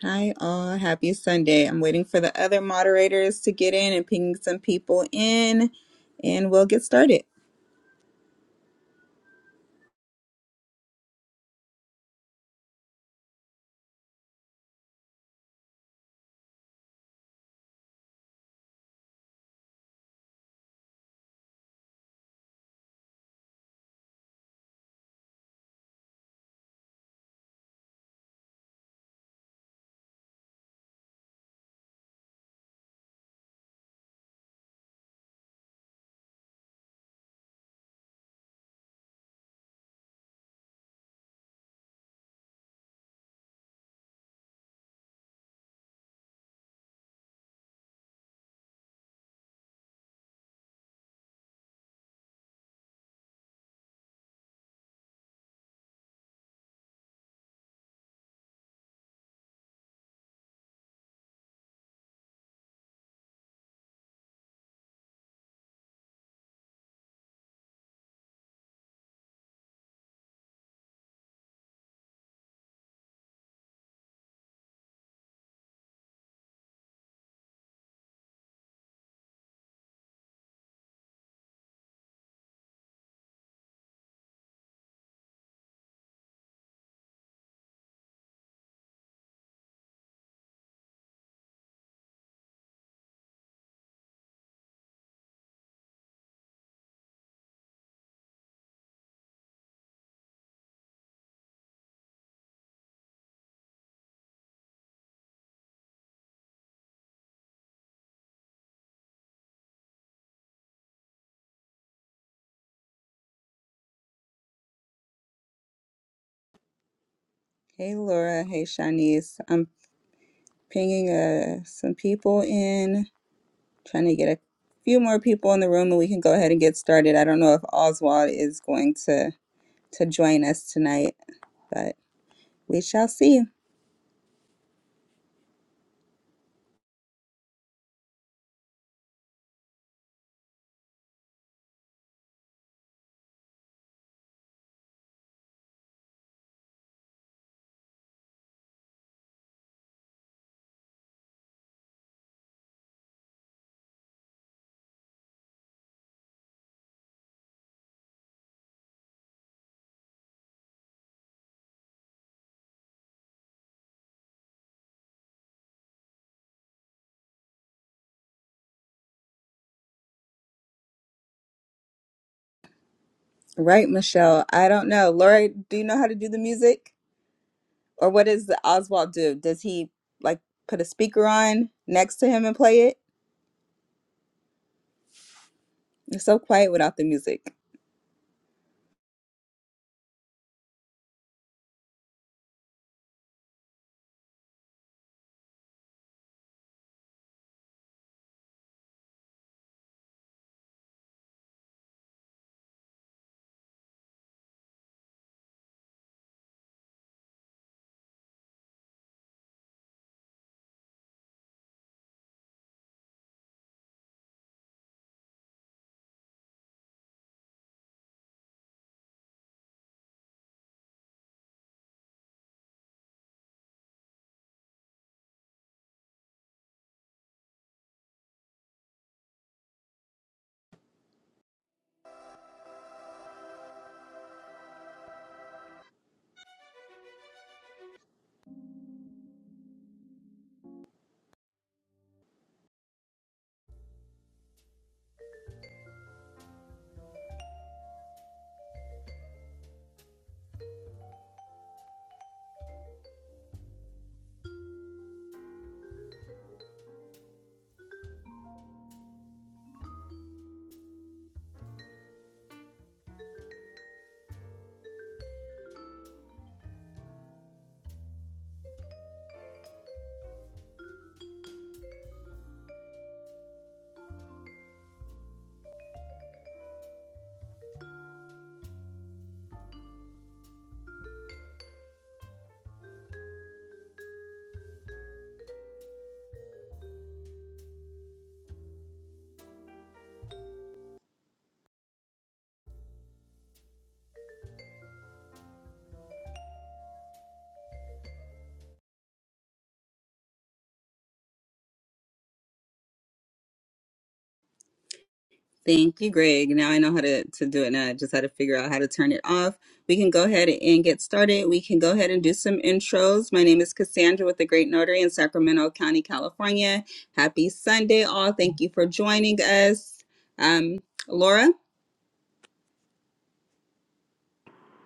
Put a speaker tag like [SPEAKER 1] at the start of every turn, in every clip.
[SPEAKER 1] Hi, all. Happy Sunday. I'm waiting for the other moderators to get in and ping some people in, and we'll get started. Hey, Laura. Hey, Shanice. I'm pinging uh, some people in, trying to get a few more people in the room, and we can go ahead and get started. I don't know if Oswald is going to to join us tonight, but we shall see. Right, Michelle. I don't know. Laura, do you know how to do the music? or what does Oswald do? Does he like put a speaker on next to him and play it? It's so quiet without the music. Thank you, Greg. Now I know how to, to do it. Now I just had to figure out how to turn it off. We can go ahead and get started. We can go ahead and do some intros. My name is Cassandra with the Great Notary in Sacramento County, California. Happy Sunday, all. Thank you for joining us. Um, Laura,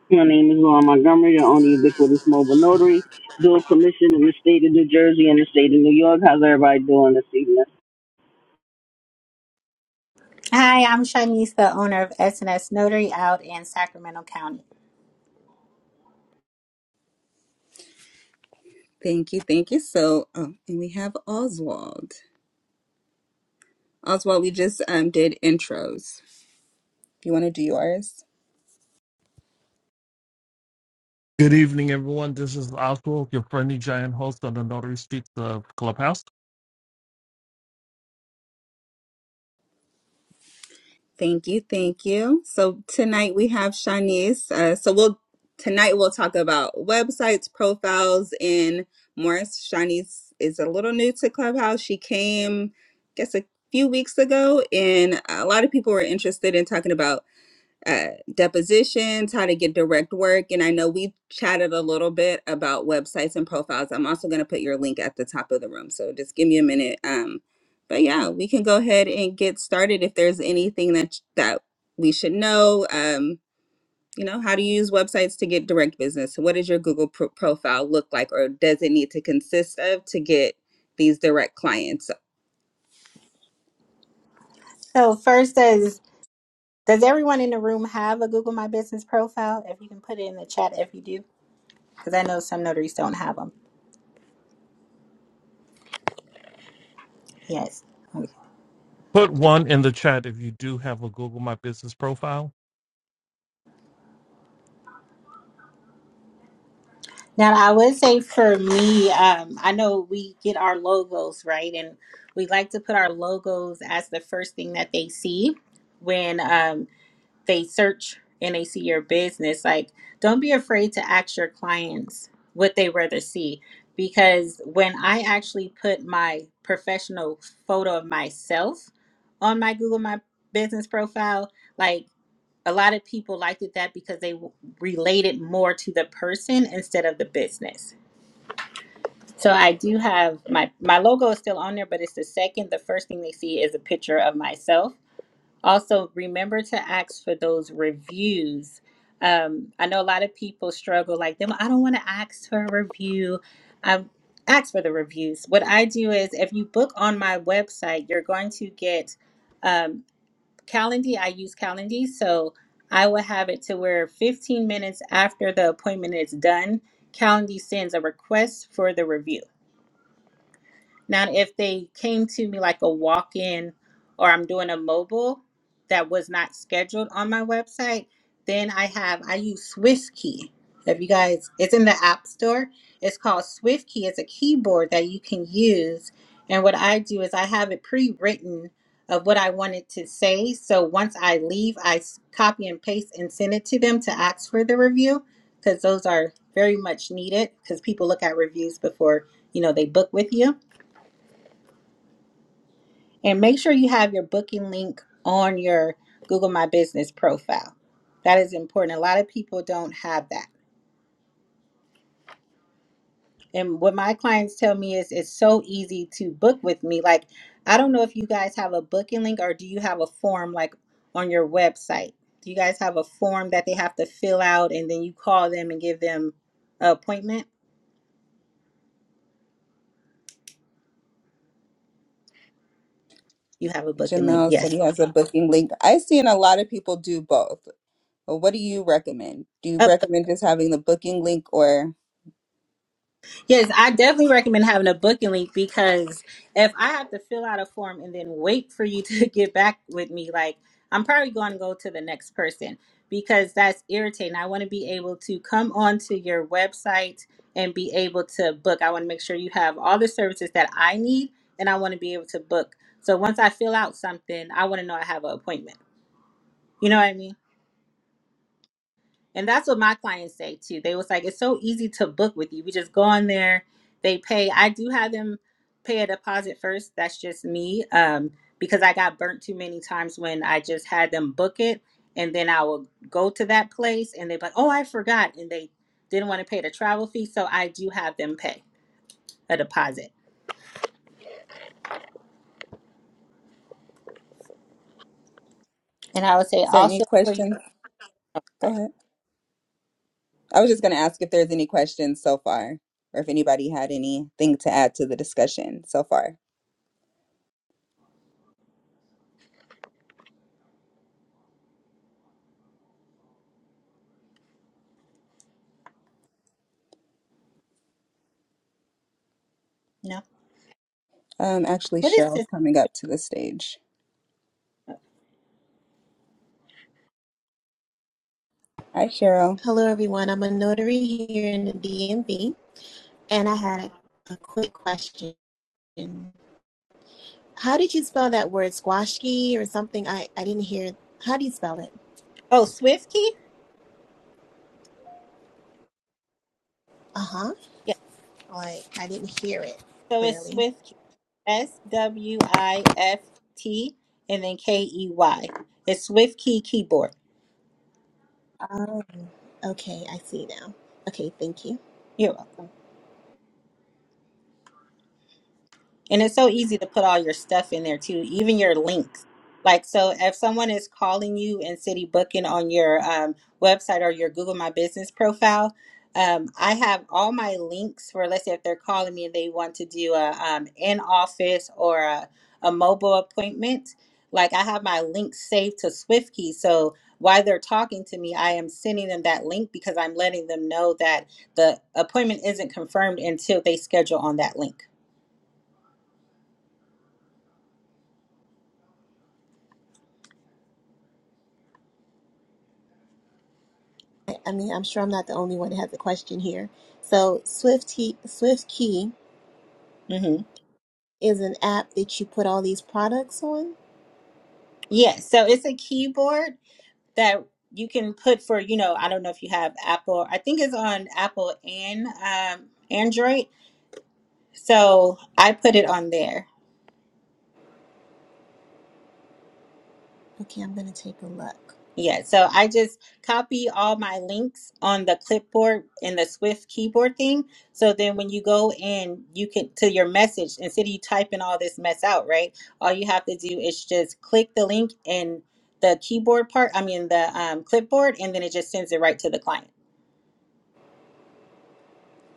[SPEAKER 2] My name is Ron Montgomery, the only ubiquitous mobile notary, dual commission in the state of New Jersey and the state of New York. How's everybody doing this evening?
[SPEAKER 3] Hi, I'm Shanice, the owner of S&S Notary out in Sacramento County.
[SPEAKER 1] thank you, thank you. So, oh, and we have Oswald. Oswald, we just um, did intros. You want to do yours?
[SPEAKER 4] Good evening, everyone. This is Oswald, your friendly giant host on the Notary Streets of Clubhouse.
[SPEAKER 1] Thank you, thank you. So tonight we have Shanice. Uh, so we'll tonight we'll talk about websites, profiles, and more. Shanice is a little new to Clubhouse. She came, I guess, a few weeks ago, and a lot of people were interested in talking about uh, depositions, how to get direct work. And I know we've chatted a little bit about websites and profiles. I'm also going to put your link at the top of the room. So just give me a minute. Um, but yeah, we can go ahead and get started. If there's anything that that we should know, um, you know, how to use websites to get direct business. So what does your Google pro- profile look like, or does it need to consist of to get these direct clients?
[SPEAKER 3] So first does does everyone in the room have a Google My Business profile? If you can put it in the chat if you do, because I know some notaries don't have them. Yes. Okay.
[SPEAKER 4] Put one in the chat if you do have a Google My Business profile.
[SPEAKER 3] Now I would say for me, um, I know we get our logos right, and we like to put our logos as the first thing that they see when. um, they search and they see your business like don't be afraid to ask your clients what they rather see because when i actually put my professional photo of myself on my google my business profile like a lot of people liked it that because they w- related more to the person instead of the business so i do have my my logo is still on there but it's the second the first thing they see is a picture of myself also, remember to ask for those reviews. Um, I know a lot of people struggle like them. I don't want to ask for a review. I ask for the reviews. What I do is, if you book on my website, you're going to get um, Calendly. I use Calendly, so I will have it to where 15 minutes after the appointment is done, Calendly sends a request for the review. Now, if they came to me like a walk in or I'm doing a mobile that was not scheduled on my website, then I have, I use SwiftKey. If you guys, it's in the App Store. It's called SwiftKey. It's a keyboard that you can use. And what I do is I have it pre written of what I wanted to say. So once I leave, I s- copy and paste and send it to them to ask for the review because those are very much needed because people look at reviews before, you know, they book with you. And make sure you have your booking link on your Google My Business profile. That is important. A lot of people don't have that. And what my clients tell me is it's so easy to book with me. Like, I don't know if you guys have a booking link or do you have a form like on your website? Do you guys have a form that they have to fill out and then you call them and give them an appointment? You have a booking link.
[SPEAKER 1] Jamel said he
[SPEAKER 3] Yes.
[SPEAKER 1] has a booking link. I've seen a lot of people do both. Well, what do you recommend? Do you recommend just having the booking link or
[SPEAKER 3] Yes, I definitely recommend having a booking link because if I have to fill out a form and then wait for you to get back with me, like I'm probably going to go to the next person because that's irritating. I want to be able to come onto your website and be able to book. I want to make sure you have all the services that I need and I want to be able to book. So once I fill out something, I want to know I have an appointment. You know what I mean? And that's what my clients say too. They was like, it's so easy to book with you. We just go on there, they pay. I do have them pay a deposit first. That's just me. Um, because I got burnt too many times when I just had them book it and then I will go to that place and they're like, Oh, I forgot and they didn't want to pay the travel fee. So I do have them pay a deposit. And I would say
[SPEAKER 1] is there any
[SPEAKER 3] also for your
[SPEAKER 1] questions? Go
[SPEAKER 3] sorry,
[SPEAKER 1] ahead. I was just going to ask if there's any questions so far or if anybody had anything to add to the discussion so far.
[SPEAKER 3] no.
[SPEAKER 1] Um, actually,
[SPEAKER 3] What is
[SPEAKER 1] Cheryl's
[SPEAKER 3] this?
[SPEAKER 1] coming up to the stage. Hi, Cheryl.
[SPEAKER 5] Hello, everyone. I'm a notary here in the DMV, and I had a, a quick question. How did you spell that word, squashki or something? I, I didn't hear. How do you spell it?
[SPEAKER 3] Oh, Swift key?
[SPEAKER 5] Uh huh.
[SPEAKER 3] Yeah.
[SPEAKER 5] Like, I didn't hear it
[SPEAKER 3] So it's
[SPEAKER 5] clearly.
[SPEAKER 3] Swift S W I F T and then K E Y. It's Swift Key Keyboard.
[SPEAKER 5] Oh, okay. I see now. Okay, thank you.
[SPEAKER 3] You're welcome. And it's so easy to put all your stuff in there too, even your links. Like, so if someone is calling you and city booking on your um, website or your Google My Business profile, um, I have all my links for, let's say, if they're calling me and they want to do a um, in office or a, a mobile appointment, like I have my links saved to SwiftKey. So while they're talking to me, I am sending them that link because I'm letting them know that the appointment isn't confirmed until they schedule on that link.
[SPEAKER 5] I, I mean, I'm sure I'm not the only one that has a question here. So, Swift, Swift Key
[SPEAKER 3] Mm-hmm.
[SPEAKER 5] is an app that you put all these products on.
[SPEAKER 3] Yes, so it's a keyboard that you can put for, you know, I don't know if you have Apple. I think it's on Apple and um, Android. So I put it on there.
[SPEAKER 5] Okay, I'm going to take a look.
[SPEAKER 3] Yeah, so I just copy all my links on the clipboard and the Swift keyboard thing. So then when you go in, you can to your message instead of you typing all this mess out, right? All you have to do is just click the link and the keyboard part, I mean the um, clipboard, and then it just sends it right to the client.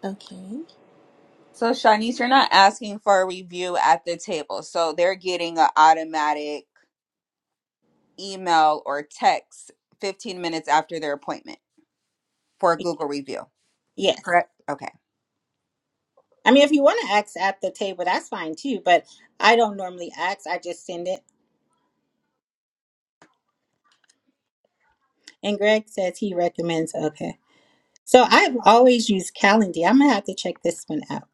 [SPEAKER 5] Okay.
[SPEAKER 1] So, Shanice, you're not asking for a review at the table. So, they're getting an automatic email or text 15 minutes after their appointment for a Google review,
[SPEAKER 3] Yes.
[SPEAKER 1] correct? Okay.
[SPEAKER 3] I mean, if you want to ask at the table, that's fine too, but I don't normally ask. I just send it. And Greg says he recommends. Okay. So I've always used Calendly. I'm going to have to check this one out.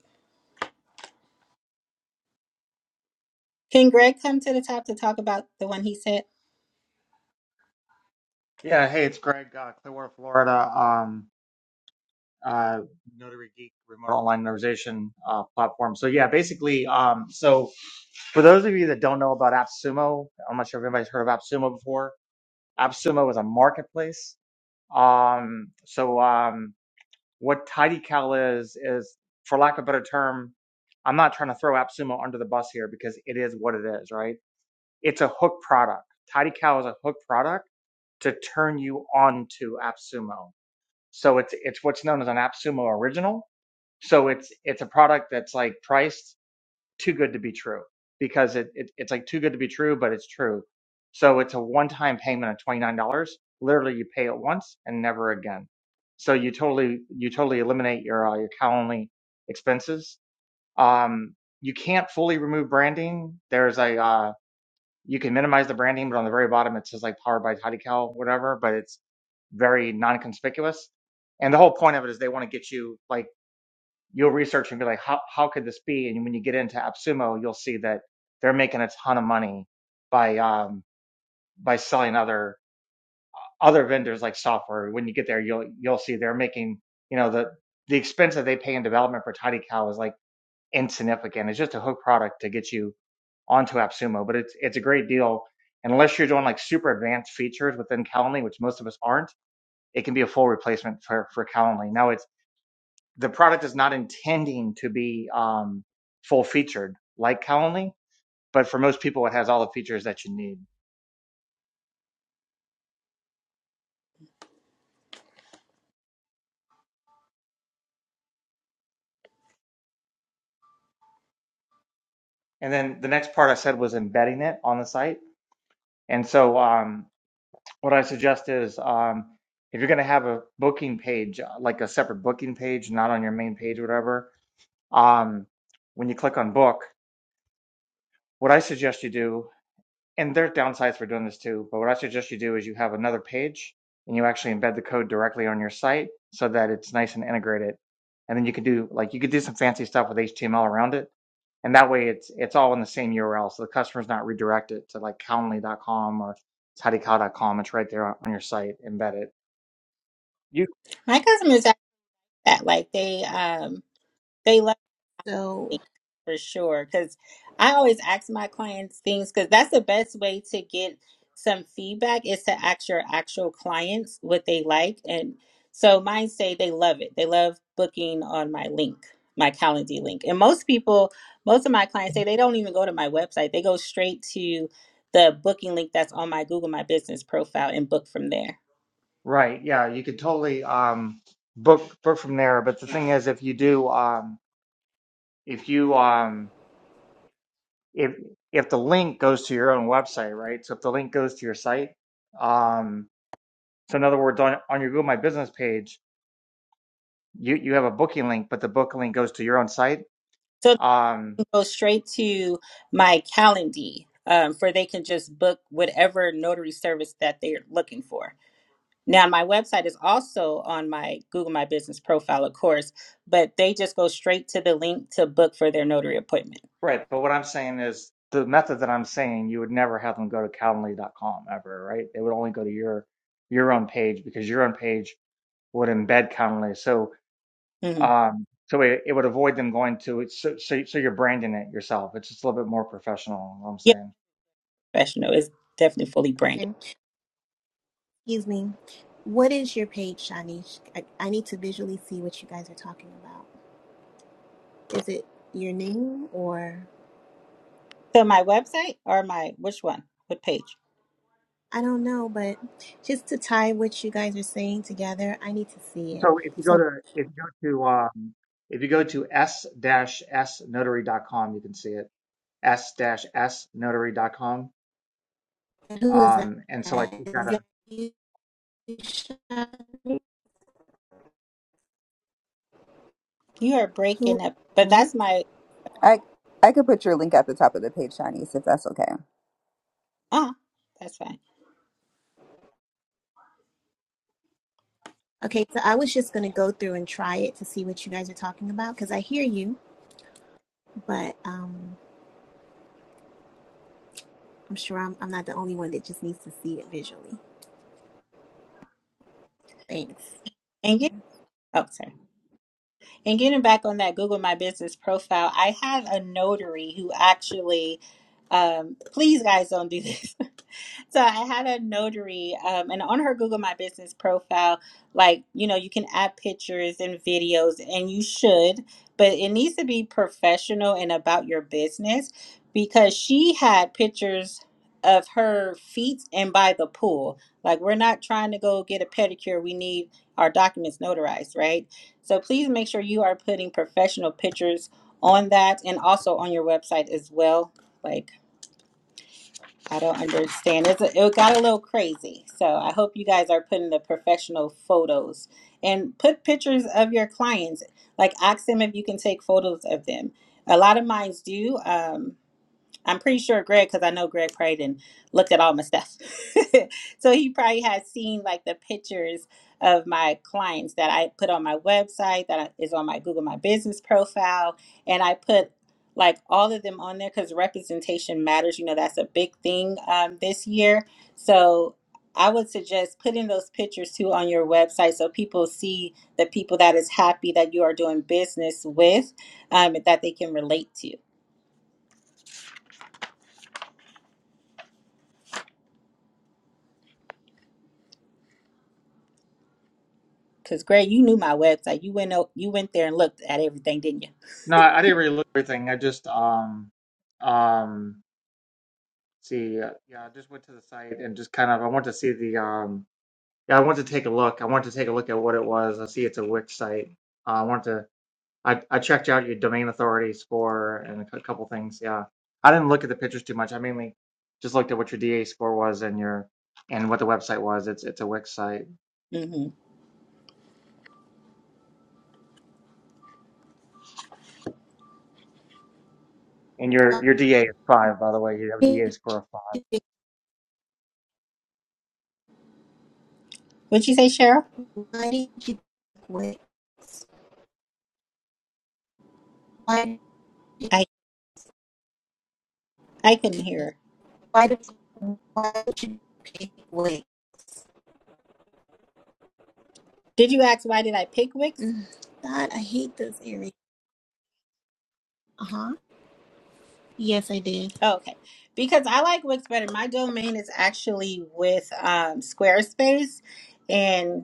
[SPEAKER 3] Can Greg come to the top to talk about the one he said?
[SPEAKER 6] Yeah, hey, it's Greg, uh, Clearwater, Florida, um, uh, Notary Geek remote online notarization uh, platform. So yeah, basically, um, so for those of you that don't know about AppSumo, I'm not sure if anybody's heard of AppSumo before. AppSumo is a marketplace. Um, so um, what TidyCal is is, for lack of a better term, I'm not trying to throw AppSumo under the bus here because it is what it is, right? It's a hook product. TidyCal is a hook product to turn you on to AppSumo. So it's it's what's known as an AppSumo original. So it's it's a product that's like priced too good to be true because it, it it's like too good to be true, but it's true. So it's a one-time payment of $29. Literally, you pay it once and never again. So you totally you totally eliminate your uh, your cow only expenses. Um, you can't fully remove branding. There's a uh, you can minimize the branding, but on the very bottom it says like powered by Tidycal, whatever. But it's very non-conspicuous. And the whole point of it is they want to get you like you'll research and be like, how how could this be? And when you get into AppSumo, you'll see that they're making a ton of money by um, by selling other other vendors like software. When you get there, you'll you'll see they're making you know the the expense that they pay in development for Tidy is like insignificant. It's just a hook product to get you onto AppSumo, but it's it's a great deal. And Unless you're doing like super advanced features within Calendly, which most of us aren't, it can be a full replacement for, for Calendly. Now it's the product is not intending to be um, full featured like Calendly, but for most people, it has all the features that you need. And then the next part I said was embedding it on the site. And so um, what I suggest is um, if you're going to have a booking page, uh, like a separate booking page, not on your main page, whatever, um, when you click on book, what I suggest you do and there's downsides for doing this too, but what I suggest you do is you have another page and you actually embed the code directly on your site so that it's nice and integrated. And then you can do like you could do some fancy stuff with HTML around it. And that way it's it's all in the same URL. So the customer's not redirected to like calendly.com or tidycow.com. It's right there on, on your site, embedded. You
[SPEAKER 3] My customers ask that. Like they, um, they
[SPEAKER 5] So,
[SPEAKER 3] for sure because i always ask my clients things because that's the best way to get some feedback is to ask your actual clients what they like and so mine say they love it they love booking on my link my Calendly link and most people most of my clients say they don't even go to my website they go straight to the booking link that's on my google my business profile and book from there
[SPEAKER 6] right, yeah. You could totally um book book from there. But the thing is if you do um if you um if if the link goes to your own website, right? So if the link goes to your site, um, so in other words, on on your Google My Business page, you you have a booking link, but the booking link goes to your own site,
[SPEAKER 3] So
[SPEAKER 6] um,
[SPEAKER 3] go straight to my Calendly, um, for they can just book whatever notary service that they're looking for. Now, my website is also on my Google My Business profile, of course, but they just go straight to the link to book for their notary appointment.
[SPEAKER 6] right? But what I'm saying is the method that I'm saying, you would never have them go to Calendly.com ever, right? They would only go to your your own page because your own page would embed Calendly, so
[SPEAKER 3] hmm
[SPEAKER 6] um, so it, it would avoid them going to it. So, so so you're branding it yourself. It's just a little bit more professional. What I'm
[SPEAKER 3] Yeah,
[SPEAKER 6] saying.
[SPEAKER 3] professional. It's definitely fully branded.
[SPEAKER 5] Excuse me. What is your page, Shanish? I, I need to visually see what you guys are talking about. Is it your name or
[SPEAKER 3] So my website or my which one? What page?
[SPEAKER 5] I don't know, but just to tie what you guys are saying together, I need to see it.
[SPEAKER 6] So if you go
[SPEAKER 5] So
[SPEAKER 6] to if you go to um, if you go to s dash s notary dot com you can see it s dash s notary.com.
[SPEAKER 5] who is that?
[SPEAKER 6] Um, and so like you've got
[SPEAKER 5] Is
[SPEAKER 6] a
[SPEAKER 5] that you, Shanish?
[SPEAKER 3] You are
[SPEAKER 5] Who?
[SPEAKER 3] breaking up, but
[SPEAKER 5] What?
[SPEAKER 3] that's my
[SPEAKER 1] I I could put your link at the top of the page, Shanice, if that's okay.
[SPEAKER 3] uh that's fine.
[SPEAKER 5] Okay, so I was just gonna go through and try it to see what you guys are talking about because I hear you, but um, I'm sure I'm, I'm not the only one that just needs to see it visually. Thanks.
[SPEAKER 3] And you? Oh, sorry. And getting back on that Google My Business profile, I had a notary who actually, um, please guys, don't do this. so I had a notary, um, and on her Google My Business profile, like, you know, you can add pictures and videos, and you should, but it needs to be professional and about your business because she had pictures of her feet and by the pool. Like, we're not trying to go get a pedicure. We need our documents notarized, right? So please make sure you are putting professional pictures on that and also on your website as well. Like I don't understand. It's a, it got a little crazy. So I hope you guys are putting the professional photos and put pictures of your clients. Like ask them if you can take photos of them. A lot of mines do. Um, I'm pretty sure Greg, because I know Greg prayed and looked at all my stuff. so he probably has seen like the pictures of my clients that I put on my website, that I- is on my Google My Business profile. And I put like all of them on there because representation matters. You know, that's a big thing um, this year. So I would suggest putting those pictures too on your website so people see the people that is happy that you are doing business with um, that they can relate to. Cause Greg, you knew my website. You went o- you went there and looked at everything, didn't you?
[SPEAKER 6] no, I didn't really look at everything. I just um um see uh, yeah, I just went to the site and just kind of I want to see the um yeah I want to take a look. I want to take a look at what it was. I see it's a Wix site. Uh, I want to. I, I checked out your domain authorities for and a couple things. Yeah, I didn't look at the pictures too much. I mainly just looked at what your DA score was and your and what the website was. It's it's a Wix site,
[SPEAKER 3] hmm
[SPEAKER 6] and your your DA is five, by the way. You have a DA score of five.
[SPEAKER 3] What'd you say, Cheryl?
[SPEAKER 5] Why did you quit? Why did you,
[SPEAKER 3] I I couldn't hear. her.
[SPEAKER 5] why did you, why did you pick wait?
[SPEAKER 3] Did you ask why did I pick Wix?
[SPEAKER 5] Mm, God, I hate this area. Uh huh. Yes, I did.
[SPEAKER 3] Oh, okay, because I like Wix better. My domain is actually with um, Squarespace, and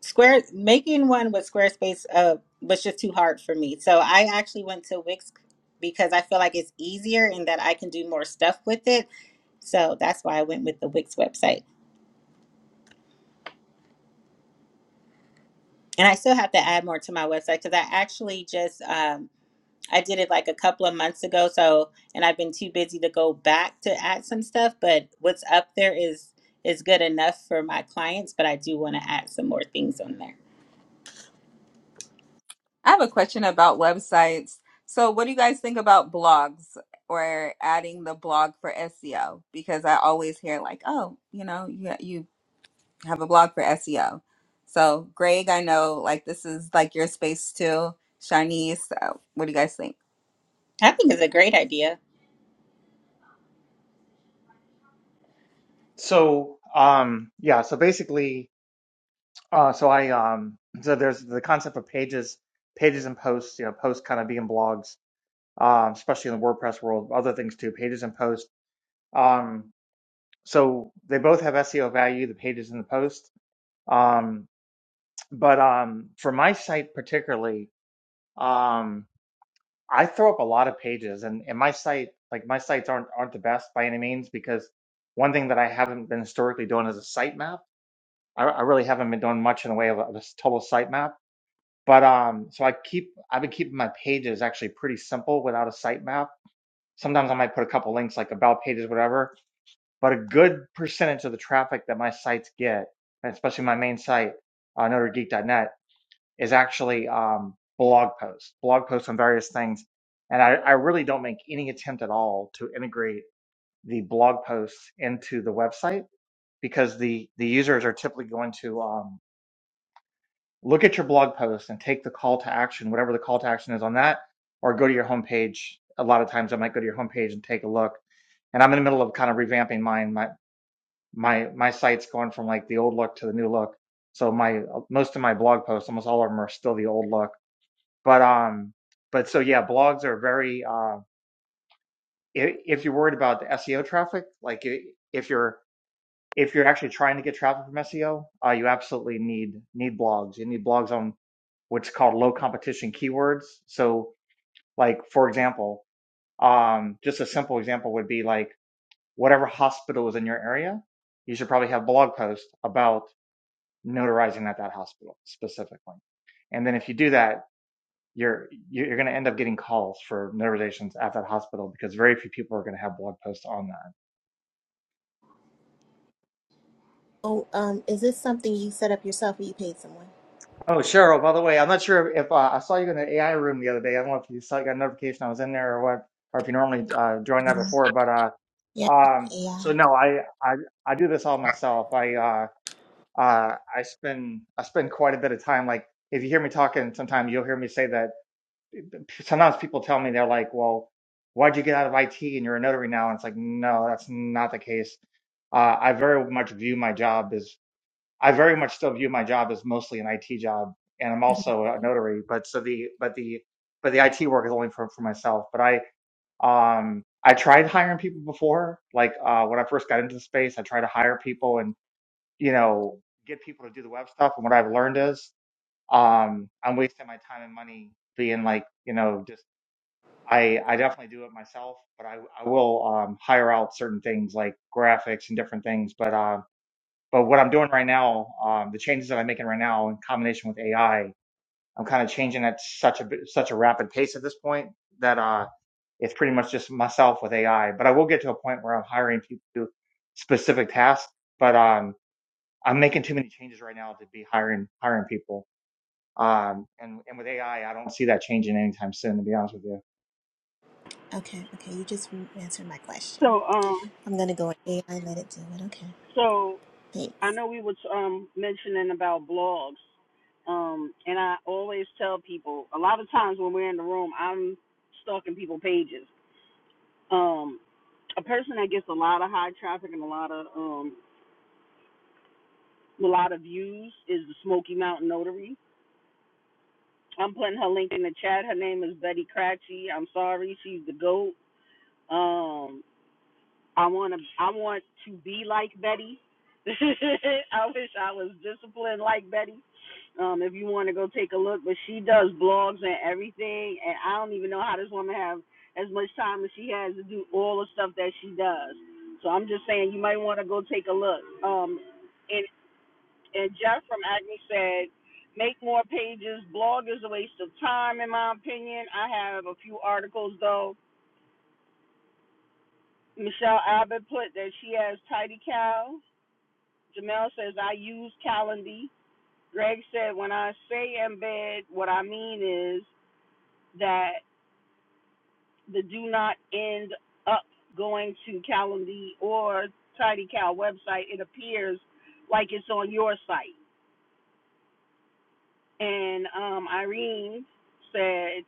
[SPEAKER 3] Square making one with Squarespace uh was just too hard for me. So I actually went to Wix because I feel like it's easier and that I can do more stuff with it. So that's why I went with the Wix website. And I still have to add more to my website because I actually just um I did it like a couple of months ago. So and I've been too busy to go back to add some stuff, but what's up there is is good enough for my clients, but I do want to add some more things on there.
[SPEAKER 1] I have a question about websites. So, what do you guys think about blogs or adding the blog for SEO? Because I always hear like, oh, you know, you you have a blog for SEO. So, Greg, I know like this is like your space too. Shanice, uh, what do you guys think?
[SPEAKER 3] I think it's a great idea.
[SPEAKER 6] So um yeah, so basically, uh, so I um so there's the concept of pages, pages and posts. You know, posts kind of being blogs, um, especially in the WordPress world. Other things too, pages and posts. Um, so they both have SEO value, the pages and the posts Um, but um, for my site particularly, um, I throw up a lot of pages, and, and my site, like my sites, aren't aren't the best by any means because one thing that I haven't been historically doing is a site map. I, I really haven't been doing much in the way of a, of a total site map. But um, so I keep I've been keeping my pages actually pretty simple without a site map. Sometimes I might put a couple links like about pages, whatever. But a good percentage of the traffic that my sites get, and especially my main site, uh, NotreGeek.net is actually um, blog posts, blog posts on various things. And I, I really don't make any attempt at all to integrate the blog posts into the website because the, the users are typically going to um, look at your blog post and take the call to action, whatever the call to action is on that, or go to your homepage. A lot of times I might go to your homepage and take a look. And I'm in the middle of kind of revamping mine. My, my, my site's going from like the old look to the new look. So my, most of my blog posts, almost all of them are still the old look but um but so yeah blogs are very uh if, if you're worried about the seo traffic like i- if you're if you're actually trying to get traffic from seo uh you absolutely need need blogs you need blogs on what's called low competition keywords so like for example um just a simple example would be like whatever hospital is in your area you should probably have blog posts about notarizing at that hospital specifically and then if you do that you're you're going to end up getting calls for nerve at that hospital because very few people are going to have blog posts on that.
[SPEAKER 5] Oh, um, is this something you set up yourself or you paid someone?
[SPEAKER 6] Oh, Cheryl, by the way, I'm not sure if uh, I saw you in the AI room the other day. I don't know if you saw you got a notification I was in there or what, or if you normally uh, joined
[SPEAKER 5] No.
[SPEAKER 6] that before. But
[SPEAKER 5] Yeah.
[SPEAKER 6] uh, um,
[SPEAKER 5] AI.
[SPEAKER 6] so no, I, I I do this all myself. I uh, uh, I spend I spend quite a bit of time. Like if you hear me talking, sometimes you'll hear me say that sometimes people tell me they're like, "Well, why'd you get out of IT and you're a notary now?" And it's like, no, that's not the case. Uh, I very much view my job as I very much still view my job as mostly an IT job, and I'm
[SPEAKER 5] Mhm.
[SPEAKER 6] also a notary. But so the but the but the IT work is only for for myself. But I um I tried hiring people before, like uh when I first got into the space, I tried to hire people and you know get people to do the web stuff. And what I've learned is um I'm wasting my time and money being like you know just I I definitely do it myself, but I I will um, hire out certain things like graphics and different things. But uh, but what I'm doing right now, um, the changes that I'm making right now in combination with AI, I'm kind of changing at such a bit- such a rapid pace at this point that uh, it's pretty much just myself with AI. But I will get to a point where I'm hiring people to do specific tasks. But um, I'm making too many changes right now to be hiring hiring people. Um, and and with AI, I I don't see that changing anytime soon, to be honest with you.
[SPEAKER 5] Okay. Okay. You just answered my question.
[SPEAKER 2] So, um,
[SPEAKER 5] I'm gonna go with AI let it do it. Okay.
[SPEAKER 2] so I
[SPEAKER 5] Thanks.
[SPEAKER 2] know we was um mentioning about blogs, um, and I always tell people a lot of times when we're in the room, I'm stalking people pages. Um, a person that gets a lot of high traffic and a lot of um a lot of views is the Smoky Mountain Notary I'm putting her link in the chat. Her name is Betty Cratchy. I'm sorry, she's the goat. Um, I want to, I want to be like Betty. I wish I was disciplined like Betty. Um, if you want to go take a look, but she does blogs and everything, and I don't even know how this woman have as much time as she has to do all the stuff that she does. So I'm just saying, you might want to go take a look. Um, and and Jeff from Acme said, make more pages. Blog is a waste of time, in my opinion. I have a few articles, though. Michelle Abbott put that she has Tidy Cow. Jamel says, I use Calendy. Greg said, when I say embed, what I mean is that the do not end up going to Calendy or Tidy Cow website. It appears like it's on your site. And um, Irene said,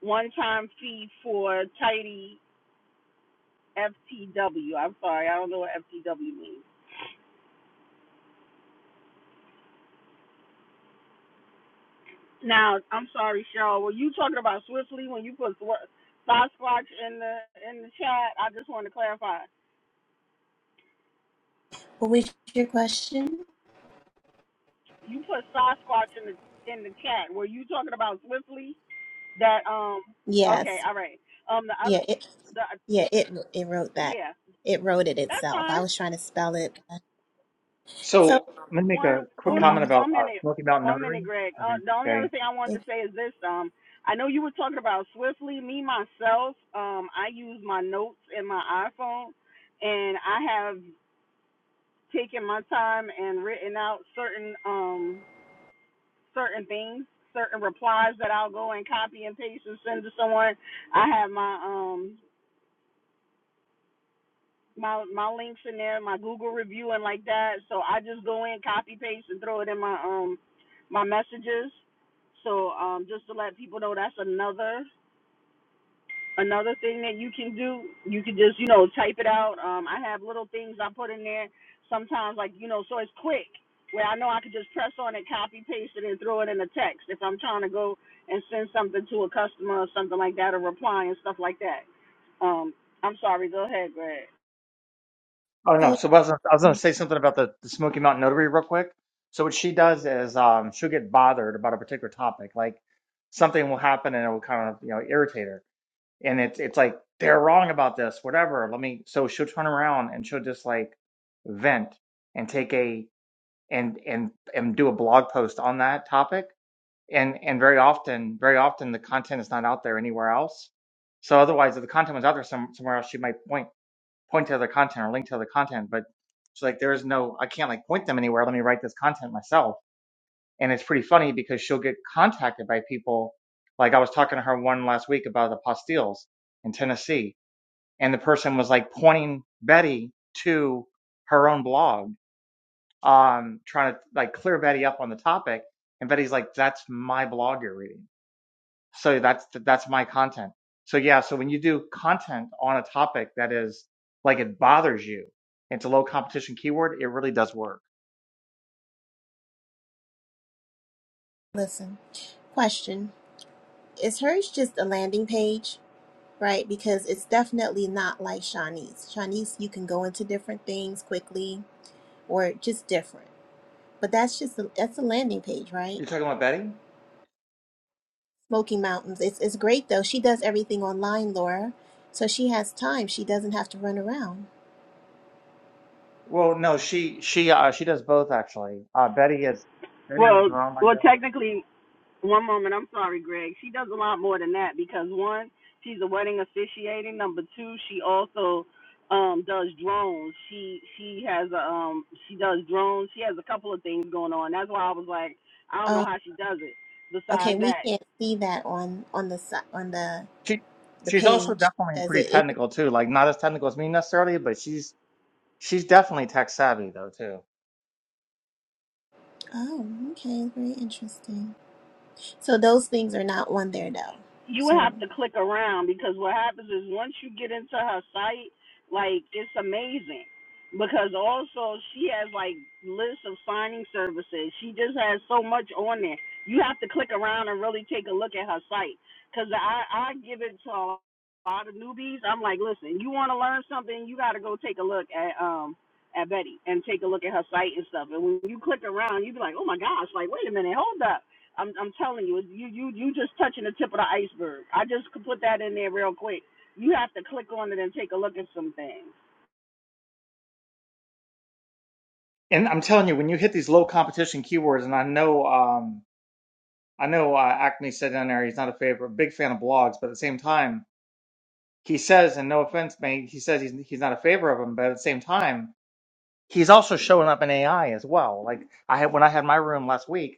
[SPEAKER 2] one time fee for tidy FTW. I'm sorry, I don't know what FTW means. Now, I'm sorry, Cheryl. Were you talking about Swiftly when you put Sasquatch in the in the chat? I just want to clarify.
[SPEAKER 5] What was your question?
[SPEAKER 2] You put Sasquatch in the in the chat. Were you talking about Swiftly? That um. Okay,
[SPEAKER 5] Yes.
[SPEAKER 2] all right. Um, the other
[SPEAKER 5] Yeah. It.
[SPEAKER 2] the
[SPEAKER 5] Yeah, it it wrote that.
[SPEAKER 2] yeah,
[SPEAKER 5] It wrote it
[SPEAKER 2] that's
[SPEAKER 5] itself. I
[SPEAKER 2] fine.
[SPEAKER 5] was trying to spell it. So,
[SPEAKER 6] So I'm gonna make
[SPEAKER 2] One,
[SPEAKER 6] a quick
[SPEAKER 2] uno,
[SPEAKER 6] comment
[SPEAKER 5] um,
[SPEAKER 6] about
[SPEAKER 2] one
[SPEAKER 6] uh,
[SPEAKER 2] minute,
[SPEAKER 6] Smoky Mountain
[SPEAKER 2] one
[SPEAKER 6] Notary.
[SPEAKER 2] minute, Greg. Uh,
[SPEAKER 6] Okay,
[SPEAKER 2] the only
[SPEAKER 6] okay.
[SPEAKER 2] other thing I wanted
[SPEAKER 5] it,
[SPEAKER 2] to say is this. Um, I know you were talking about Swiftly. Me myself, um, I use my notes in my iPhone, and I have taken my time and written out certain um certain things, certain replies that I'll go and copy and paste and send to someone. I have my um my my links in there, my Google review and like that. So I just go in, copy paste, and throw it in my um my messages. So um just to let people know that's another another thing that you can do. You can just you know type it out. Um I have little things I put in there sometimes like you know so it's quick where I know I could just press on it, copy paste it, and throw it in the text if I'm trying to go and send something to a customer or something like that or reply and stuff like that. Um I'm sorry. Go ahead, Greg.
[SPEAKER 6] Oh no,
[SPEAKER 5] so
[SPEAKER 6] so I was, gonna- I was gonna say something about the, the Smoky Mountain Notary real quick. So what she does is um, she'll get bothered about a particular topic, like something will happen and it will kind of you know irritate her, and it's it's like they're wrong about this, whatever. Let me. So she'll turn around and she'll just like vent and take a and and and do a blog post on that topic and and very often very often the content is not out there anywhere else so otherwise if the content was out there some, somewhere else she might point point to other content or link to other content but she's like there is no i can't like point them anywhere let me write this content myself and it's pretty funny because she'll get contacted by people like i was talking to her one last week about the postilles in tennessee and the person was like pointing betty to her own blog um trying to like clear betty up on the topic and betty's like that's my blog you're reading so that's that's my content so yeah so when you do content on a topic that is like it bothers you it's a low competition keyword it really does work
[SPEAKER 5] listen. Question: Is hers just a landing page, right? Because it's definitely not like Shawnee's. Shawnee's, you can go into different things quickly, or just different. But that's just a, that's a landing page, right?
[SPEAKER 6] you're talking about betty
[SPEAKER 5] Smoky Mountains. It's it's great though. She does everything online, Laura. So she has time. She doesn't have to run around.
[SPEAKER 6] well no she she uh, she does both actually uh, betty is betty is
[SPEAKER 2] Well,
[SPEAKER 6] an online
[SPEAKER 2] well,
[SPEAKER 6] devil.
[SPEAKER 2] technically, one moment. I'm sorry, Greg. She does a lot more than that because one, she's a wedding officiating. Number two, she also um does drones. She she has a um she does drones. She has a couple of things going on. That's why I was like, I don't know
[SPEAKER 5] Uh,
[SPEAKER 2] how she does it.
[SPEAKER 5] okay,
[SPEAKER 2] Besides
[SPEAKER 5] we
[SPEAKER 2] that,
[SPEAKER 5] can't see that on on the si- on the
[SPEAKER 6] she
[SPEAKER 5] the
[SPEAKER 6] she's also
[SPEAKER 5] page
[SPEAKER 6] definitely
[SPEAKER 5] because
[SPEAKER 6] pretty
[SPEAKER 5] it, it.
[SPEAKER 6] technical too like not as technical as me necessarily but she's she's definitely tech savvy though too
[SPEAKER 5] Oh, okay, very interesting. So those things are not on there though.
[SPEAKER 2] you would
[SPEAKER 5] So,
[SPEAKER 2] have to click around because what happens is once you get into her site, like it's amazing. Because also she has like lists of signing services. She just has so much on there. You have to click around and really take a look at her site. Cause I I give it to a lot of newbies. I'm like, listen, you want to learn something, you got to go take a look at um at Betty and take a look at her site and stuff. And when you click around, you be like, oh my gosh, like wait a minute, hold up I'm I'm telling you, you you you just touching the tip of the iceberg. I just could put that in there real quick. You have to click on it and take a look at some things.
[SPEAKER 6] and i'm telling you when you hit these low competition keywords and i know um I know uh, Acme said down there he's not a favorite, big fan of blogs, but at the same time, he says, and no offense, man, he says he's he's not a favor of him, but at the same time, he's also showing up in AI as well. Like I had when I had my room last week.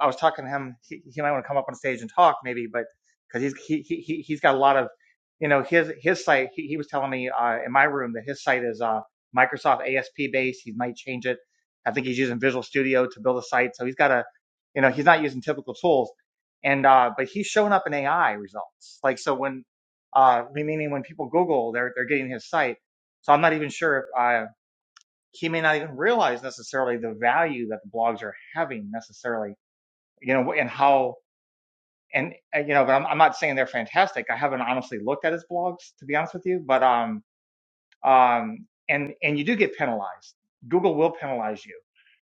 [SPEAKER 6] I was talking to him. He, he might want to come up on stage and talk maybe, but because he's he, he he- he's got a lot of you know his his site. He, he was telling me uh, in my room that his site is uh, Microsoft ASP based. He might change it. I think he's using Visual Studio to build a site, so he's got a you know he's not using typical tools. And uh, but he's showing up in AI results. Like so when uh, meaning when people Google, they're they're getting his site. So I'm not even sure if uh, he may not even realize necessarily the value that the blogs are having necessarily you know, and how, and uh, you know, but I'm, I'm not saying they're fantastic. I haven't honestly looked at his blogs to be honest with you, but um, um, and and you do get penalized. Google will penalize you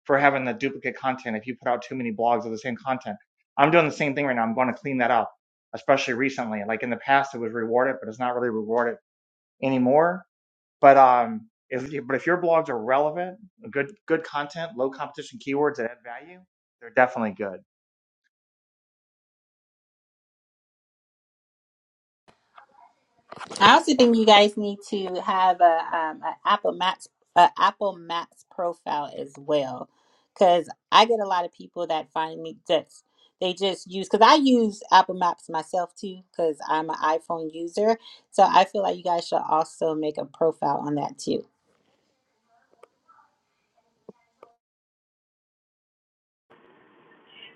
[SPEAKER 6] for having the duplicate content if you put out too many blogs of the same content. I'm doing the same thing right now. I'm going to clean that up, especially recently. Like in the past, it was rewarded, but it's not really rewarded anymore. But um, if but if your blogs are relevant, good good content, low competition keywords that add value, they're definitely good.
[SPEAKER 3] I also think you guys need to have a um an Apple Maps a Apple Maps profile as well, because I get a lot of people that find me that's they just use because I use Apple Maps myself too because I'm an iPhone user, so I feel like you guys should also make a profile on that too.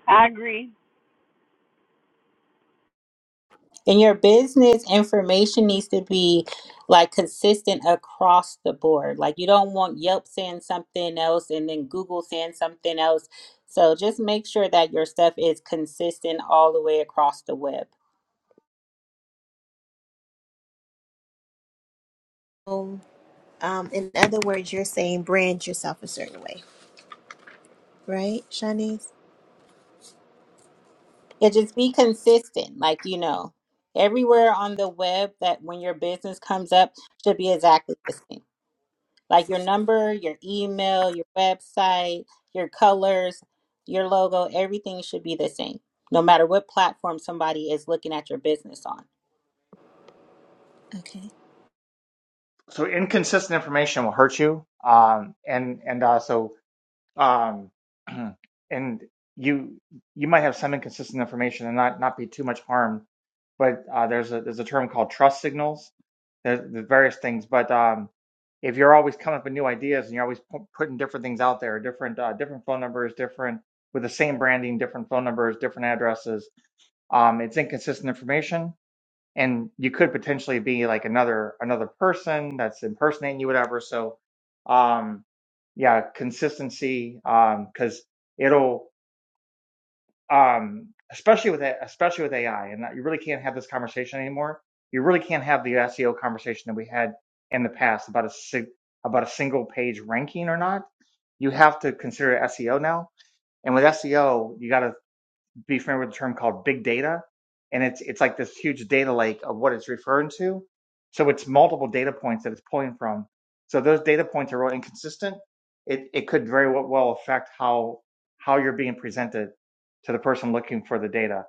[SPEAKER 2] I agree.
[SPEAKER 3] And your business information needs to be like consistent across the board. Like you don't want Yelp saying something else and then Google saying something else. So just make sure that your stuff is consistent all the way across the web.
[SPEAKER 5] um, in other words, you're saying brand yourself a certain way, right, Shanice?
[SPEAKER 3] Yeah, just be consistent. Like, you know, everywhere on the web that when your business comes up should be exactly the same. Like your number, your email, your website, your colors, your logo, everything should be the same, no matter what platform somebody is looking at your business on.
[SPEAKER 5] Okay.
[SPEAKER 6] so inconsistent information will hurt you um and and uh, so um and you you might have some inconsistent information and not not be too much harm but uh there's a there's a term called trust signals there's, there's various things but um if you're always coming up with new ideas and you're always pu- putting different things out there different uh, different phone numbers different with the same branding different phone numbers different addresses um it's inconsistent information and you could potentially be like another another person that's impersonating you whatever so um yeah consistency um because it'll um especially with a- especially with ai and that you really can't have this conversation anymore you really can't have the seo conversation that we had in the past about a sig- about a single page ranking or not you have to consider seo now and with seo you got to be familiar with the term called big data, and it's it's like this huge data lake of what it's referring to. So it's multiple data points that it's pulling from. So those data points are really inconsistent. It it could very well affect how how you're being presented to the person looking for the data.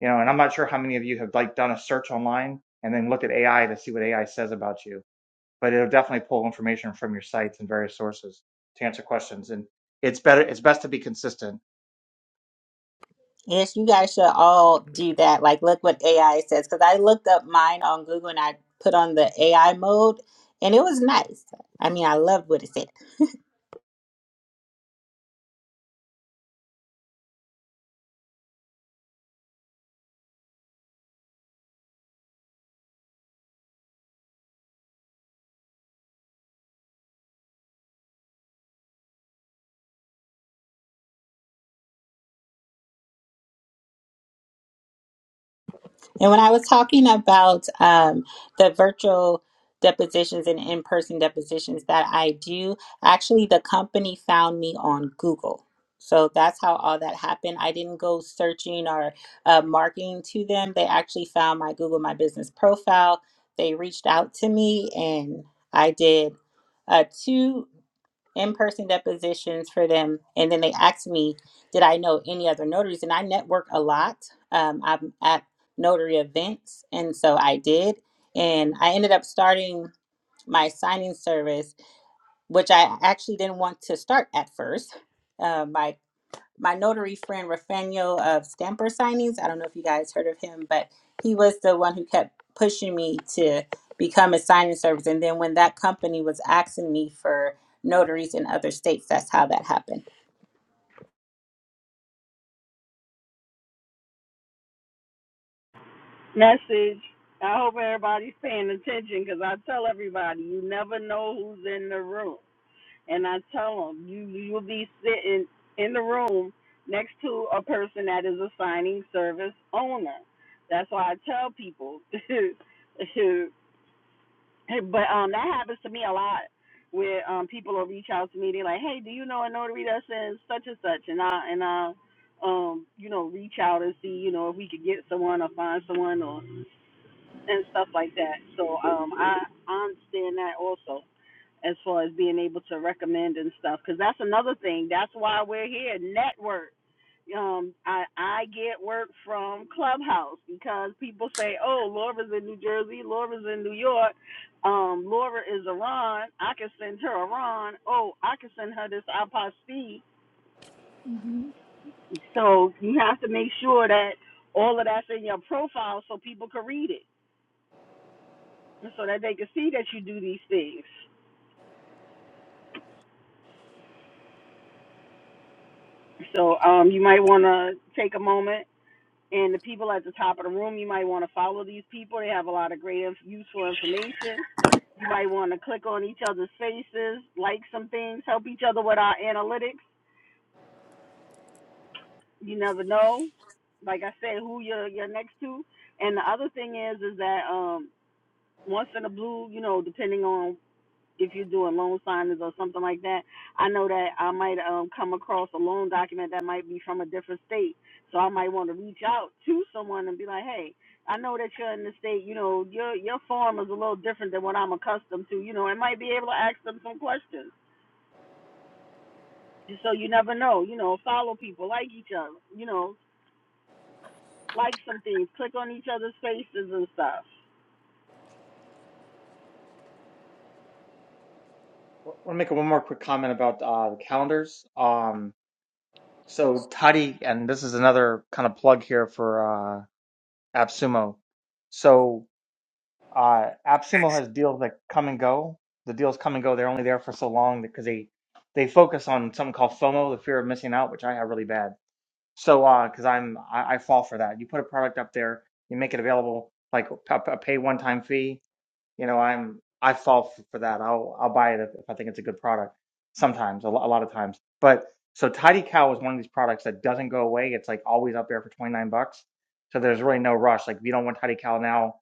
[SPEAKER 6] You know, and I'm not sure how many of you have like done a search online and then looked at AI to see what AI says about you, but it'll definitely pull information from your sites and various sources to answer questions. And it's better it's best to be consistent
[SPEAKER 3] Yes, you guys should all do that. Like, look what AI says. Because I looked up mine on Google and I put on the AI mode, and it was nice. I mean, I loved what it said. And when I was talking about um, the virtual depositions and in person depositions that I do, actually, the company found me on Google. So that's how all that happened. I didn't go searching or uh, marketing to them. They actually found my Google My Business profile. They reached out to me, and I did uh, two in-person depositions for them and then they asked me did i know any other notaries and i network a lot um, i'm at notary events and so i did and i ended up starting my signing service which i actually didn't want to start at first Uh, My my notary friend Rafael of Stamper Signings. I don't know if you guys heard of him, but he was the one who kept pushing me to become a signing service. And then when that company was asking me for notaries in other states, that's how that happened.
[SPEAKER 2] Message. I hope everybody's paying attention because I tell everybody you never know who's in the room, and I tell them you you'll be sitting in the room next to a person that is a signing service owner. That's why I tell people but um, that happens to me a lot where um people will reach out to me. They're like, "Hey, do you know a notary that in such and such?" And I and I um you know reach out and see you know if we could get someone or find someone or and stuff like that. So um I I understand that also as far as being able to recommend and stuff because that's another thing that's why we're here network um i i get work from clubhouse because people say oh laura's in new jersey laura's in new york um laura is iran i can send her iran oh i can send her this apostille
[SPEAKER 5] hmm
[SPEAKER 2] so you have to make sure that all of that's in your profile so people can read it so that they can see that you do these things so um you might want to take a moment and the people at the top of the room. You might want to follow these people. They have a lot of great, useful information. You might want to click on each other's faces, like some things, help each other with our analytics. You never know. Like I said, who you're you're next to. And the other thing is, is that um, once in a blue, you know, depending on if you're doing loan signings or something like that, I know that I might um come across a loan document that might be from a different state. So I might want to reach out to someone and be like, Hey, I know that you're in the state, you know, your your form is a little different than what I'm accustomed to, you know, and might be able to ask them some questions. So you never know, you know, follow people, like each other, you know, like some things, click on each other's faces and stuff.
[SPEAKER 6] want to make one more quick comment about uh, the calendars. Um, so Toddy, and this is another kind of plug here for uh, AppSumo. So uh, AppSumo has deals that come and go. The deals come and go. They're only there for so long because they they focus on something called FOMO, the fear of missing out, which I have really bad. So because I'm I, I fall for that. You put a product up there, you make it available like a, a pay one time fee you know i'm i fall for, that i'll i'll buy it if, if i think it's a good product sometimes a, lo- a lot of times but so tidy cow is one of these products that doesn't go away it's like always up there for 29 bucks so there's really no rush like if you don't want tidy cow now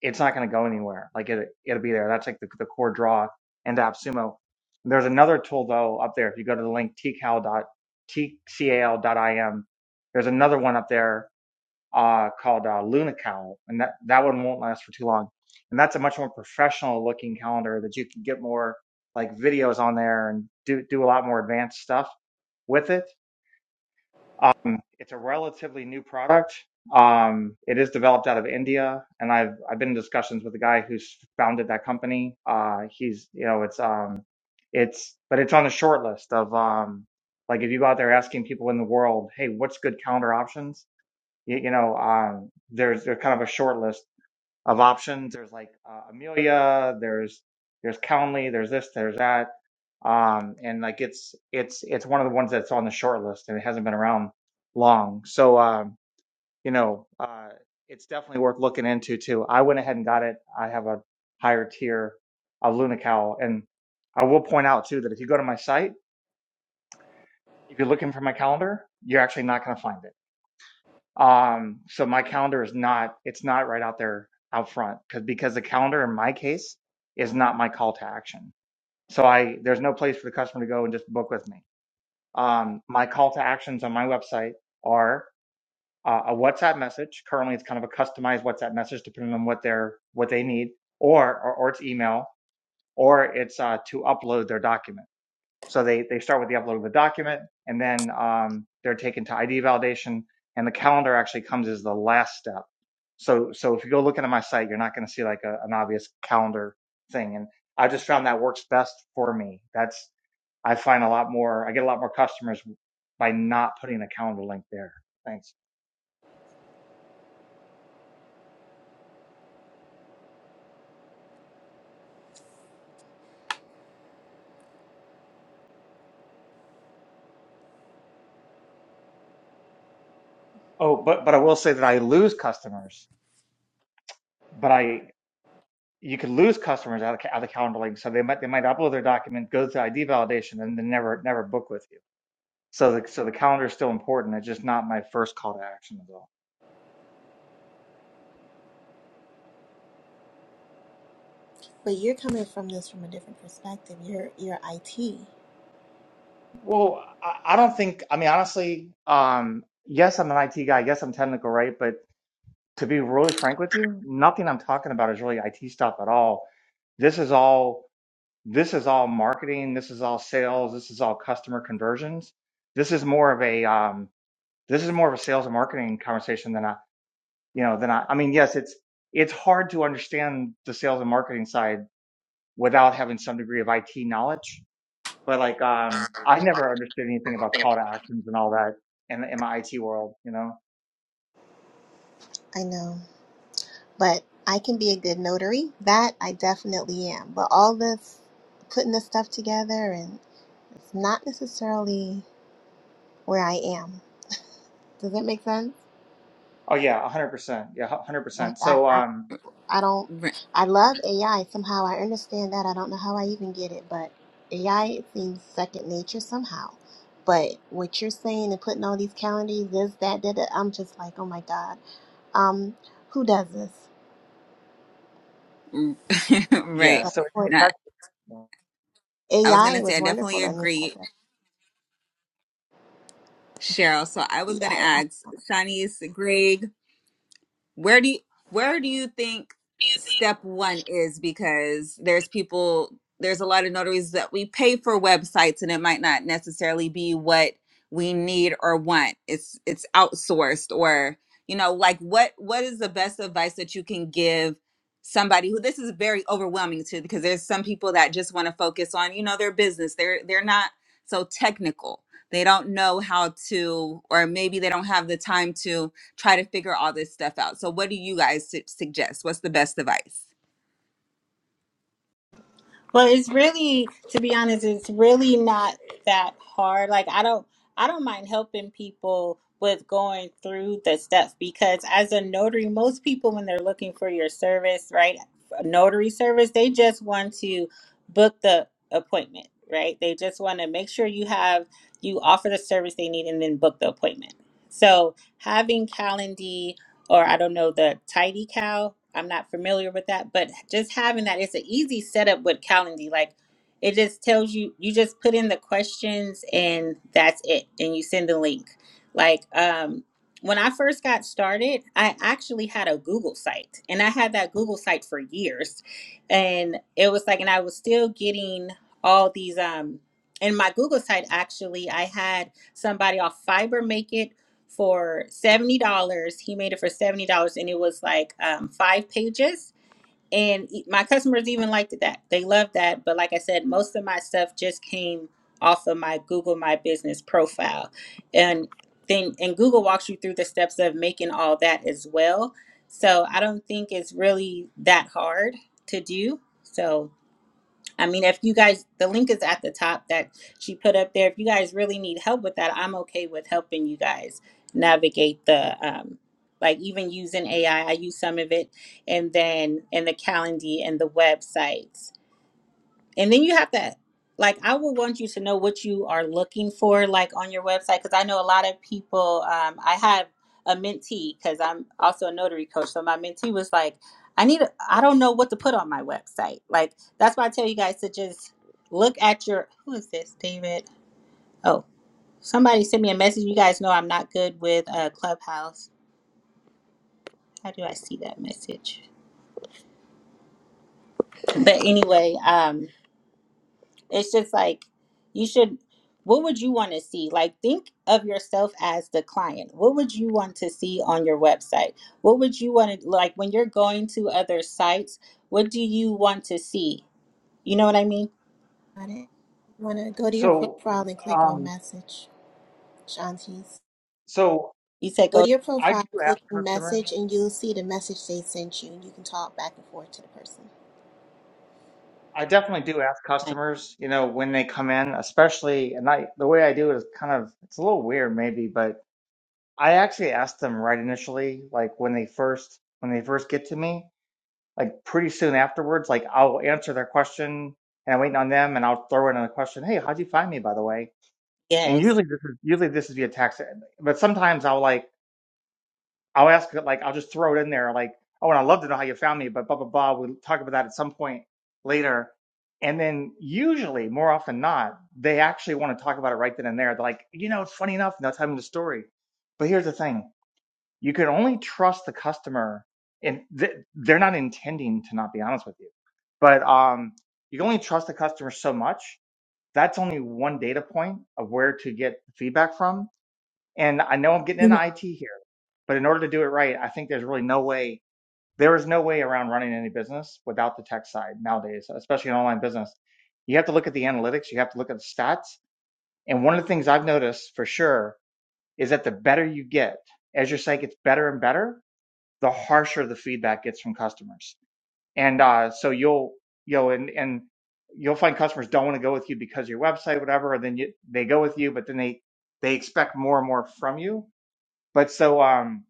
[SPEAKER 6] it's not going to go anywhere like it, it'll be there that's like the, the core draw into appsumo there's another tool though up there if you go to the link tcal t c a l dot tcal dot i m, there's another one up there uh, called uh, Luna Cowl, and that that one won't last for too long. And that's a much more professional looking calendar that you can get more like videos on there and do do a lot more advanced stuff with it. Um, it's a relatively new product. Um, it is developed out of India, and I've I've been in discussions with the guy who's founded that company. Uh, he's you know it's um it's but it's on the short list of um like if you go out there asking people in the world, hey, what's good calendar options? you, you know, um, there's there's kind of a short list of options. There's like uh, Amelia, there's there's Calendly, there's this, there's that, um, and like it's it's it's one of the ones that's on the short list, and it hasn't been around long. So um, you know, uh, it's definitely worth looking into too. I went ahead and got it. I have a higher tier of Lunical, and I will point out too that if you go to my site, if you're looking for my calendar, you're actually not going to find it Um, so my calendar is not, it's not right out there out front because because the calendar in my case is not my call to action. So I there's no place for the customer to go and just book with me. Um, my call to actions on my website are uh, a WhatsApp message. Currently, it's kind of a customized WhatsApp message depending on what they're what they need, or or, or it's email, or it's uh, to upload their document. So they, they start with the upload of the document and then um, they're taken to ID validation and the calendar actually comes as the last step. So, so if you go looking at my site, you're not going to see like a, an obvious calendar thing. And I just found that works best for me. That's, I find a lot more, I get a lot more customers by not putting a calendar link there. Thanks. Oh, but, but I will say that I lose customers, but I, you could lose customers out of, ca- out of calendar link. So they might, they might upload their document, go through ID validation and then never, never book with you. So the so the calendar is still important. It's just not my first call to action at all.
[SPEAKER 5] But you're coming from this from a different perspective. You're you're IT.
[SPEAKER 6] Well, I, I don't think. I mean, honestly, um, yes, I'm an IT guy. Yes, I'm technical, right? But to be really frank with you, nothing I'm talking about is really IT stuff at all. This is all this is all marketing. This is all sales. This is all customer conversions. This is more of a um, this is more of a sales and marketing conversation than I you know than I. I mean, yes, it's it's hard to understand the sales and marketing side without having some degree of IT knowledge But like, um, I never understood anything about call to actions and all that in, in my IT world, you know?
[SPEAKER 5] I know, but I can be a good notary. That I definitely am. But all this putting this stuff together and it's not necessarily where I am. Does that make sense?
[SPEAKER 6] Oh yeah, a hundred percent. Yeah, a hundred
[SPEAKER 5] Like
[SPEAKER 6] percent. So,
[SPEAKER 5] I,
[SPEAKER 6] um,
[SPEAKER 5] I don't.
[SPEAKER 1] Right.
[SPEAKER 5] I love AI somehow. I understand that. I don't know how I even get it, but AI seems second nature somehow. But what you're saying and putting all these calendars, this, that, that, that I'm just like, oh my god, um, who does this?
[SPEAKER 6] yeah,
[SPEAKER 1] right.
[SPEAKER 5] But
[SPEAKER 6] so
[SPEAKER 5] for
[SPEAKER 6] it's
[SPEAKER 1] That
[SPEAKER 6] actually,
[SPEAKER 1] I was
[SPEAKER 5] AI
[SPEAKER 1] gonna say
[SPEAKER 5] was
[SPEAKER 1] I definitely
[SPEAKER 5] wonderful. to me. I mean, I
[SPEAKER 1] agree,
[SPEAKER 5] got-
[SPEAKER 1] Cheryl. So I was
[SPEAKER 5] yeah,
[SPEAKER 1] gonna
[SPEAKER 5] I I
[SPEAKER 1] ask Shanice, Greg, where do you where do you think step one is because there's people there's a lot of notaries that we pay for websites and it might not necessarily be what we need or want it's it's outsourced or you know like what what is the best advice that you can give somebody who this is very overwhelming to because there's some people that just want to focus on you know their business they're they're not so technical they don't know how to or maybe they don't have the time to try to figure all this stuff out. So, what do you guys su- suggest? What's the best advice?
[SPEAKER 3] Well, it's really, to be honest, it's really not that hard. Like I don't, I don't mind helping people with going through the steps because as a notary, most people when they're looking for your service, right, a notary service, they just want to book the appointment, right? They just want to make sure you have you offer the service they need and then book the appointment. So having Calendy or I don't know the tidy cow. I'm not familiar with that, but just having that, it's an easy setup with Calendly. Like it just tells you, you just put in the questions and that's it, and you send the link. Like um, when I first got started, I actually had a Google site, and I had that Google site for years, and it was like, and I was still getting all these um. In my Google site, actually, I had somebody off Fiber for seventy dollars. He made it for seventy dollars, and it was like um, five pages. And e- my customers even liked that; they loved that. But like I said, most of my stuff just came off of my Google My Business profile, and then and Google walks you through the steps of making all that as well. So I don't think it's really that hard to do. So. I mean, if you guys, the link is at the top that she put up there. If you guys really need help with that, I'm okay with helping you guys navigate the, um, like even using AI. I I use some of it, and then and the Calendly and the websites and then you have to, like i would want you to know what you are looking for like on your website because i know a lot of people um, i have a mentee because i'm also a notary coach so my mentee was like i need a, i don't know what to put on my website like that's why i tell you guys to just look at your who is this david oh somebody sent me a message you guys know i'm not good with uh, clubhouse how do i see that message but anyway um, It's just like you should what would you want to see? Like think of yourself as the client. What would you want to see on your website? What would you want to like when you're going to other sites, what do you want to see? You know what I mean?
[SPEAKER 5] got it. You want to go to your
[SPEAKER 6] so,
[SPEAKER 5] profile and click on
[SPEAKER 6] um,
[SPEAKER 5] message, Shanti's.
[SPEAKER 6] so
[SPEAKER 3] You said
[SPEAKER 5] Go
[SPEAKER 3] go
[SPEAKER 5] to
[SPEAKER 3] to
[SPEAKER 5] your
[SPEAKER 6] I
[SPEAKER 5] profile,
[SPEAKER 6] do ask
[SPEAKER 5] click on
[SPEAKER 6] customers,
[SPEAKER 5] message, and you'll see the message they sent you. You can talk back and forth to the person.
[SPEAKER 6] I definitely do ask
[SPEAKER 3] mine.
[SPEAKER 6] customers, you know, when they come in, especially, and I, the way I do it is kind of, it's a little weird maybe, but I actually ask them right initially, like when they first, when they first get to me like pretty soon afterwards, like I'll answer their question and I'm waiting on them and I'll throw in a question. Hey, how'd you find me, by the way? And
[SPEAKER 3] Yes.
[SPEAKER 6] usually this is usually this is via text, but sometimes I'll like I'll ask it like I'll just throw it in there like oh and I'd love to know how you found me, but blah blah blah. We'll talk about that at some point later. And then usually, more often than not, they actually want to talk about it right then and there. They're like, you know, it's funny enough, and they'll tell me the story. But here's the thing you can only trust the customer and th- they're not intending to not be honest with you but um, you can only trust the customer so much that's only one data point of where to get feedback from and i know i'm getting
[SPEAKER 3] Mhm.
[SPEAKER 6] into it here but in order to do it right i think there's really no way there is no way around running any business without the tech side nowadays especially an online business you have to look at the analytics you have to look at the stats and one of the things i've noticed for sure is that the better you get as your site gets better and better the harsher the feedback gets from customers. And uh, so you'll you know and and you'll find customers don't want to go with you because of your website, whatever. And then you, they go with you, but then they they expect more and more from you. But so um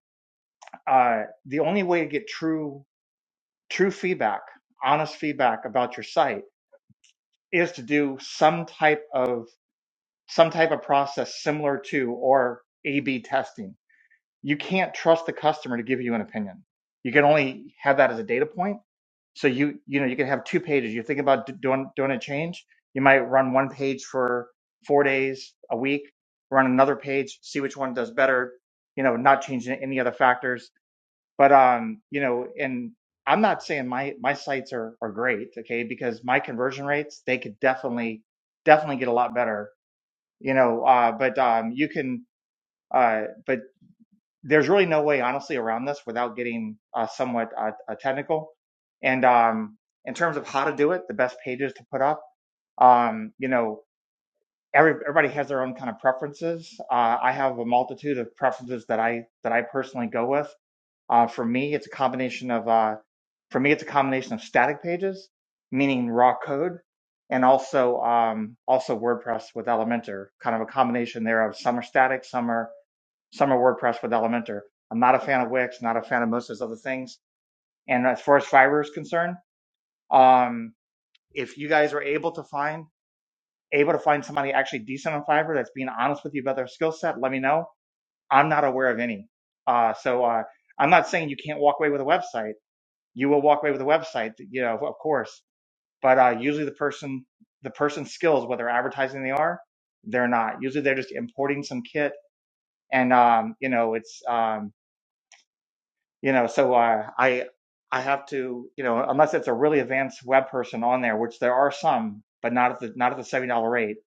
[SPEAKER 6] uh the only way to get true true feedback, honest feedback about your site is to do some type of some type of process similar to or A/B testing. You can't trust the customer to give you an opinion. You can only have that as a data point so you you know you could have two pages you're thinking about d- doing doing a change you might run one page for four days a week run another page see which one does better you know not changing any other factors but um you know and i'm not saying my my sites are are great okay because my conversion rates they could definitely definitely get a lot better you know uh but um you can uh but there's really no way, honestly, around this without getting uh, somewhat uh, uh, technical. And um, in terms of how to do it, the best pages to put up, um, you know, every, everybody has their own kind of preferences. Uh, I have a multitude of preferences that I that I personally go with. Uh, for me, it's a combination of uh, for me, it's a combination of static pages, meaning raw code, and also um, also WordPress with Elementor, kind of a combination there of some are static, some are Summer WordPress with Elementor. I'm not a fan of Wix, not a fan of most of those other things. And as far as Fiverr is concerned, um, if you guys are able to find able to find somebody actually decent on Fiverr that's being honest with you about their skill set, let me know. I'm not aware of any. Uh, so uh, I'm not saying you can't walk away with a website. You will walk away with a website, you know, of course. But uh, usually the person the person's skills, whether advertising they are, they're not. Usually they're just importing some kit, and um, you know, it's um, you know so uh, i i have to you know unless it's a really advanced web person on there which there are some but not at the not at the $70 rate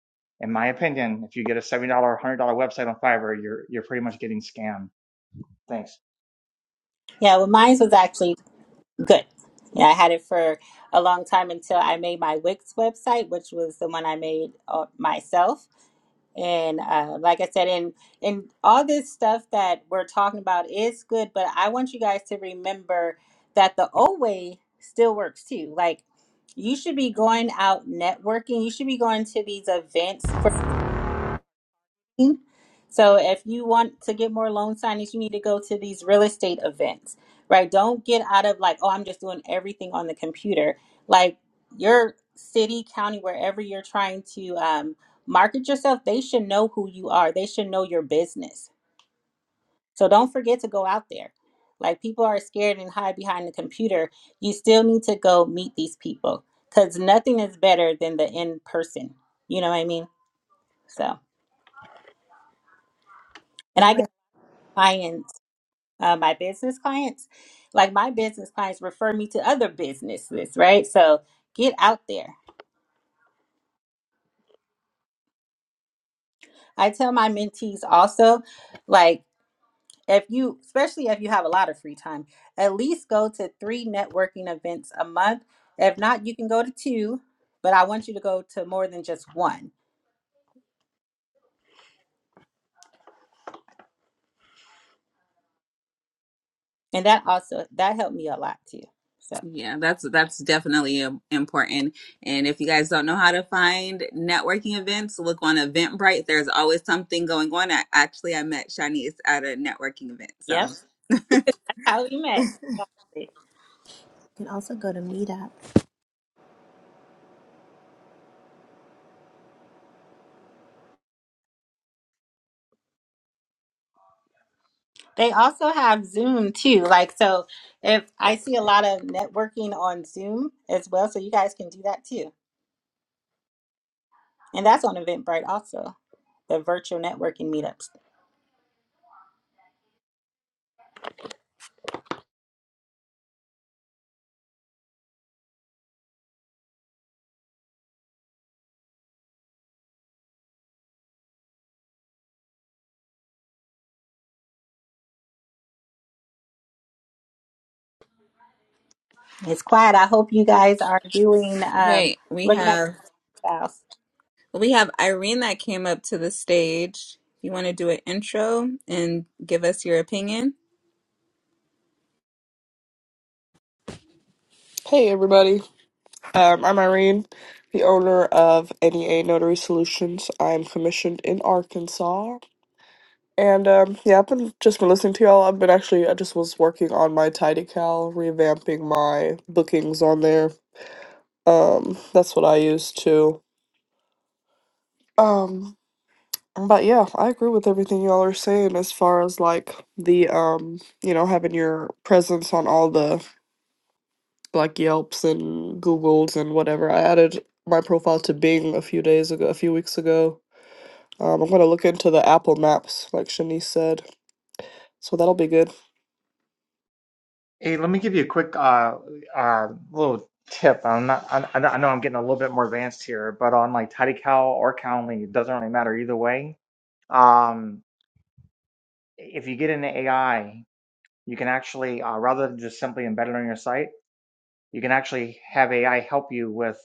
[SPEAKER 6] in my opinion if you get a $70 $100 website on fiverr you're you're pretty much getting scammed thanks
[SPEAKER 3] Yeah, well mine was actually good. Yeah, I had it for a long time until I made my Wix website, which was the one I made uh, myself And uh, like I said, and and all this stuff that we're talking about is good, but I want you guys to remember that the old way still works too. Like you should be going
[SPEAKER 5] Mhm.
[SPEAKER 3] out networking. You should be going to these events for so if you want to get more loan signings, you need to go to these real estate events, right? Don't get out of like, oh, I'm just doing everything on the computer. Like your city, county, wherever you're trying to um, market yourself, they should know who you are. They should know your business. So don't forget to go out there. Like people are scared and hide behind the computer. You still need to go meet these people because nothing is better than the in person. You know what I mean? So, and I
[SPEAKER 5] Congrats.
[SPEAKER 3] get clients uh, my business clients. Like my business clients refer me to other businesses, right? So get out there. I tell my mentees also, like, if you, especially if you have a lot of free time, at least go to three networking events a month. If not, you can go to two, but I want you to go to more than just one. And that also, that helped me a lot too. So,
[SPEAKER 1] Yeah, that's that's definitely im- important. And if you guys don't know how to find networking events, look on Eventbrite. There's always something going on. I, actually, I met Shanice at a networking event. So
[SPEAKER 3] yep, how we met.
[SPEAKER 5] You can also go to Meetup.
[SPEAKER 3] They also have Zoom too. Like, so if I see a lot of networking on Zoom as well, so you guys can do that too. And that's on Eventbrite also, the virtual networking meetups. It's quiet. I hope you guys are doing, um,
[SPEAKER 1] Right. We
[SPEAKER 3] looking at
[SPEAKER 1] have
[SPEAKER 3] your spouse.
[SPEAKER 1] we have Irene that came up to the stage. You want to do an intro and give us your opinion?
[SPEAKER 7] Hey everybody, um, I'm Irene, the owner of NEA Notary Solutions. I'm commissioned in Arkansas, and um, yeah, I've been just been listening to y'all. I've been actually I just was working on my TidyCal, revamping my bookings on there. Um, that's what I use too. Um, but yeah, I agree with everything y'all are saying as far as like the um, you know, having your presence on all the like Yelps and Googles and whatever. I added my profile to Bing a few days ago, a few weeks ago. Um, I'm gonna look into the Apple Maps, like Shanice said. So that'll be good.
[SPEAKER 6] hey let me give you a quick uh uh little tip i'm not i, I know i'm getting a little bit more advanced here but on like tidycal or calendly it doesn't really matter either way um if you get into ai you can actually uh, rather than just simply embed it on your site you can actually have AI help you with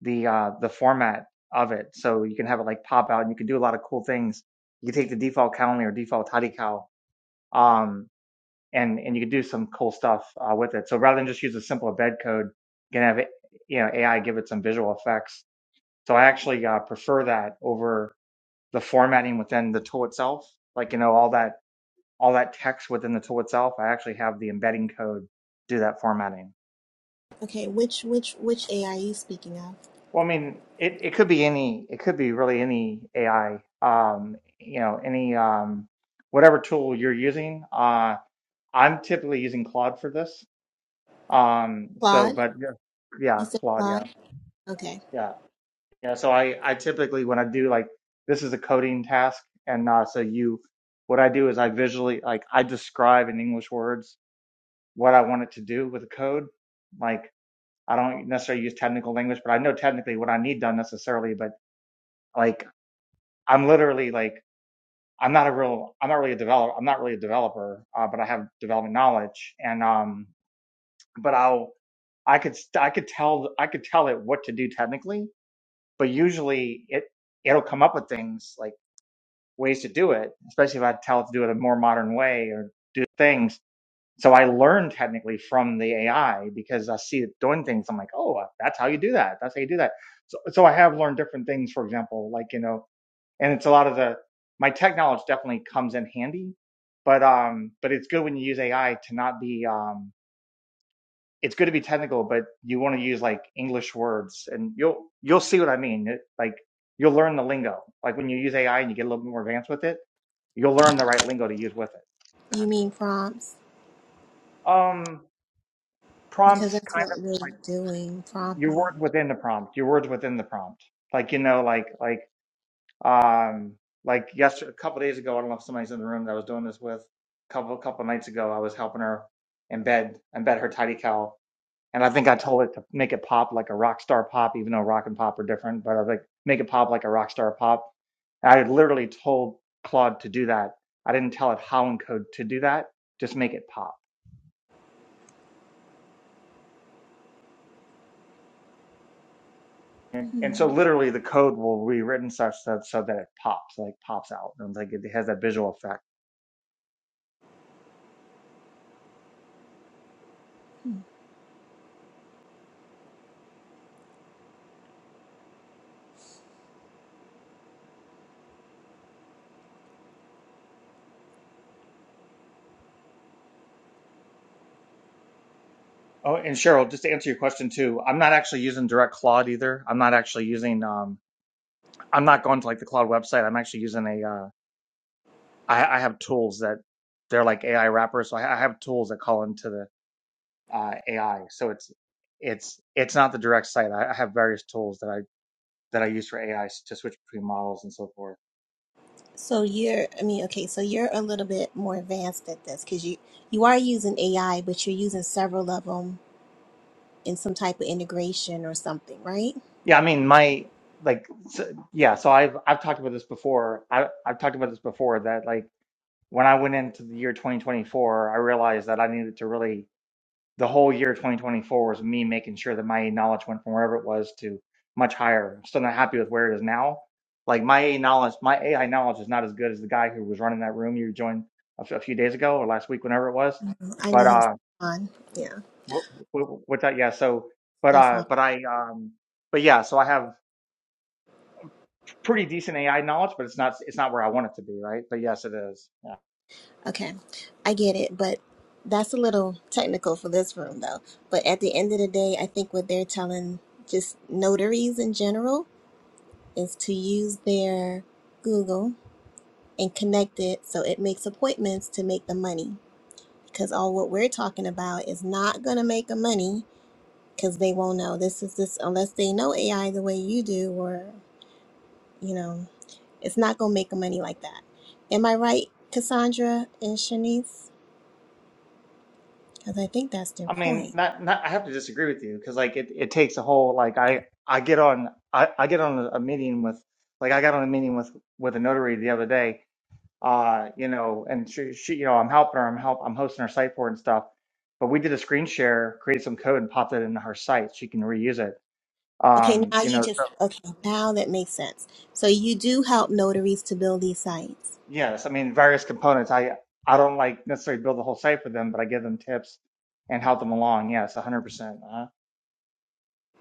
[SPEAKER 6] the uh, the format of it. So you can have it like pop out, and you can do a lot of cool things. You can take the default Calendly or default Tidycal, um, and and you can do some cool stuff uh, with it. So rather than just use a simple embed code, you can have it, you know AI give it some visual effects. So I actually uh, prefer that over the formatting within the tool itself. Like you know all that all that text within the tool itself. I actually have the embedding code do that formatting.
[SPEAKER 5] Okay, which which which AI are you speaking of?
[SPEAKER 6] Well, I mean, it, it could be any, it could be really any AI, um, you know, any, um, whatever tool you're using. Uh, I'm typically using Claude for this. Um, so,
[SPEAKER 5] Claude?
[SPEAKER 6] but yeah, yeah,
[SPEAKER 5] You said
[SPEAKER 6] Claude, yeah,
[SPEAKER 5] Claude? Okay.
[SPEAKER 6] yeah, yeah. So I, I typically, when I do like, this is a coding task. And, uh, so you, what I do is I visually, like, I describe in English words what I want it to do with the code. Like, I don't necessarily use technical language, but I know technically what I need done necessarily, but, like I'm literally like I'm not a real I'm not really a developer I'm not really a developer uh, but I have development knowledge and um but I'll I could I could tell I could tell it what to do technically but usually it it'll come up with things like ways to do it especially if I tell it to do it a more modern way or do things so I learn technically from the AI because I see it doing things I'm like oh that's how you do that that's how you do that so so I have learned different things for example like you know and it's a lot of the my tech knowledge definitely comes in handy but um but it's good when you use ai to not be um it's good to be technical but you want to use like english words and you'll you'll see what i mean it, like you'll learn the lingo like when you use ai and you get a little bit more advanced with it you'll learn the right lingo to use with it
[SPEAKER 5] You
[SPEAKER 6] exactly
[SPEAKER 5] mean prompts?
[SPEAKER 6] um
[SPEAKER 5] Because
[SPEAKER 6] prompts
[SPEAKER 5] that's
[SPEAKER 6] kind of
[SPEAKER 5] what
[SPEAKER 6] like
[SPEAKER 5] we're doing,
[SPEAKER 6] your
[SPEAKER 5] prompting.
[SPEAKER 6] words within the prompt your words within the prompt like you know like like Um, like yesterday, a couple days ago, I don't know if somebody's in the room that I was doing this with. A couple couple nights ago, I was helping her embed embed her tidy cow, and I think I told it to make it pop like a rock star pop, even though rock and pop are different. But I was like, make it pop like a rock star pop. And I had literally told Claude to do that. I didn't tell it how in code to do that. Just make it pop. And and so
[SPEAKER 5] Hmm.
[SPEAKER 6] literally the code will be written such that so that it pops, like pops out, and like it has that visual effect. Oh, and Cheryl, just to answer your question too, I'm not actually using direct cloud either. I'm not actually using um I'm not going to like the cloud website. I'm actually using a uh I, I have tools that they're like AI wrappers. So I, I have tools that call into the uh AI. So it's it's it's not the direct site. I, I have various tools that I that I use for AI to switch between models and so forth.
[SPEAKER 5] So you're, I mean, okay, so you're a little bit more advanced at this because you you are using AI, but you're using several of them in some type of integration or something, right?
[SPEAKER 6] Yeah, I mean my like so, yeah, so I've I've talked about this before. I I've talked about this before that like when I went into the year 2024, I realized that I needed to really the whole year 2024 was me making sure that my knowledge went from wherever it was to much higher. I'm still not happy with where it is now. Like my AI knowledge, my AI knowledge is not as good as the guy who was running that room you joined a, f- a few days ago or last week, whenever it was.
[SPEAKER 5] Mhm. I know
[SPEAKER 6] But
[SPEAKER 5] him,
[SPEAKER 6] uh,
[SPEAKER 5] Stefan. Yeah,
[SPEAKER 6] w- w- with that, yeah. So, but
[SPEAKER 5] Stefan.
[SPEAKER 6] uh, but I um, but yeah. So I have pretty decent AI knowledge, but it's not it's not where I want it to be, right? But yes, it is. Yeah.
[SPEAKER 5] Okay, I get it, but that's a little technical for this room, though. But at the end of the day, I think what they're telling just notaries in general is to use their Google and connect it so it makes appointments to make the money. Because all what we're talking about is not going to make the money because they won't know. This is this, unless they know AI the way you do, or, you know, it's not going to make the money like that. Am I right, Cassandra and Shanice? Because I think that's their
[SPEAKER 6] I mean,
[SPEAKER 5] point.
[SPEAKER 6] not not. I have to disagree with you because like it, it takes a whole like I I get on I, I get on a, meeting with like I got on a meeting with with a notary the other day. Uh, you know, and she, she you know I'm helping her. I'm help I'm hosting her site for it and stuff. But we did a screen share, created some code, and popped it into her site. She can reuse it.
[SPEAKER 5] Okay,
[SPEAKER 6] Um,
[SPEAKER 5] now
[SPEAKER 6] you
[SPEAKER 5] you
[SPEAKER 6] know, so-
[SPEAKER 5] just, okay, now that makes sense. So you do help notaries to build these sites.
[SPEAKER 6] yes. I mean, various components. I I don't like necessarily build the whole site for them, but I give them tips and help them along. Yes, 100%.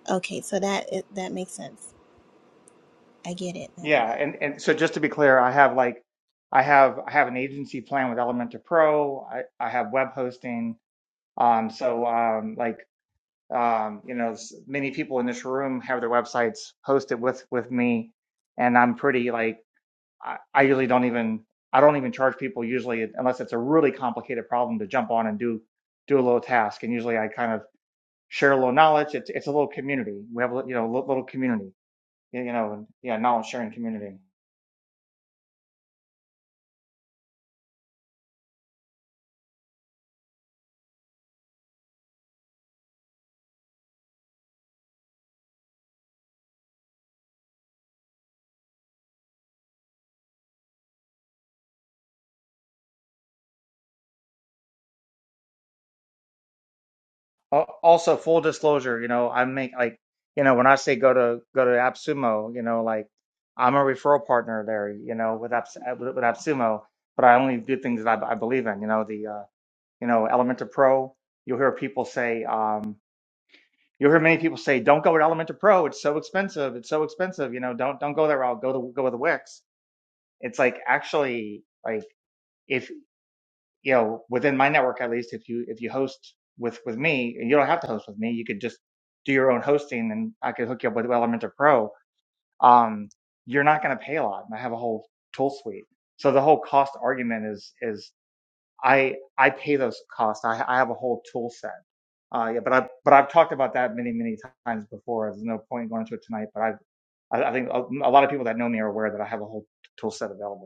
[SPEAKER 5] Okay, so that it- that makes sense. I get it now.
[SPEAKER 6] Yeah, and and so just to be clear, I have like I have I have an agency plan with Elementor Pro. I I have web hosting. Um, so um, like um, you know, s- many people in this room have their websites hosted with with me, and I'm pretty like I, I usually don't even I don't even charge people usually unless it's a really complicated problem to jump on and do do a little task. And usually I kind of share a little knowledge. It's it's a little community. We have a lit- you know a lit- little community you know and, yeah knowledge sharing community. Al- Also, full disclosure, you know, I make like, you know, when I say go to go to AppSumo, you know, like I'm a referral partner there, you know, with Apps uh, with with AppSumo, but I only do things that I, I believe in, you know, the uh, you know, Elementor Pro. You'll hear people say, um, you'll hear many people say, don't go with Elementor Pro. It's so expensive. It's so expensive. You know, don't don't go that route. Go to go with Wix. It's like actually like. if you know within my network at least if you if you host with with me and you don't have to host with me you could just do your own hosting and i could hook you up with elementor pro um you're not going to pay a lot and i have a whole tool suite so the whole cost argument is is i i pay those costs i, I have a whole tool set uh yeah but i but i've talked about that many many times before there's no point going into it tonight but i've i I think a a lot of people that know me are aware that I have a whole tool set available.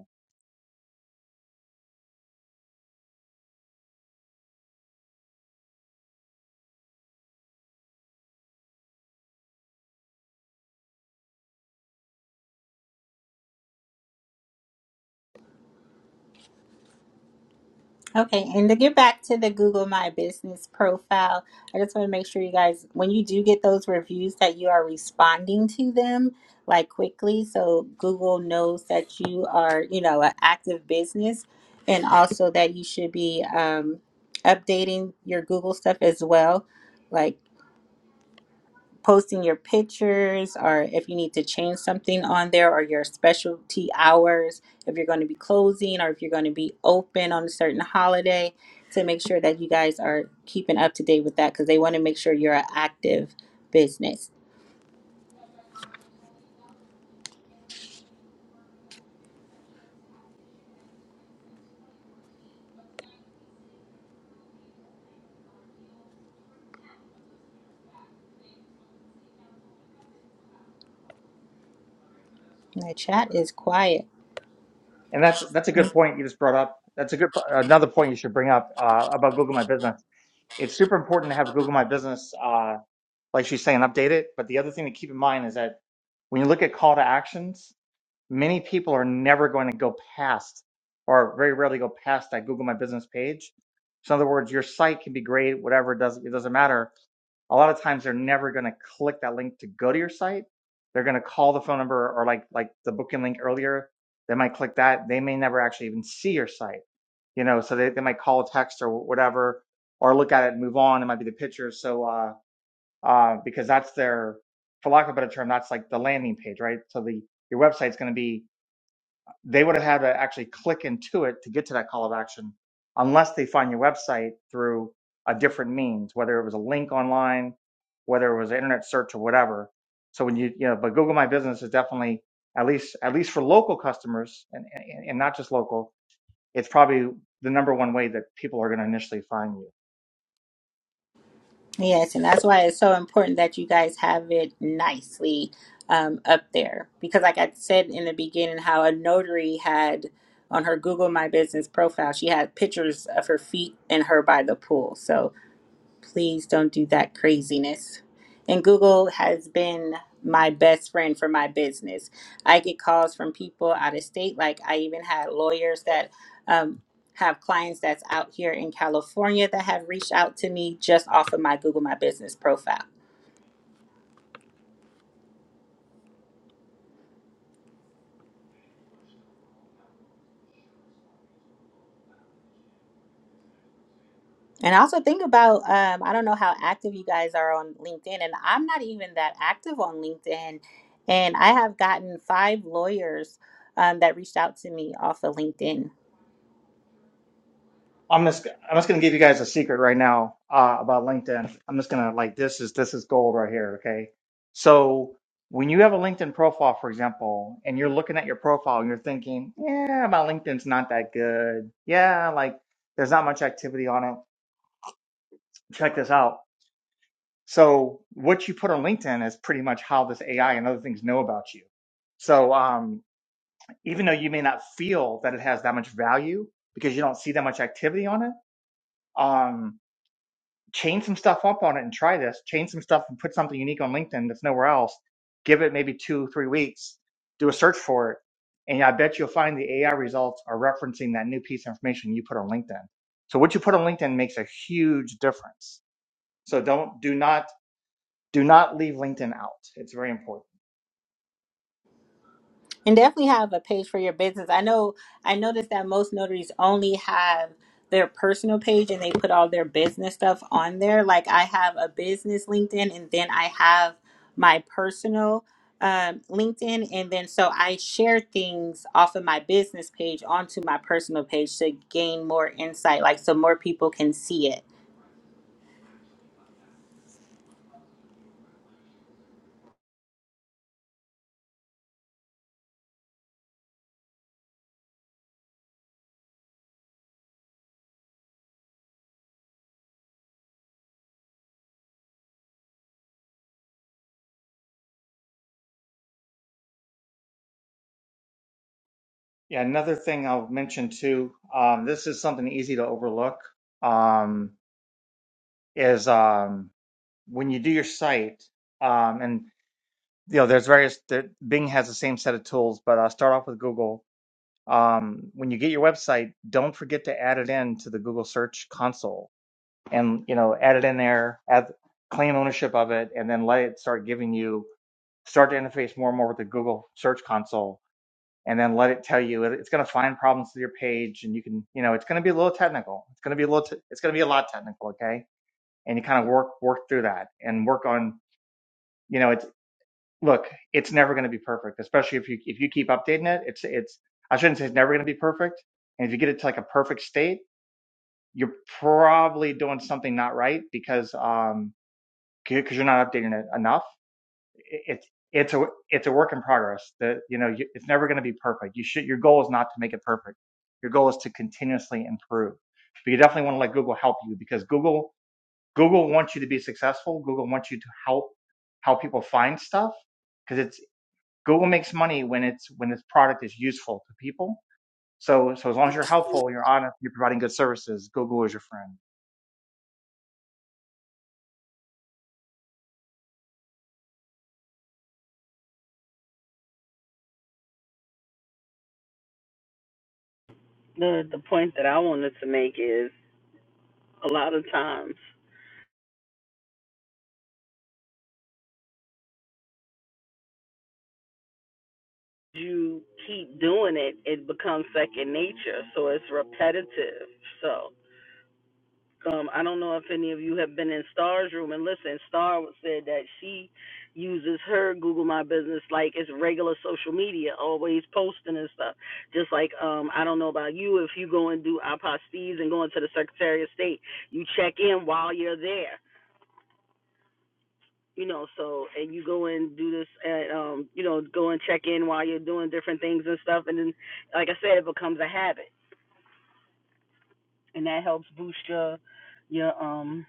[SPEAKER 3] Okay, and to get back to the Google My Business profile, I just want to make sure you guys, when you do get those reviews, that you are responding to them like quickly, so Google knows that you are, you know, an active business, and also that you should be um, updating your Google stuff as well. like posting your pictures or if you need to change something on there or your specialty hours, if you're going to be closing or if you're going to be open on a certain holiday, to make sure that you guys are keeping up to date with that because they want to make sure you're an active business. My chat is quiet.
[SPEAKER 6] And that's that's a
[SPEAKER 1] Right.
[SPEAKER 6] good point you just brought up. That's a good another point you should bring up uh, about Google My Business. It's super important to have Google My Business, uh, like she's saying, update it. But the other thing to keep in mind is that when you look at call to actions, many people are never going to go past, or very rarely go past that Google My Business page. So in other words, your site can be great, whatever it does, it doesn't matter a lot of times they're never going to click that link to go to your site. They're going to call the phone number or like like the booking link earlier. They might click that. They may never actually even see your site, you know. So they, they might call, a text, or whatever, or look at it, and move on. It might be the picture. So uh, uh, because that's their, for lack of a better term, that's like the landing page, right? So the your website's going to be they would have had to actually click into it to get to that call of action unless they find your website through a different means whether it was a link online whether it was an internet search or whatever so when you you know but google my business is definitely at least at least for local customers and and, and not just local it's probably the number one way that people are going to initially find you
[SPEAKER 3] Yes, and that's why it's so important that you guys have it nicely um, up there. Because, like I said in the beginning, how a notary had on her Google My Business profile, she had pictures of her feet and her by the pool. So, Please don't do that craziness. And Google has been my best friend for my business. I get calls from people out of state. Like I even had lawyers that um, have clients that's out here in California that have reached out to me just off of my Google My Business profile. And also think about um, I don't know how active you guys are on LinkedIn, and I'm not even that active on LinkedIn. And I have gotten five lawyers um, that reached out to me off of LinkedIn.
[SPEAKER 6] I'm just I'm just gonna give you guys a secret right now uh, about LinkedIn. I'm just gonna like this is this is gold right here. Okay, so when you have a LinkedIn profile, for example, and you're looking at your profile and you're thinking, yeah, my LinkedIn's not that good. Yeah, like there's not much activity on it. Check this out. So what you put on LinkedIn is pretty much how this AI and other things know about you. So um, even though you may not feel that it has that much value because you don't see that much activity on it. Um, chain some stuff up on it and try this. Chain some stuff and put something unique on LinkedIn that's nowhere else. Give it maybe two, three weeks. Do a search for it, and I bet you'll find the AI results are referencing that new piece of information you put on LinkedIn. So what you put on LinkedIn makes a huge difference. So don't do not do not leave LinkedIn out. It's very important.
[SPEAKER 3] And definitely have a page for your business. I know I noticed that most notaries only have their personal page and they put all their business stuff on there. Like I have a business LinkedIn and then I have my personal um, LinkedIn. And then so I share things off of my business page onto my personal page to gain more insight, like so more people can see it.
[SPEAKER 6] Yeah, another thing I'll mention too. Um, this is something easy to overlook. Um, is um, when you do your site, um, and you know, there's various. There, Bing has the same set of tools, but I'll start off with Google. Um, when you get your website, don't forget to add it in to the Google Search Console, and you know, add it in there, add claim ownership of it, and then let it start giving you start to interface more and more with the Google Search Console, and then let it tell you it, it's going to find problems with your page, and you can, you know, it's going to be a little technical. It's going to be a little. Te- it's going to be a lot technical, okay? And you kind of work work through that and work on. you know, it's look, it's never going to be perfect, especially if you if you keep updating it. It's it's I shouldn't say it's never going to be perfect. And if you get it to like a perfect state, you're probably doing something not right because um because you're not updating it enough. it's it's a it's a work in progress. That you know you, it's never going to be perfect. You should your goal is not to make it perfect. Your goal is to continuously improve. But you definitely want to let Google help you because Google Google wants you to be successful. Google wants you to help how people find stuff because it's. Google makes money when it's when this product is useful to people. So so as long as you're helpful, you're honest, you're providing good services, Google is your friend.
[SPEAKER 2] The the point that I wanted to make is a lot of times you keep doing it, it becomes second nature. So it's repetitive. So um, I don't know if any of you have been in Star's room and listen. Star said that she uses her Google My Business like it's regular social media, always posting and stuff. Just like um, I don't know about you, if you go and do apostilles and go into the Secretary of State, you check in while you're there. you know so and you go and do this at um you know go and check in while you're doing different things and stuff and then like i said it becomes a habit and that helps boost your your um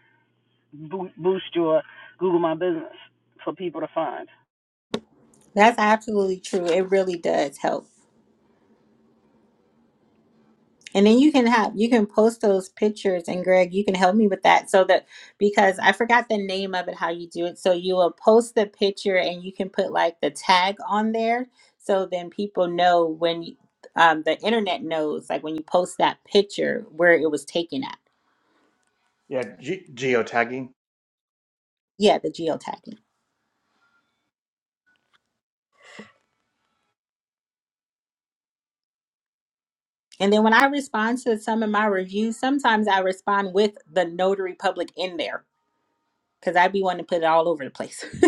[SPEAKER 2] boost your google my business for people to find
[SPEAKER 3] That's absolutely true. It really does help. And then you can have you can post those pictures and Greg, you can help me with that so that because I forgot the name of it how you do it. So you will post the picture and you can put like the tag on there so then people know when you- um, the internet knows like when you post that picture where it was taken at.
[SPEAKER 6] Yeah, ge- geotagging.
[SPEAKER 3] Yeah, the geotagging. And then when I respond to some of my reviews, sometimes I respond with the notary public in there because I'd be wanting to put it all over the place.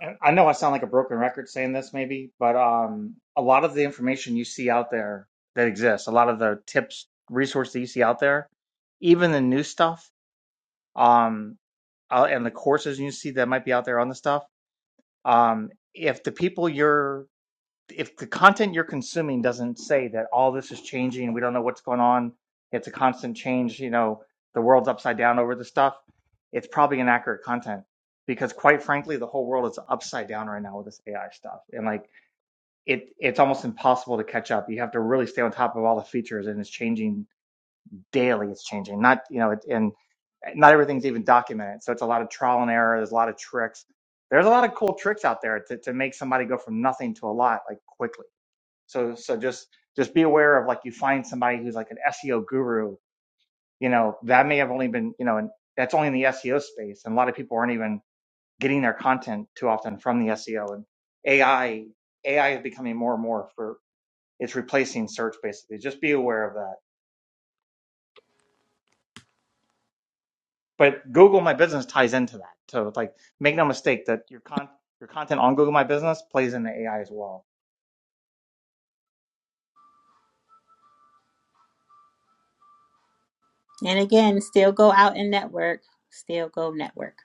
[SPEAKER 6] And I know I sound like a broken record saying this maybe, but um a lot of the information you see out there that exists, a lot of the tips, resources that you see out there, even the new stuff, um uh, and the courses you see that might be out there on the stuff, um if the people you're if the content you're consuming doesn't say that all this is changing, we don't know what's going on, it's a constant change, you know, the world's upside down over the stuff, it's probably inaccurate content because quite frankly, the whole world is upside down right now with this AI stuff. And like it it's almost impossible to catch up. You have to really stay on top of all the features and it's changing daily, it's changing. Not, you know, it, and not everything's even documented. So it's a lot of trial and error, there's a lot of tricks. There's a lot of cool tricks out there to, to make somebody go from nothing to a lot like quickly so so just just be aware of like you find somebody who's like an SEO guru, you know, that may have only been, you know, and that's only in the SEO space. And a lot of people aren't even getting their content too often from the SEO and AI AI is becoming more and more for it's replacing search basically. Just be aware of that. But Google My Business ties into that. So like make no mistake that your con your content on Google My Business plays into AI as well.
[SPEAKER 3] And again, still go out and network, still go network.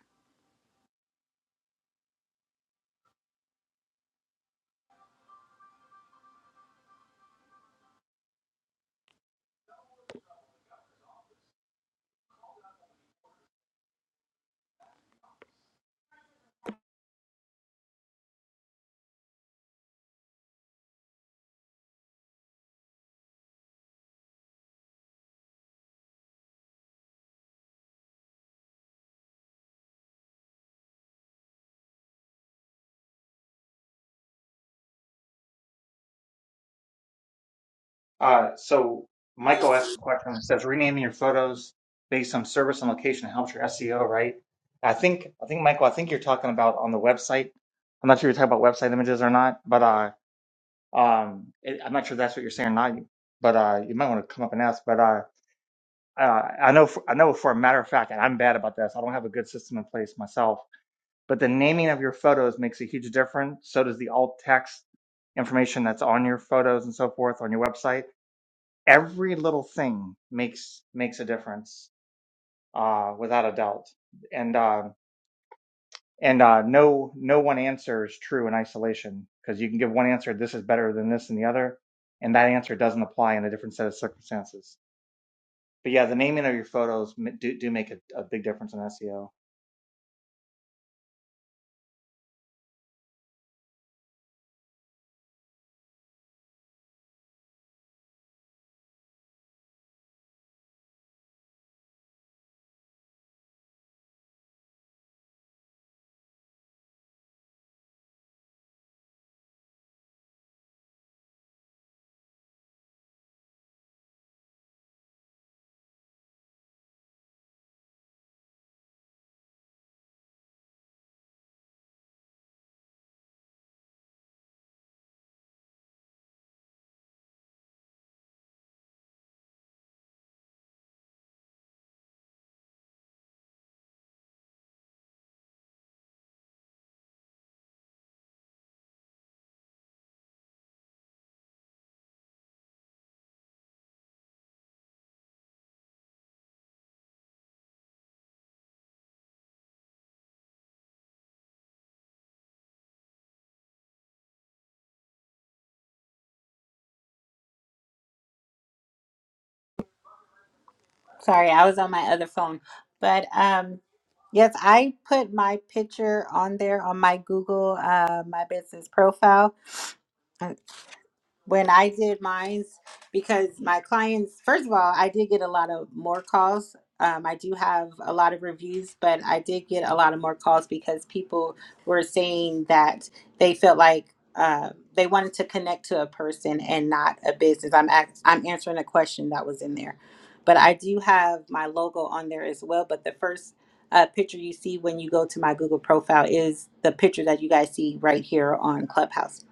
[SPEAKER 6] Uh, so Michael asked a question. It says renaming your photos based on service and location helps your SEO, right? I think I think Michael, I think you're talking about on the website. I'm not sure you're talking about website images or not, but uh, um, it, I'm not sure if that's what you're saying or not. But uh, you might want to come up and ask. But uh, uh, I know for, I know for a matter of fact, and I'm bad about this. I don't have a good system in place myself. But the naming of your photos makes a huge difference. So does the alt text information that's on your photos and so forth on your website every little thing makes makes a difference uh without a doubt and uh and uh no no one answer is true in isolation because you can give one answer this is better than this and the other and that answer doesn't apply in a different set of circumstances but yeah the naming of your photos do, do make a, a big difference in seo
[SPEAKER 3] Sorry, I was on my other phone. But um yes, I put my picture on there on my Google uh my business profile when I did mines because my clients, first of all, I did get a lot of more calls. Um, I do have a lot of reviews, but I did get a lot of more calls because people were saying that they felt like uh, they wanted to connect to a person and not a business. I'm act- I'm answering a question that was in there, but I do have my logo on there as well. But the first uh, picture you see when you go to my Google profile is the picture that you guys see right here on Clubhouse.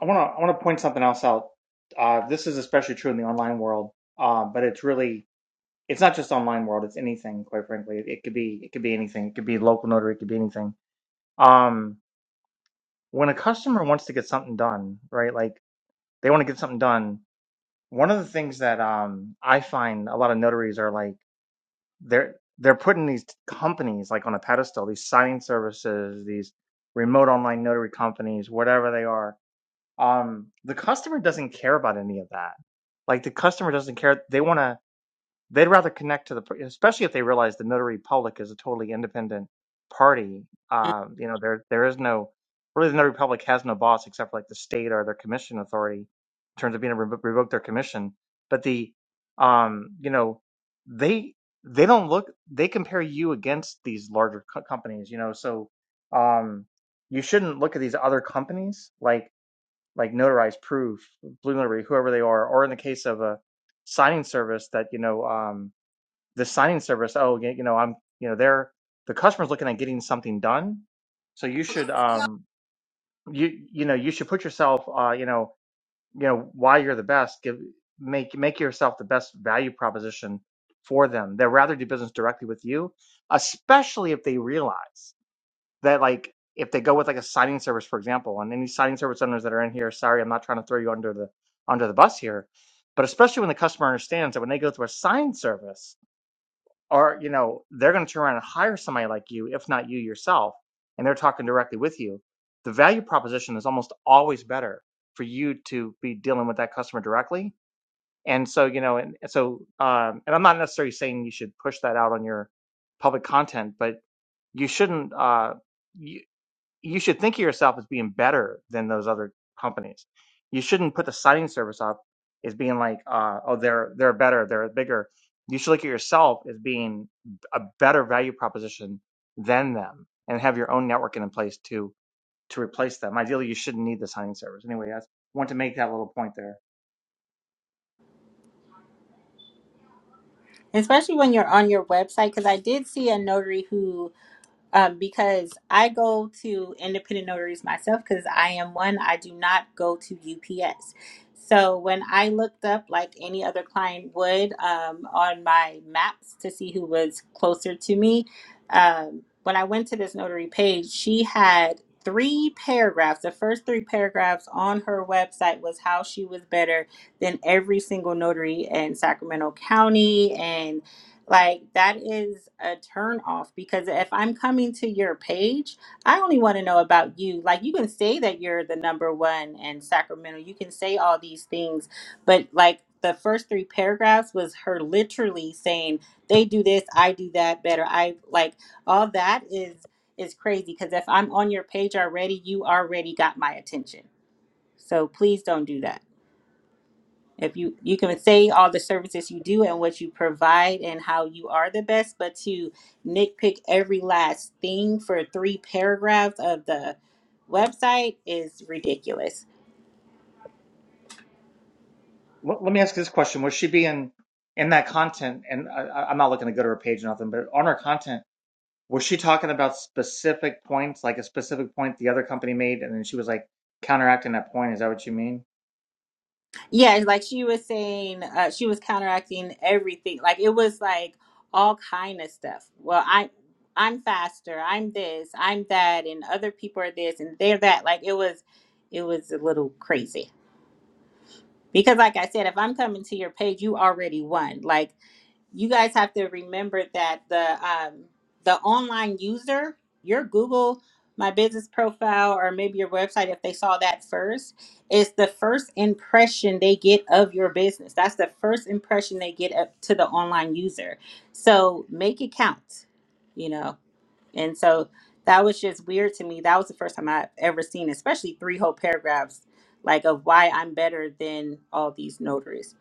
[SPEAKER 6] i want to i want to point something else out uh this is especially true in the online world uh but it's really it's not just online world it's anything quite frankly it, it could be it could be anything it could be local notary it could be anything um when a customer wants to get something done, right? Like they want to get something done. One of the things that um, I find a lot of notaries are like they're they're putting these companies like on a pedestal, these signing services, these remote online notary companies, whatever they are. Um, the customer doesn't care about any of that. Like the customer doesn't care. They want to. They'd rather connect to the, especially if they realize the notary public is a totally independent party. Uh, you know, there there is no really the notary public has no boss except for like the state or their commission authority in terms of being able to revo- revoke their commission. But the, um, you know, they they don't look they compare you against these larger co- companies. You know, so um, you shouldn't look at these other companies like like Notarize proof, blue notary, whoever they are, or in the case of a signing service that you know. Um, the signing service, oh, you know, I'm, you know, they're the customer's looking at getting something done. So you should, um, you, you know, you should put yourself, uh, you know, you know, why you're the best, give, make, make yourself the best value proposition for them. They'd rather do business directly with you, especially if they realize that, like, if they go with like a signing service, for example, and any signing service owners that are in here, sorry, I'm not trying to throw you under the, under the bus here, but especially when the customer understands that when they go through a sign service, or you know they're going to turn around and hire somebody like you if not you yourself and they're talking directly with you the value proposition is almost always better for you to be dealing with that customer directly and so you know and so um, and i'm not necessarily saying you should push that out on your public content but you shouldn't uh, you should think of yourself as being better than those other companies. You shouldn't put the citing service up as being like, uh, oh, they're they're better, they're bigger. You should look at yourself as being a better value proposition than them, and have your own networking in place to to replace them. Ideally, you shouldn't need the signing service. Anyway, I want to make that little point there.
[SPEAKER 3] especially when you're on your website because i did see a notary who um, because i go to independent notaries myself because i am one i do not go to ups so when i looked up like any other client would um, on my maps to see who was closer to me um, when i went to this notary page she had three paragraphs the first three paragraphs on her website was how she was better than every single notary in sacramento county and like that is a turn off because if I'm coming to your page, I only want to know about you. Like you can say that you're the number one in Sacramento. You can say all these things, but like the first three paragraphs was her literally saying, They do this, I do that better. I like all that is is crazy because if I'm on your page already, you already got my attention. So please don't do that if you you can say all the services you do and what you provide and how you are the best but to nitpick every last thing for three paragraphs of the website is ridiculous
[SPEAKER 6] Let, let me ask this question: Was she being in that content? And I- I'm not looking to go to her page or nothing, but on her content Was she talking about specific points, like a specific point the other company made, and then she was like counteracting that point? Is that what you mean?
[SPEAKER 3] yeah it's like she was saying uh, she was counteracting everything like it was like all kind of stuff well i i'm faster i'm this i'm that and other people are this and they're that like it was it was a little crazy because like i said if i'm coming to your page you already won like you guys have to remember that the um, the online user, your Google My Business profile, or maybe your website, if they saw that first, is the first impression they get of your business. That's the first impression they get up to the online user. So make it count, you know. And so that was just weird to me. That was the first time I've ever seen, especially three whole paragraphs, like of why I'm better than all these notaries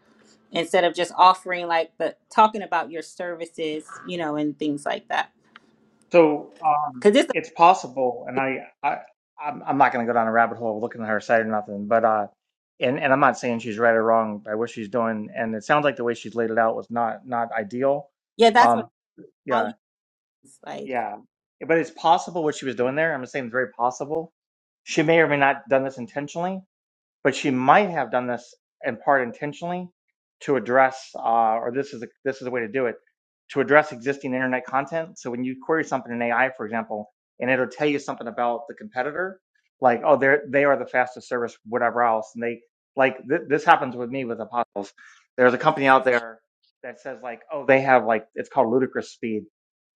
[SPEAKER 3] instead of just offering like the talking about your services, you know, and things like that.
[SPEAKER 6] So um,
[SPEAKER 3] Because this,
[SPEAKER 6] it's possible, and I, I, I'm, I'm not going to go down a rabbit hole looking at her site or nothing, but uh, and and I'm not saying she's right or wrong by what she's doing, and it sounds like the way she's laid it out was not not ideal.
[SPEAKER 3] yeah, that's what
[SPEAKER 6] Um, yeah,
[SPEAKER 3] values like.
[SPEAKER 6] yeah, but it's possible what she was doing there. I'm just saying it's very possible. She may or may not done this intentionally, but she might have done this in part intentionally to address, uh, or this is a, this is a way to do it to address existing internet content. So when you query something in AI, for example, and it'll tell you something about the competitor, like oh they're they are the fastest service, whatever else, and they like th- this happens with me with apostles. There's a company out there that says like oh they have like it's called ludicrous speed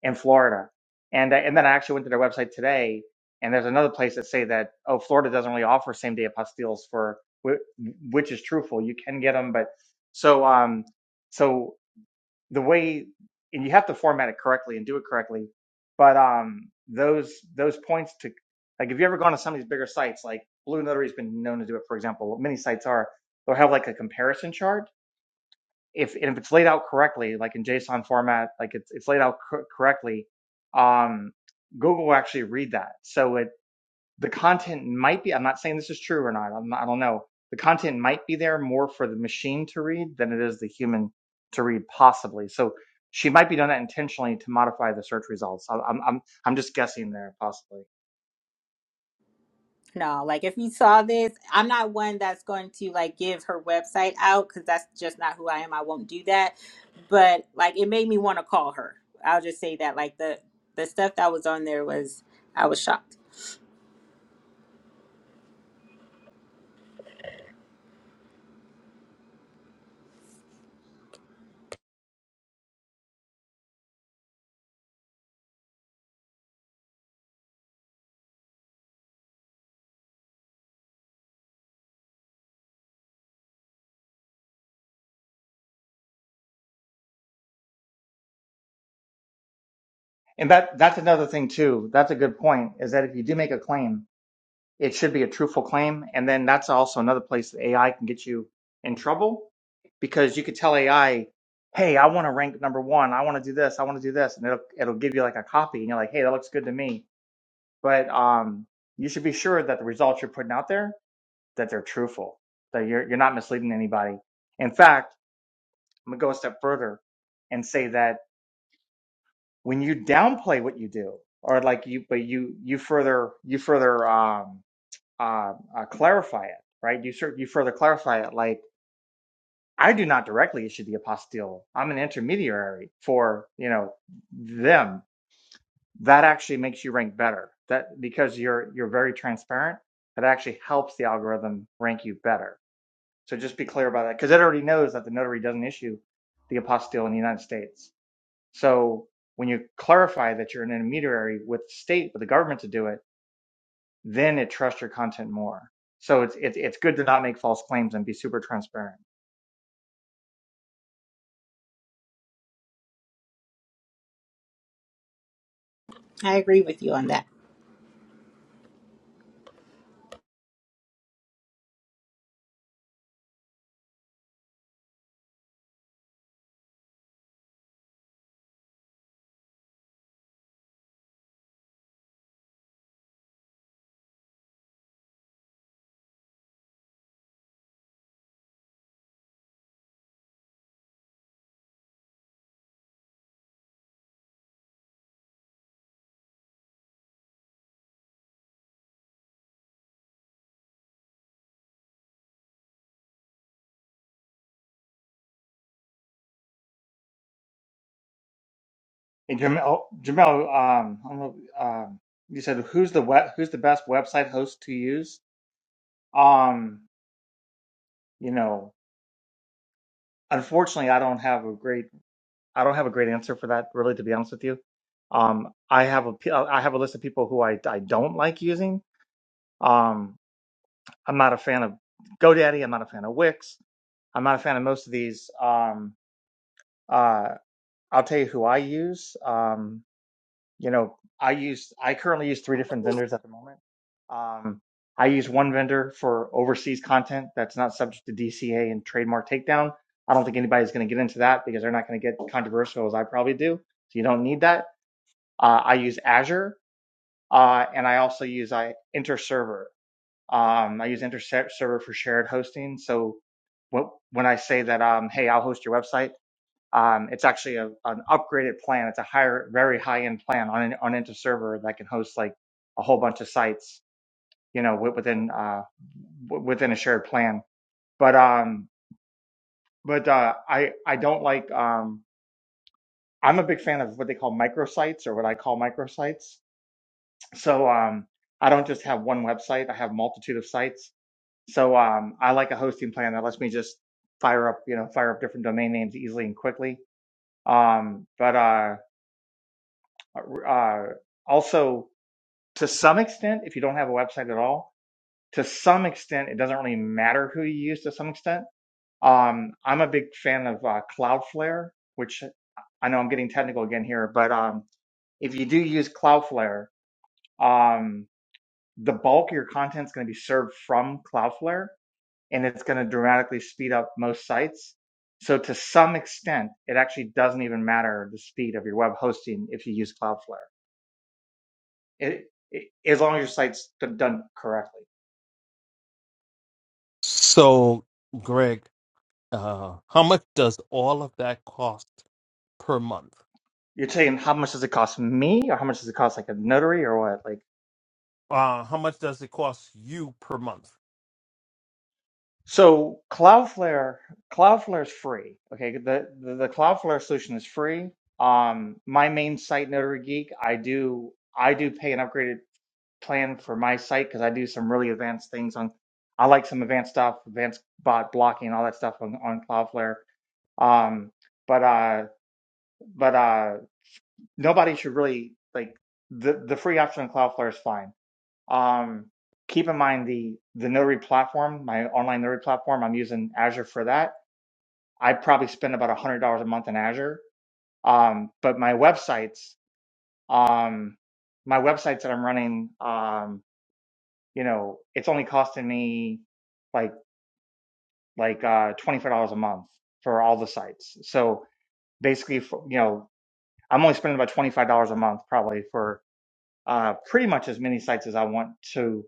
[SPEAKER 6] in Florida, and I- and then I actually went to their website today. And there's another place that say that oh Florida doesn't really offer same day apostilles for which is truthful. You can get them, but so um so the way and you have to format it correctly and do it correctly. But um those those points to like if you ever gone to some of these bigger sites like Blue Notary's been known to do it for example. Many sites are they'll have like a comparison chart. If and if it's laid out correctly, like in JSON format, like it's it's laid out cor- correctly, um, Google will actually read that. So it the content might be i'm not saying this is true or not I'm, not- i don't know the content might be there more for the machine to read than it is the human to read possibly so she might be doing that intentionally to modify the search results I, i'm i'm i'm just guessing there possibly
[SPEAKER 3] No, like if you saw this, I'm not one that's going to like give her website out because that's just not who I am. I won't do that. But like, it made me want to call her. I'll just say that like the the stuff that was on there was I was shocked.
[SPEAKER 6] and that that's another thing too that's a good point is that if you do make a claim It should be a truthful claim. And then that's also another place that AI can get you in trouble because you could tell AI, hey, I want to rank number one. I want to do this. I want to do this. And it'll, it'll give you like a copy and you're like, hey, that looks good to me. But um, you should be sure that the results you're putting out there, that they're truthful, that you're, you're not misleading anybody. In fact, I'm going to go a step further and say that when you downplay what you do or like you, but you, you further, you further, um, uh, uh, clarify it, right? You cer- you further clarify it, like I do not directly issue the apostille. I'm an intermediary for you know them. That actually makes you rank better. That because you're you're very transparent. That actually helps the algorithm rank you better. So just be clear about that because it already knows that the notary doesn't issue the apostille in the United States. So when you clarify that you're an intermediary with the state, with the government to do it then it trusts your content more. So it's it's it's good to not make false claims and be super transparent.
[SPEAKER 3] I agree with you on that.
[SPEAKER 6] And Jamel, oh, Jamel, um, I don't know, um, you said who's the web, who's the best website host to use? Um, you know, unfortunately, I don't have a great I don't have a great answer for that. Really, to be honest with you, um, I have a p- I have a list of people who I I don't like using. Um, I'm not a fan of GoDaddy. I'm not a fan of Wix. I'm not a fan of most of these. Um, uh. I'll tell you who I use. Um, you know, I use I currently use three different vendors at the moment. Um, I use one vendor for overseas content that's not subject to DCA and trademark takedown. I don't think anybody's going to get into that because they're not going to get controversial as I probably do. So you don't need that. Uh, I use Azure, uh, and I also use I InterServer. Um, I use InterServer for shared hosting. So when when I say that, um, hey, I'll host your website um, it's actually a, an upgraded plan. It's a higher, very high end plan on an on Inta server that can host like a whole bunch of sites, you know, wi- within uh, w- within a shared plan. But um, but uh, I I don't like um, I'm a big fan of what they call microsites or what I call microsites. So um, I don't just have one website. I have multitude of sites. So um, I like a hosting plan that lets me just fire up, you know, fire up different domain names easily and quickly. Um, but uh, Uh, uh, also, to some extent, if you don't have a website at all, to some extent, it doesn't really matter who you use to some extent. Um, I'm a big fan of uh, Cloudflare, which I know I'm getting technical again here, but um, if you do use Cloudflare, um, the bulk of your content is going to be served from Cloudflare and it's going to dramatically speed up most sites. So to some extent, it actually doesn't even matter the speed of your web hosting if you use Cloudflare. It, it, as long as your site's done correctly.
[SPEAKER 4] So, Greg, uh, how much does all of that cost per month?
[SPEAKER 6] You're saying how much does it cost me, or how much does it cost like a notary, or what? Like
[SPEAKER 4] Uh, how much does it cost you per month?
[SPEAKER 6] so, Cloudflare, Cloudflare is free. Okay, the the, the Cloudflare solution is free. Um, my main site, Notary Geek, I do I do pay an upgraded plan for my site because I do some really advanced things on. I like some advanced stuff, advanced bot blocking, all that stuff on on Cloudflare. Um, but uh, but uh. nobody should really like the the free option on Cloudflare is fine. Um, keep in mind the the notary platform, my online notary platform. I'm using Azure for that. I probably spend about a hundred dollars a month in Azure. Um, but my websites, um, my websites that I'm running, um, you know, it's only costing me like like uh, twenty five dollars a month for all the sites. So basically, for, you know, I'm only spending about twenty five dollars a month probably for uh, pretty much as many sites as I want to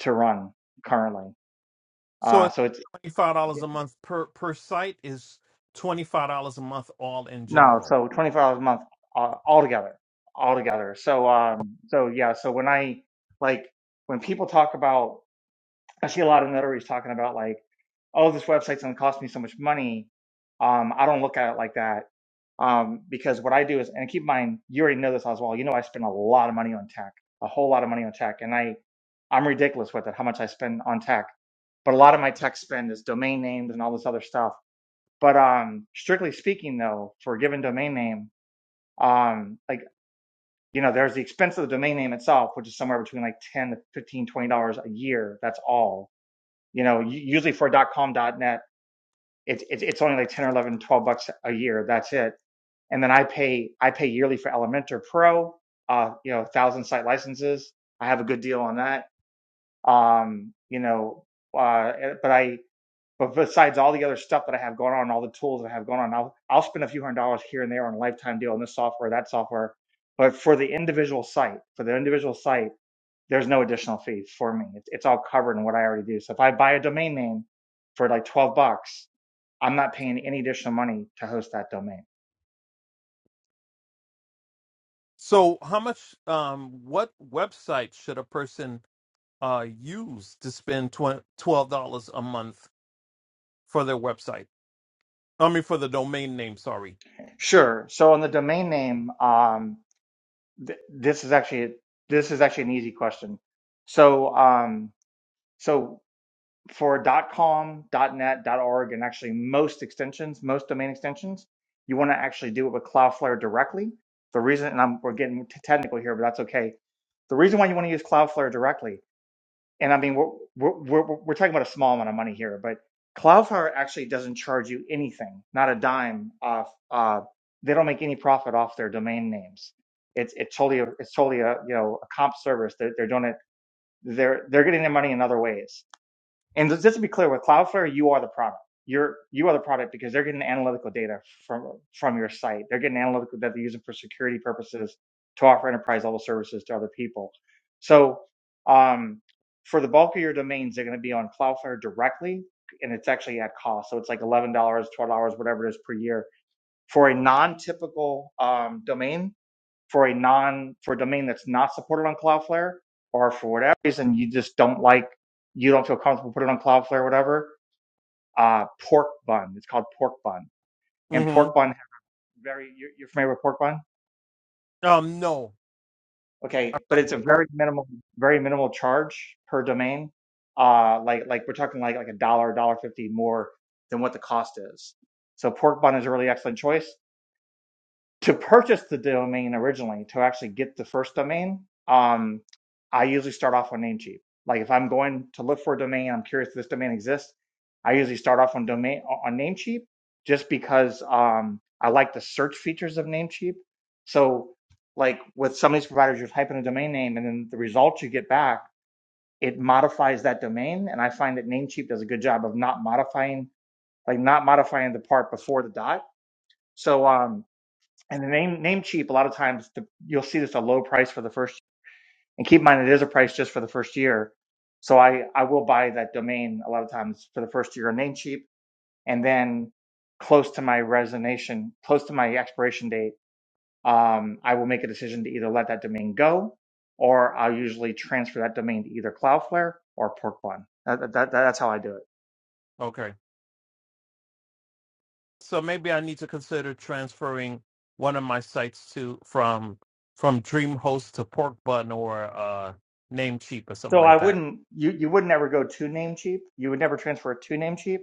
[SPEAKER 6] to run currently.
[SPEAKER 4] So,
[SPEAKER 6] Uh,
[SPEAKER 4] it's
[SPEAKER 6] so it's
[SPEAKER 4] twenty-five dollars
[SPEAKER 6] yeah,
[SPEAKER 4] a month per per site is twenty-five dollars a month all in
[SPEAKER 6] no,
[SPEAKER 4] general.
[SPEAKER 6] so 24 hours a month uh, altogether, altogether. So um, so yeah, so when I like when people talk about, I see a lot of notaries talking about like, oh, this website's gonna cost me so much money. Um, I don't look at it like that. Um, because what I do is, and keep in mind, you already know this as well. You know, I spend a lot of money on tech, a whole lot of money on tech, and I, I'm ridiculous with it. How much I spend on tech but a lot of my tech spend is domain names and all this other stuff. But um, strictly speaking, though, for a given domain name, um, like you know, there's the expense of the domain name itself, which is somewhere between like ten to 15 twenty dollars a year. That's all. You know, usually for .com .net, it's it's only like ten or 11, 12 bucks a year. That's it. And then I pay I pay yearly for Elementor Pro. Uh, you know, thousand site licenses. I have a good deal on that. Um, you know, uh, eh, but I But besides all the other stuff that I have going on, all the tools that I have going on, I'll I'll spend a few hundred dollars here and there on a lifetime deal on this software, that software. But for the individual site, for the individual site, there's no additional fee for me. It's, it's all covered in what I already do. So if I buy a domain name for like 12 bucks, I'm not paying any additional money to host that domain.
[SPEAKER 4] So, how much? Um, what website should a person uh, use to spend twen- $12 a month for their website. I mean, for the domain name, sorry.
[SPEAKER 6] Sure. So on the domain name, um, th- this is actually this is actually an easy question. So um, so for .com, .net, .org, and actually most extensions, most domain extensions, you want to actually do it with Cloudflare directly. The reason, and I'm, we're getting technical here, but that's okay. The reason why you want to use Cloudflare directly, and I mean, we're, we're, we're, we're talking about a small amount of money here, but Cloudflare actually doesn't charge you anything, not a dime off. Uh, they don't make any profit off their domain names. It's, it's totally, a, it's totally a, you know, a comp service. They're, they're doing it. They're, they're getting their money in other ways. And just to be clear, with Cloudflare, you are the product. You're you are the product because they're getting analytical data from from your site. They're getting analytical that they're using for security purposes to offer enterprise level services to other people. So um, for the bulk of your domains, they're going to be on Cloudflare directly, and it's actually at cost. So it's like eleven dollars, twelve dollars, whatever it is per year for a non-typical um, domain for a non for a domain that's not supported on Cloudflare, or for whatever reason you just don't like, you don't feel comfortable putting it on Cloudflare, or whatever. Uh, pork bun. It's called pork bun, and
[SPEAKER 4] hmm
[SPEAKER 6] pork bun very. You're, you're familiar with pork bun,
[SPEAKER 4] Um, no.
[SPEAKER 6] okay?
[SPEAKER 4] I-
[SPEAKER 6] But it's a
[SPEAKER 4] Or-
[SPEAKER 6] very minimal, very minimal charge per domain. Uh, like like we're talking like like a dollar, dollar fifty more than what the cost is. So pork bun is a really excellent choice. to purchase the domain originally to actually get the first domain um i usually start off on namecheap like if i'm going to look for a domain i'm curious if this domain exists i usually start off on domain on namecheap just because um i like the search features of namecheap so like with some of these providers you are typing a domain name and then the results you get back it modifies that domain and i find that namecheap does a good job of not modifying like not modifying the part before the dot so um and the name name cheap a lot of times the, you'll see this a low price for the first and keep in mind it is a price just for the first year so i i will buy that domain a lot of times for the first year on name cheap and then close to my resignation close to my expiration date um, i will make a decision to either let that domain go or i'll usually transfer that domain to either cloudflare or porkbun that, that, that, that's how i do it
[SPEAKER 4] Okay. So maybe I need to consider transferring one of my sites to from from DreamHost to Porkbun or uh, Namecheap or something
[SPEAKER 6] so i
[SPEAKER 4] like that.
[SPEAKER 6] wouldn't you, you would never go to namecheap you would never transfer it to namecheap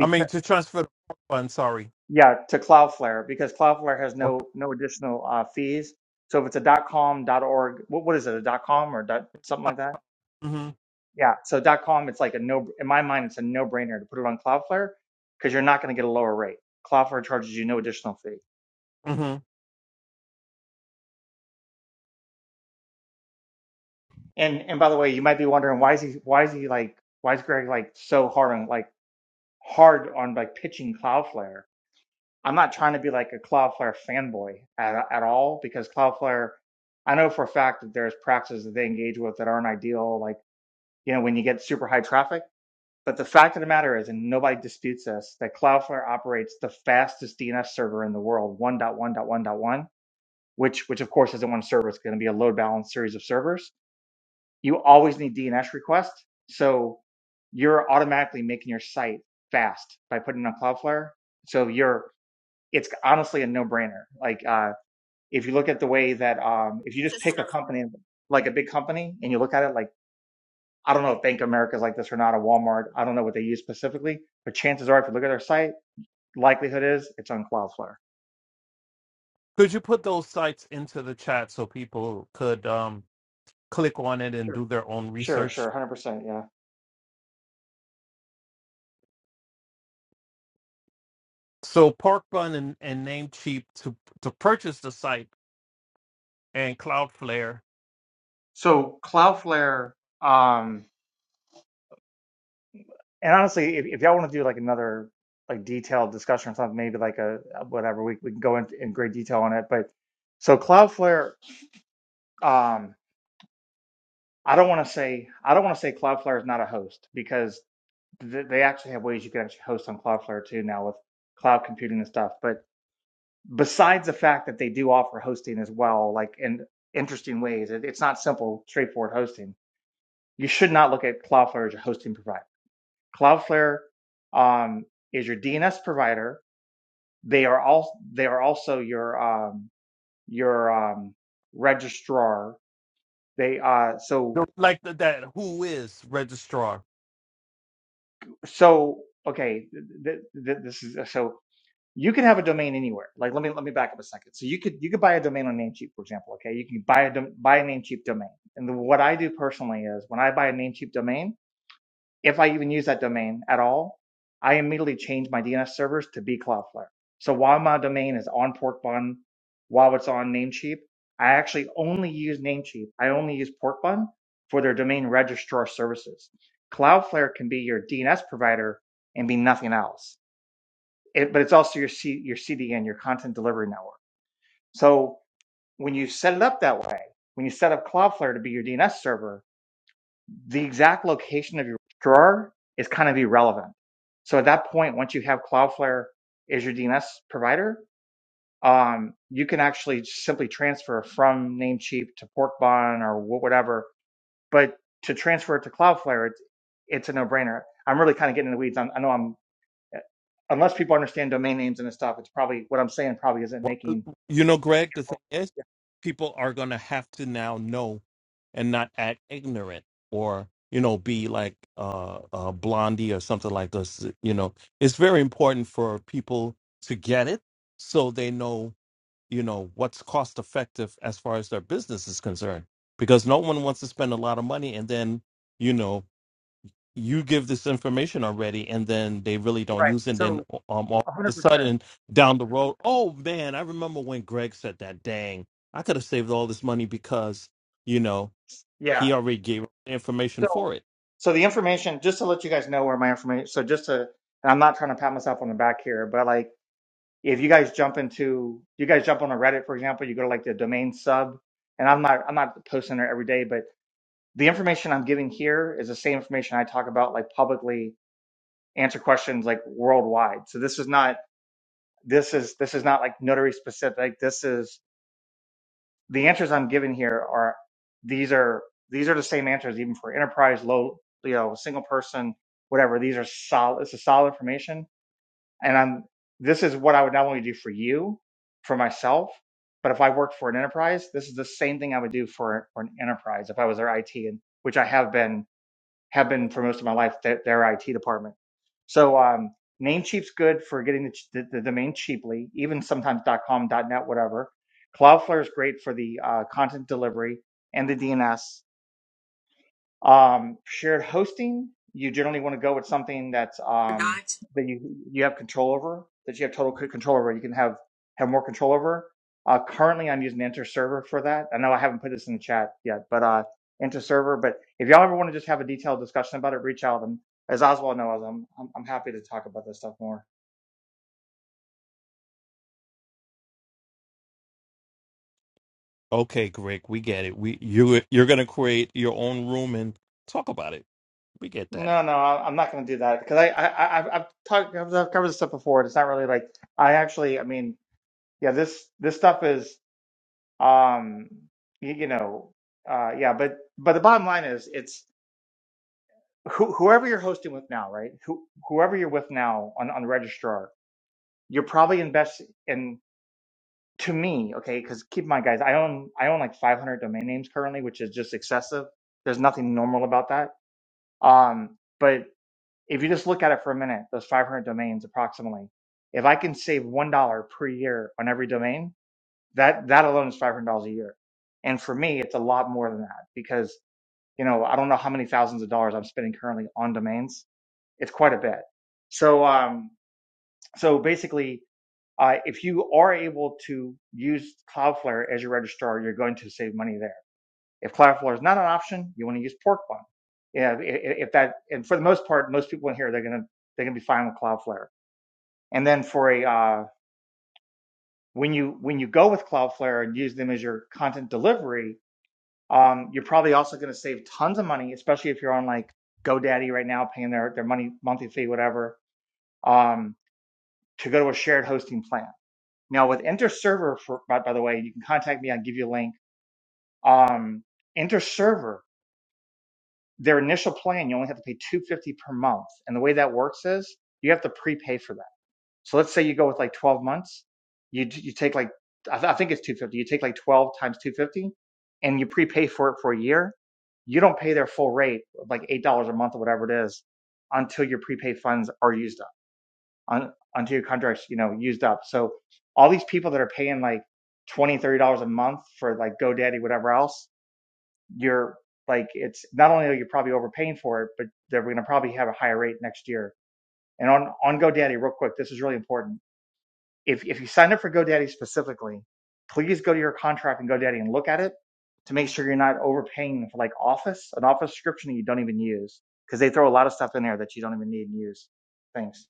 [SPEAKER 4] I mean, to transfer to Porkbun, sorry.
[SPEAKER 6] Yeah, to Cloudflare because Cloudflare has
[SPEAKER 4] Or
[SPEAKER 6] no no additional uh, fees. So if it's a .com .org, what what is it? A .com or dot something like that?
[SPEAKER 4] hmm
[SPEAKER 6] Yeah. So .com, it's like a no. In my mind, it's a no brainer to put it on Cloudflare because you're not going to get a lower rate. Cloudflare charges you no additional fee.
[SPEAKER 4] hmm
[SPEAKER 6] And and by the way, you might be wondering why is he why is he like why is Greg like so hard on like hard on like pitching Cloudflare? I'm not trying to be like a Cloudflare fanboy at, at all because Cloudflare, I know for a fact that there's practices that they engage with that aren't ideal, like, you know, when you get super high traffic. But the fact of the matter is, and nobody disputes this, that Cloudflare operates the fastest DNS server in the world, 1.1.1.1, which, which of course isn't one server. It's going to be a load balanced series of servers. You always need DNS requests. So you're automatically making your site fast by putting on Cloudflare. So you're it's honestly a no-brainer. Like uh, if you look at the way that um, if you just pick a company like a big company and you look at it like I don't know if Bank of America is like this or not, or Walmart. I don't know what they use specifically, but chances are if you look at their site, likelihood is it's on Cloudflare.
[SPEAKER 4] Could you put those sites into the chat so people could um, click on it and
[SPEAKER 6] Sure,
[SPEAKER 4] do their own
[SPEAKER 6] sure,
[SPEAKER 4] research?
[SPEAKER 6] sure, one hundred percent, yeah.
[SPEAKER 4] So Park Bun and, and Namecheap to to purchase the site and Cloudflare,
[SPEAKER 6] So Cloudflare, um, and honestly, if, if y'all want to do like another like detailed discussion or something, maybe like a whatever, we we can go into in great detail on it. But so Cloudflare, um, I don't want to say I don't want to say Cloudflare is not a host because th- they actually have ways you can actually host on Cloudflare too now with cloud computing and stuff. But besides the fact that they do offer hosting as well, like in interesting ways, it, it's not simple, straightforward hosting. You should not look at Cloudflare as your hosting provider. Cloudflare um, is your DNS provider. They are all they are also your um, your um, registrar. They uh, so
[SPEAKER 4] the- like the, that who is registrar.
[SPEAKER 6] so okay th- th- this is uh, so you can have a domain anywhere like let me let me back up a second so you could you could buy a domain on namecheap for example okay you can buy a dom- buy a namecheap domain and the, what i do personally is when i buy a namecheap domain if I even use that domain at all, I immediately change my DNS servers to be Cloudflare. So while my domain is on Porkbun, while it's on Namecheap, I actually only use Namecheap. I only use Porkbun for their domain registrar services. Cloudflare can be your DNS provider and be nothing else. It, but it's also your C, your CDN, your content delivery network. So when you set it up that way, when you set up Cloudflare to be your DNS server, the exact location of your drawer is kind of irrelevant. So at that point, once you have Cloudflare as your DNS provider, um, you can actually simply transfer from Namecheap to Porkbon or whatever. But to transfer it to Cloudflare, it's, it's a no-brainer. I'm really kind of getting in the weeds. i I know I'm, unless people understand domain names and this stuff, it's probably what I'm saying probably isn't
[SPEAKER 4] Well,
[SPEAKER 6] making.
[SPEAKER 4] you know, Greg, the thing is,
[SPEAKER 6] Yeah,
[SPEAKER 4] people are going to have to now know and not act ignorant or, you know, be like uh, uh, Blondie or something like this. You know, it's very important for people to get it so they know you know what's cost effective as far as their business is concerned because no one wants to spend a lot of money and then you know you give this information already and then they really don't
[SPEAKER 6] Right.
[SPEAKER 4] use it and then
[SPEAKER 6] So
[SPEAKER 4] um, all of
[SPEAKER 6] 100%.
[SPEAKER 4] a sudden down the road oh man i remember when greg said that dang i could have saved all this money because you know
[SPEAKER 6] Yeah.
[SPEAKER 4] he already gave information
[SPEAKER 6] So,
[SPEAKER 4] for it
[SPEAKER 6] so the information, just to let you guys know where my information, so just to, and I'm not trying to pat myself on the back here, but like if you guys jump into, you guys jump on a Reddit, for example, you go to like the domain sub, and I'm not, I'm not posting there every day, but the information I'm giving here is the same information I talk about like publicly, answer questions like worldwide. So this is not, this is, this is not like notary specific. This is the answers I'm giving here are these are these are the same answers even for enterprise, low, you know, single person, whatever. These are solid. It's a solid information, and I'm this is what I would not only do for you, for myself, but if I worked for an enterprise, this is the same thing I would do for for an enterprise if I was their IT, and which I have been have been for most of my life their, their IT department. So um, Namecheap's good for getting the, ch- the, the domain cheaply, even sometimes .com, .net, whatever. Cloudflare is great for the uh, content delivery and the DNS. Um, shared hosting, you generally want to go with something that's um, that you you have control over, that you have total control over. You can have have more control over. Uh, currently, I'm using Enter Server for that. I know I haven't put this in the chat yet, but uh, Enter Server. But if y'all ever want to just have a detailed discussion about it, reach out. And as Oswald knows, I'm I'm, I'm happy to talk about this stuff more.
[SPEAKER 4] okay greg we get it we you you're gonna create your own room and talk about it we get that
[SPEAKER 6] No, no, I- I'm not going to do that because I, I, I I've I've talked I've I've covered this stuff before. and It's not really like I actually. I mean, yeah, this this stuff is. um you, you know uh yeah but but the bottom line is it's who, whoever you're hosting with now right who, whoever you're with now on on the registrar you're probably invest in to me okay because keep in mind guys i own i own like 500 domain names currently which is just excessive there's nothing normal about that um but if you just look at it for a minute those 500 domains approximately if i can save one dollar per year on every domain that that alone is $500 a year and for me, it's a lot more than that because. you know, I don't know how many thousands of dollars I'm spending currently on domains. It's quite a bit. So, um, so basically, uh, if you are able to use Cloudflare as your registrar, you're going to save money there. If Cloudflare is not an option, you want to use Porkbun. Yeah, if that, and for the most part, most people in here they're gonna they're gonna be fine with Cloudflare. And then for a uh, when you when you go with Cloudflare and use them as your content delivery, Um, you're probably also going to save tons of money, especially if you're on like GoDaddy right now, paying their their money monthly fee, whatever, um, to go to a shared hosting plan. Now with InterServer, for, by, by the way, you can contact me. I'll give you a link. Um, InterServer, their initial plan, you only have to pay two hundred fifty dollars per month, and the way that works is you have to prepay for that. So let's say you go with like 12 months. You you take like I, th- I think it's 250. You take like 12 times 250, and you prepay for it for a year. You don't pay their full rate, of like eight dollars a month or whatever it is, until your prepaid funds are used up, un, until your contracts you know used up. So all these people that are paying like 20, 30 dollars a month for like GoDaddy whatever else, you're like it's not only are you probably overpaying for it, but they're going to probably have a higher rate next year. And on on GoDaddy, real quick, this is really important if, if you sign up for GoDaddy specifically, please go to your contract in GoDaddy and look at it to make sure you're not overpaying for like Office, an Office subscription that you don't even use because they throw a lot of stuff in there that you don't even need and use. Thanks.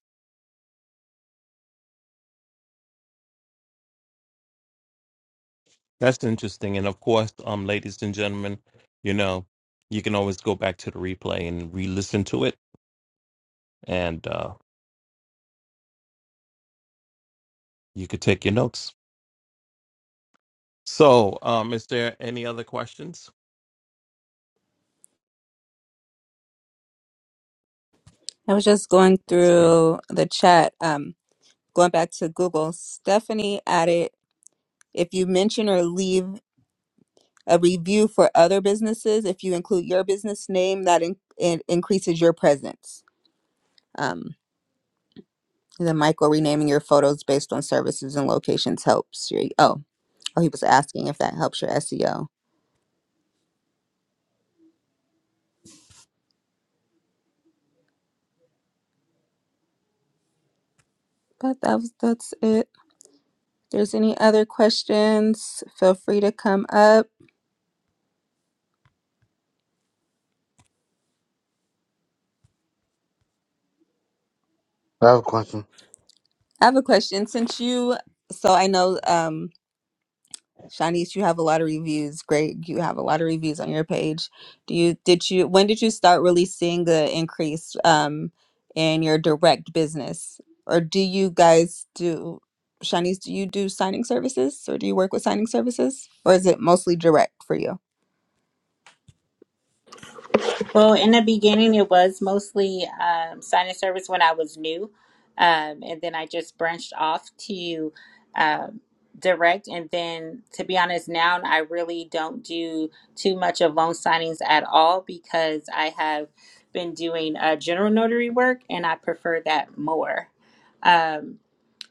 [SPEAKER 4] That's interesting. And of course, um, ladies and gentlemen, you know, you can always go back to the replay and re-listen to it, and uh, you could take your notes. So, um, is there any other questions?
[SPEAKER 1] I was just going
[SPEAKER 4] Let's see.
[SPEAKER 1] through the chat, um, going back to Google. Stephanie added. If you mention or leave a review for other businesses, if you include your business name, that in- in- increases your presence. Um, and then Michael renaming your photos based on services and locations helps your oh oh he was asking if that helps your SEO. But that was that's it. If there's any other questions, feel free to come up.
[SPEAKER 8] I have a question.
[SPEAKER 1] I have a question since you so I know um Shanice, you have a lot of reviews. Great, you have a lot of reviews on your page. Do you did you when did you start really seeing the increase um in your direct business? Or do you guys do Shanice, do you do signing services or do you work with signing services? Or is it mostly direct for you?
[SPEAKER 3] Well, in the beginning, it was mostly um, sign of service when I was new. Um, and then I just branched off to um, direct. And then, to be honest, now I really don't do too much of loan signings at all because I have been doing uh, general notary work and I prefer that more. Um,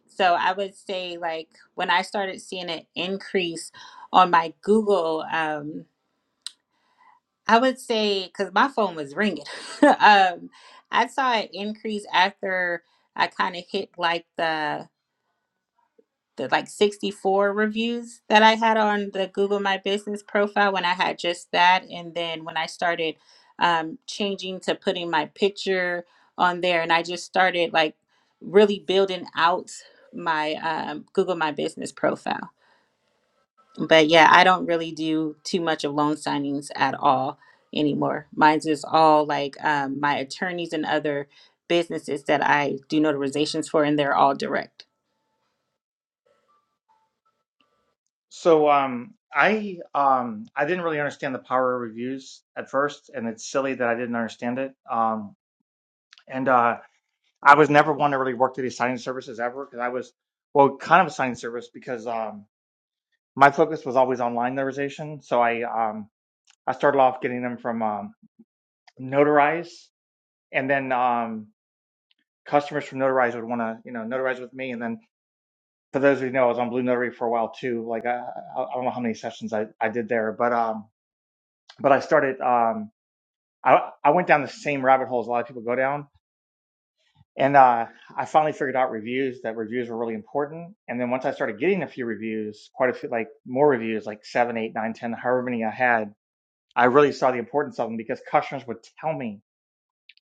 [SPEAKER 3] so I would say, like, when I started seeing an increase on my Google. Um, I would say because my phone was ringing. um, I saw an increase after I kind of hit like the the like 64 reviews that I had on the Google My Business profile when I had just that, and then when I started um, changing to putting my picture on there, and I just started like really building out my um, Google My Business profile but yeah, I don't really do too much of loan signings at all anymore. Mine's is all like um, my attorneys and other businesses that I do notarizations for, and they're all direct.
[SPEAKER 6] So um, I um, I didn't really understand the power of reviews at first, and it's silly that I didn't understand it. Um, and uh, I was never one to really work through these signing services ever because I was well kind of a signing service because um, my focus was always on line memorization. So I um, I started off getting them from um, Notarize, and then um, customers from Notarize would want to, you know, notarize with me. And then for those of you who know, I was on Blue Notary for a while too. Like I, I don't know how many sessions I, I did there, but um, but I started um, I I went down the same rabbit holes a lot of people go down, and uh, I finally figured out reviews that reviews were really important. And then once I started getting a few reviews, quite a few, like more reviews, like seven, eight, nine, ten, however many I had, I really saw the importance of them because customers would tell me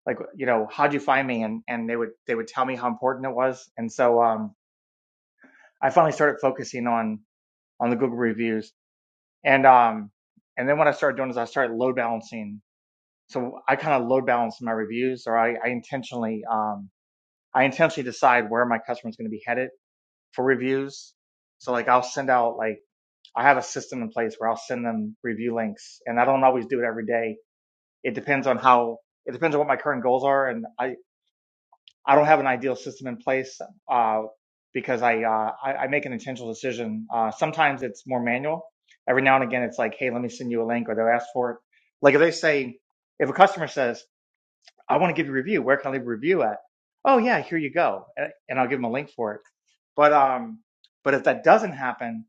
[SPEAKER 6] like you know how'd you find me and and they would they would tell me how important it was and so um i finally started focusing on on the google reviews and um and then what i started doing is i started load balancing so i kind of load balance my reviews or i, I intentionally um i intentionally decide where my customer is going to be headed for reviews so like i'll send out like i have a system in place where i'll send them review links and i don't always do it every day it depends on how it depends on what my current goals are and I, I don't have an ideal system in place uh, because I, uh, I I make an intentional decision. Uh, sometimes it's more manual. Every now and again, it's like, hey, let me send you a link, or they'll ask for it. Like if they say, if a customer says, I want to give you a review, where can I leave a review at? Oh yeah, here you go, and I'll give them a link for it. But um, but if that doesn't happen,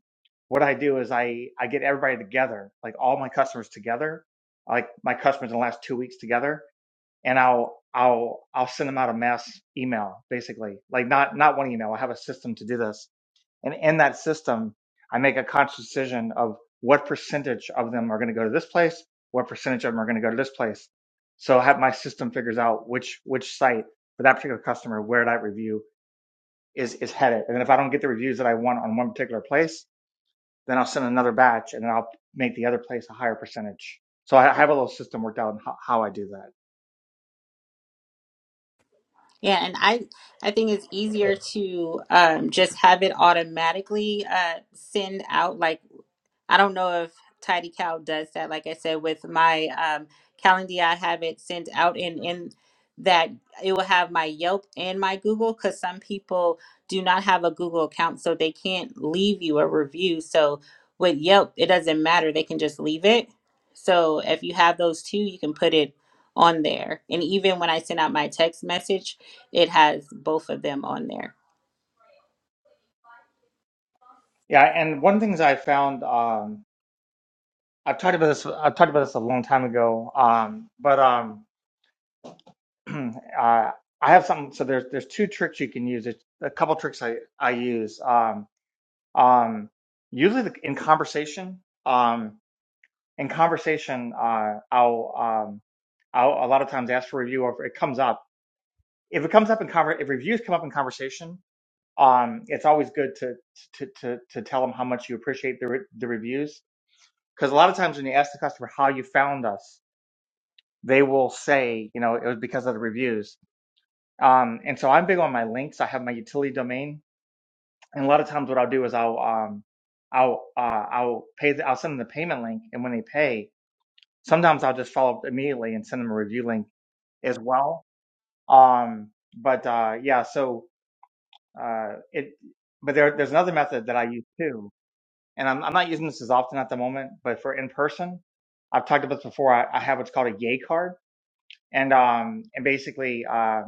[SPEAKER 6] what I do is I I get everybody together, like all my customers together, like my customers in the last two weeks together, and I'll I'll I'll send them out a mass email, basically. Like not not one email. I have a system to do this, and in that system, I make a conscious decision of what percentage of them are going to go to this place, what percentage of them are going to go to this place. So I have my system figures out which which site for that particular customer where that review is is headed, and then if I don't get the reviews that I want on one particular place, then I'll send another batch, and then I'll make the other place a higher percentage. So I have a little system worked out on how, how I do that.
[SPEAKER 3] Yeah, and I I think it's easier to um, just have it automatically uh, send out like I don't know if Tidy Cow does that. Like I said, with my um, Calendly, I have it sent out, and in that it will have my Yelp and my Google because some people do not have a Google account, so they can't leave you a review. So with Yelp, it doesn't matter; they can just leave it. So if you have those two, you can put it on there. And even when I send out my text message, it has both of them on there.
[SPEAKER 6] Yeah, and one of the things I found, um, I've talked about this, I've talked about this a long time ago, um, but um, uh, I have some. So there's there's two tricks you can use. It's a couple tricks I I use. Um, um, usually the, in conversation, um, in conversation, uh, I'll um, I'll a lot of times ask for review, or if it comes up. If it comes up in conver, if reviews come up in conversation, um, it's always good to to to to tell them how much you appreciate the re- the reviews Because a lot of times when you ask the customer how you found us, they will say, you know, it was because of the reviews. Um, and so I'm big on my links. I have my utility domain, and a lot of times what I'll do is I'll um, I'll uh, I'll pay the, I'll send them the payment link, and when they pay, sometimes I'll just follow up immediately and send them a review link as well. Um, but uh, yeah, so uh, it. But there, there's another method that I use too, and I'm, I'm not using this as often at the moment. But for in person, I've talked about this before. I, I have what's called a yay card and um and basically uh,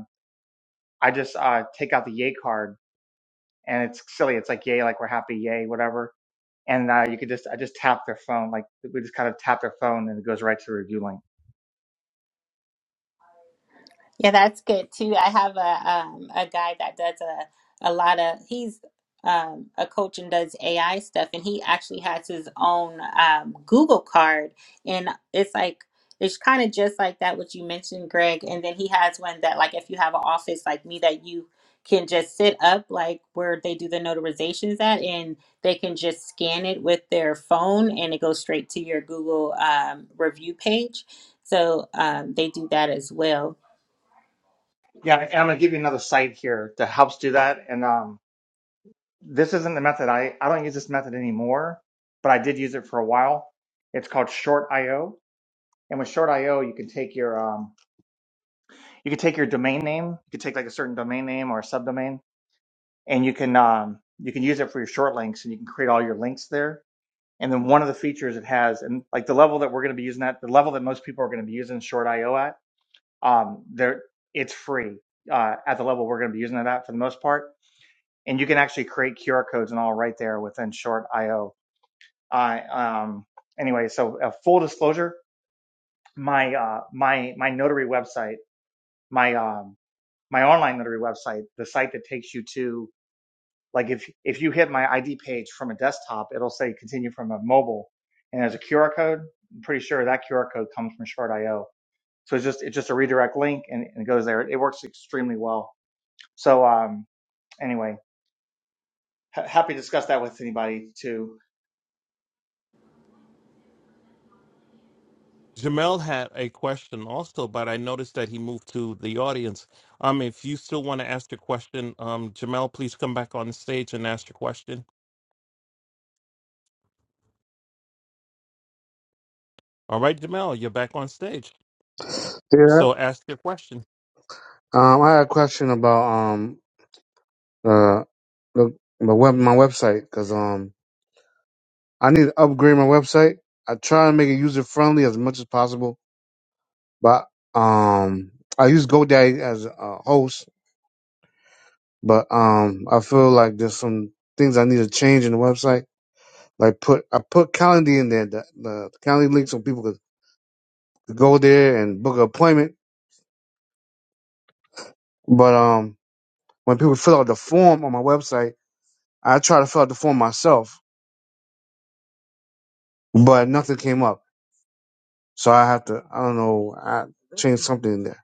[SPEAKER 6] I just uh take out the yay card and it's silly it's like yay like we're happy yay whatever and uh, you could just I just tap their phone like we just kind of tap their phone and it goes right to the review link
[SPEAKER 3] Yeah, that's good too. I have a um a guy that does a a lot of he's um a coach and does AI stuff and he actually has his own um Google card and it's like it's kind of just like that what you mentioned, Greg. And then he has one that like if you have an office like me that you can just sit up like where they do the notarizations at and they can just scan it with their phone and it goes straight to your Google um, review page. So um, they do that as well.
[SPEAKER 6] yeah and I'm gonna give you another site here that helps do that and um this isn't the method I I don't use this method anymore but I did use it for a while it's called short io and with short io you can take your um you can take your domain name you can take like a certain domain name or a subdomain and you can um, you can use it for your short links and you can create all your links there and then one of the features it has and like the level that we're going to be using that the level that most people are going to be using short io at um, there it's free uh, at the level we're going to be using it at for the most part and you can actually create qr codes and all right there within short io uh, um, anyway so uh, full disclosure my uh, my my notary website my um, my online notary website the site that takes you to Like if if you hit my ID page from a desktop, it'll say continue from a mobile, and there's a QR code. I'm pretty sure that QR code comes from Shard.io. So it's just it's just a redirect link and, and it goes there. It works extremely well. So um, anyway, ha- happy to discuss that with anybody too.
[SPEAKER 4] Jamel had a question also, but I noticed that he moved to the audience. Um, if you still want to ask your question, um, Jamel, please come back on stage and ask your question. All right, Jamel, you're back on stage.
[SPEAKER 8] Yeah.
[SPEAKER 4] So ask your question.
[SPEAKER 8] Um, I had a question about um uh the my web my website because um I need to upgrade my website. I try to make it user friendly as much as possible, but um I use GoDaddy as a host, but um I feel like there's some things I need to change in the website. Like put I put Calendly in there, the, the Calendly link so people could go there and book an appointment. But um when people fill out the form on my website, I try to fill out the form myself but nothing came up. So I have to, I don't know, I change something in there.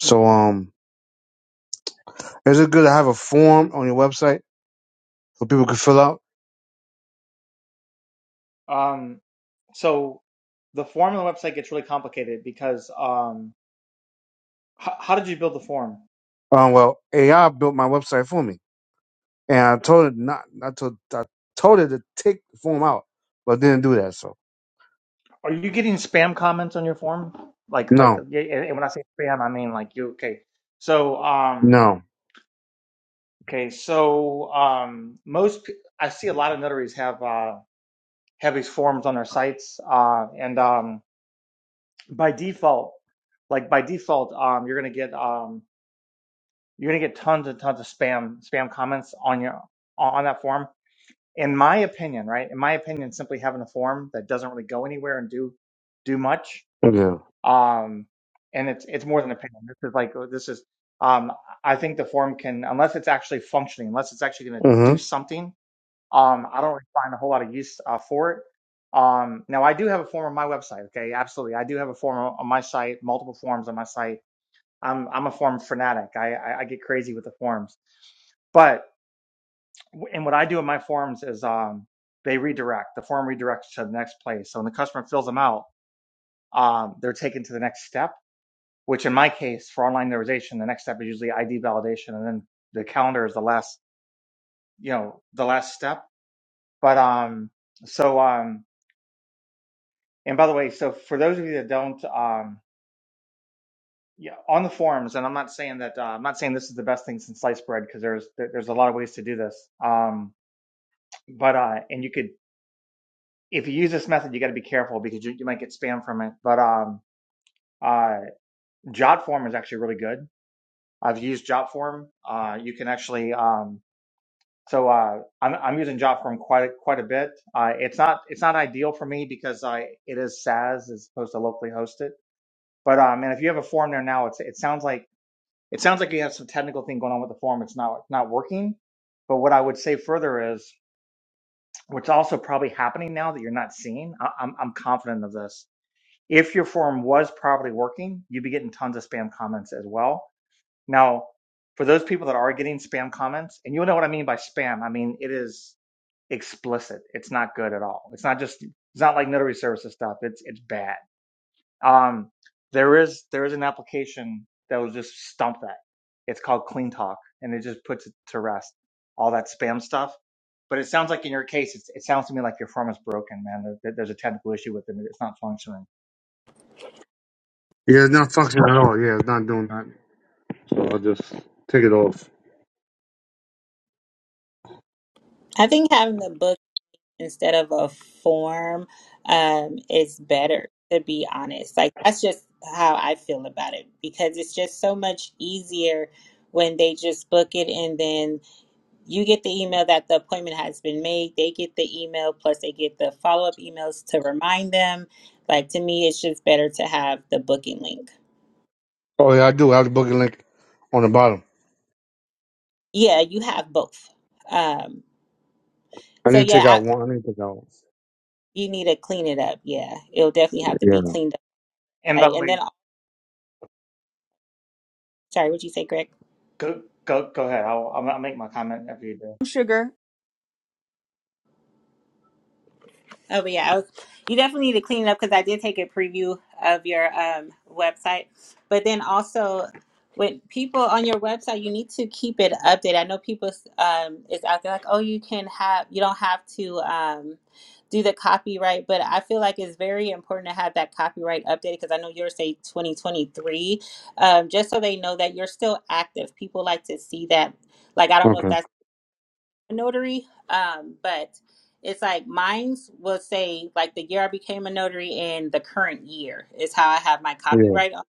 [SPEAKER 8] So, um, is it good to have a form on your website so people can fill out?
[SPEAKER 6] Um, so the form on the website gets really complicated because um, h- how did you build the form?
[SPEAKER 8] Um, well, AI built my website for me, and I told it not, I told, I told it to take the form out, but it didn't do that. So,
[SPEAKER 6] Are you getting spam comments on your form? Like like
[SPEAKER 8] no,
[SPEAKER 6] yeah, and and when I say spam, I mean like you okay. So um
[SPEAKER 8] no,
[SPEAKER 6] Okay, so um, most p- I see a lot of notaries have uh, have these forms on their sites, uh, and um, by default, like by default, um, you're gonna get um, you're gonna get tons and tons of spam spam comments on your on on that form. In my opinion, right? In my opinion, simply having a form that doesn't really go anywhere and do do much,
[SPEAKER 8] yeah,
[SPEAKER 6] um, and it's it's more than opinion. This is like oh, this is um, I think the form can, unless it's actually functioning, unless it's actually gonna do
[SPEAKER 8] mm-hmm.
[SPEAKER 6] something Um, I don't really find a whole lot of use uh, for it. Um, now, I do have a form on my website. Okay, absolutely, I do have a form on on my site, multiple forms on my site. I'm I'm a form fanatic. I I, I get crazy with the forms. But w- and what I do in my forms is um, they redirect. The form redirects to the next place. So when the customer fills them out, um, they're taken to the next step. Which in my case, for online notarization, the next step is usually ID validation, and then the calendar is the last you know the last step. But um, so um, And by the way, so for those of you that don't, um, yeah, on the forums, and I'm not saying that uh, I'm not saying this is the best thing since sliced bread because there's there- there's a lot of ways to do this. Um, but uh, and you could if you use this method, you got to be careful because you, you might get spam from it. But um, uh, Jotform is actually really good. I've used Jotform. Uh, you can actually um, so uh, I'm I'm using Jotform quite a- quite a bit. Uh, it's not it's not ideal for me because I it is SaaS as opposed to locally hosted. But um, and if you have a form there now, it's it sounds like It sounds like you have some technical thing going on with the form. It's not not working. But what I would say further is, what's also probably happening now that you're not seeing. I, I'm I'm confident of this. If your form was properly working, you'd be getting tons of spam comments as well. Now, for those people that are getting spam comments, and you'll know what I mean by spam. I mean it is explicit. It's not good at all. It's not just. It's not like notary services stuff. It's it's bad um, there is there is an application that will just stump that. It's called Clean Talk, and it just puts it to rest all that spam stuff. But it sounds like in your case, it's, it sounds to me like your form is broken, man. There, there- there's a technical issue with it; it's not functioning.
[SPEAKER 8] yeah, it's not functioning at all. Yeah, it's not doing that. So I'll just take it off.
[SPEAKER 3] I think having the book instead of a form um, is better, to be honest. Like, that's just how I feel about it because it's just so much easier when they just book it and then you get the email that the appointment has been made. They get the email, plus they get the follow up emails to remind them. Like, to me, it's just better to have the booking link.
[SPEAKER 8] Oh yeah, I do. I have the booking link on the bottom.
[SPEAKER 3] Yeah, you have both. Um,
[SPEAKER 8] I
[SPEAKER 3] so,
[SPEAKER 8] need to
[SPEAKER 3] yeah,
[SPEAKER 8] take
[SPEAKER 3] I,
[SPEAKER 8] out one. I need to take out. One.
[SPEAKER 3] you need to clean it up. Yeah, it'll definitely have to be
[SPEAKER 8] Yeah.
[SPEAKER 3] cleaned up.
[SPEAKER 6] And by
[SPEAKER 3] Right.
[SPEAKER 6] the
[SPEAKER 3] And
[SPEAKER 6] way,
[SPEAKER 3] then Sorry, what'd you say, Greg?
[SPEAKER 6] go go go ahead. I'll I'll I'll make my comment after you do.
[SPEAKER 1] Sugar.
[SPEAKER 3] Oh, but yeah, I was, you definitely need to clean it up because I did take a preview of your um, website. But then also, when people on your website, you need to keep it updated. I know people um, is out there like, oh, you can have, you don't have to um, do the copyright, but I feel like it's very important to have that copyright updated because I know yours say 2023, um, just so they know that you're still active. People like to see that. Like, I don't know if
[SPEAKER 8] Okay.
[SPEAKER 3] that's notary, um, but it's like mine's will say like the year I became a notary and the current year is how I have my
[SPEAKER 8] Yeah.
[SPEAKER 3] copyright on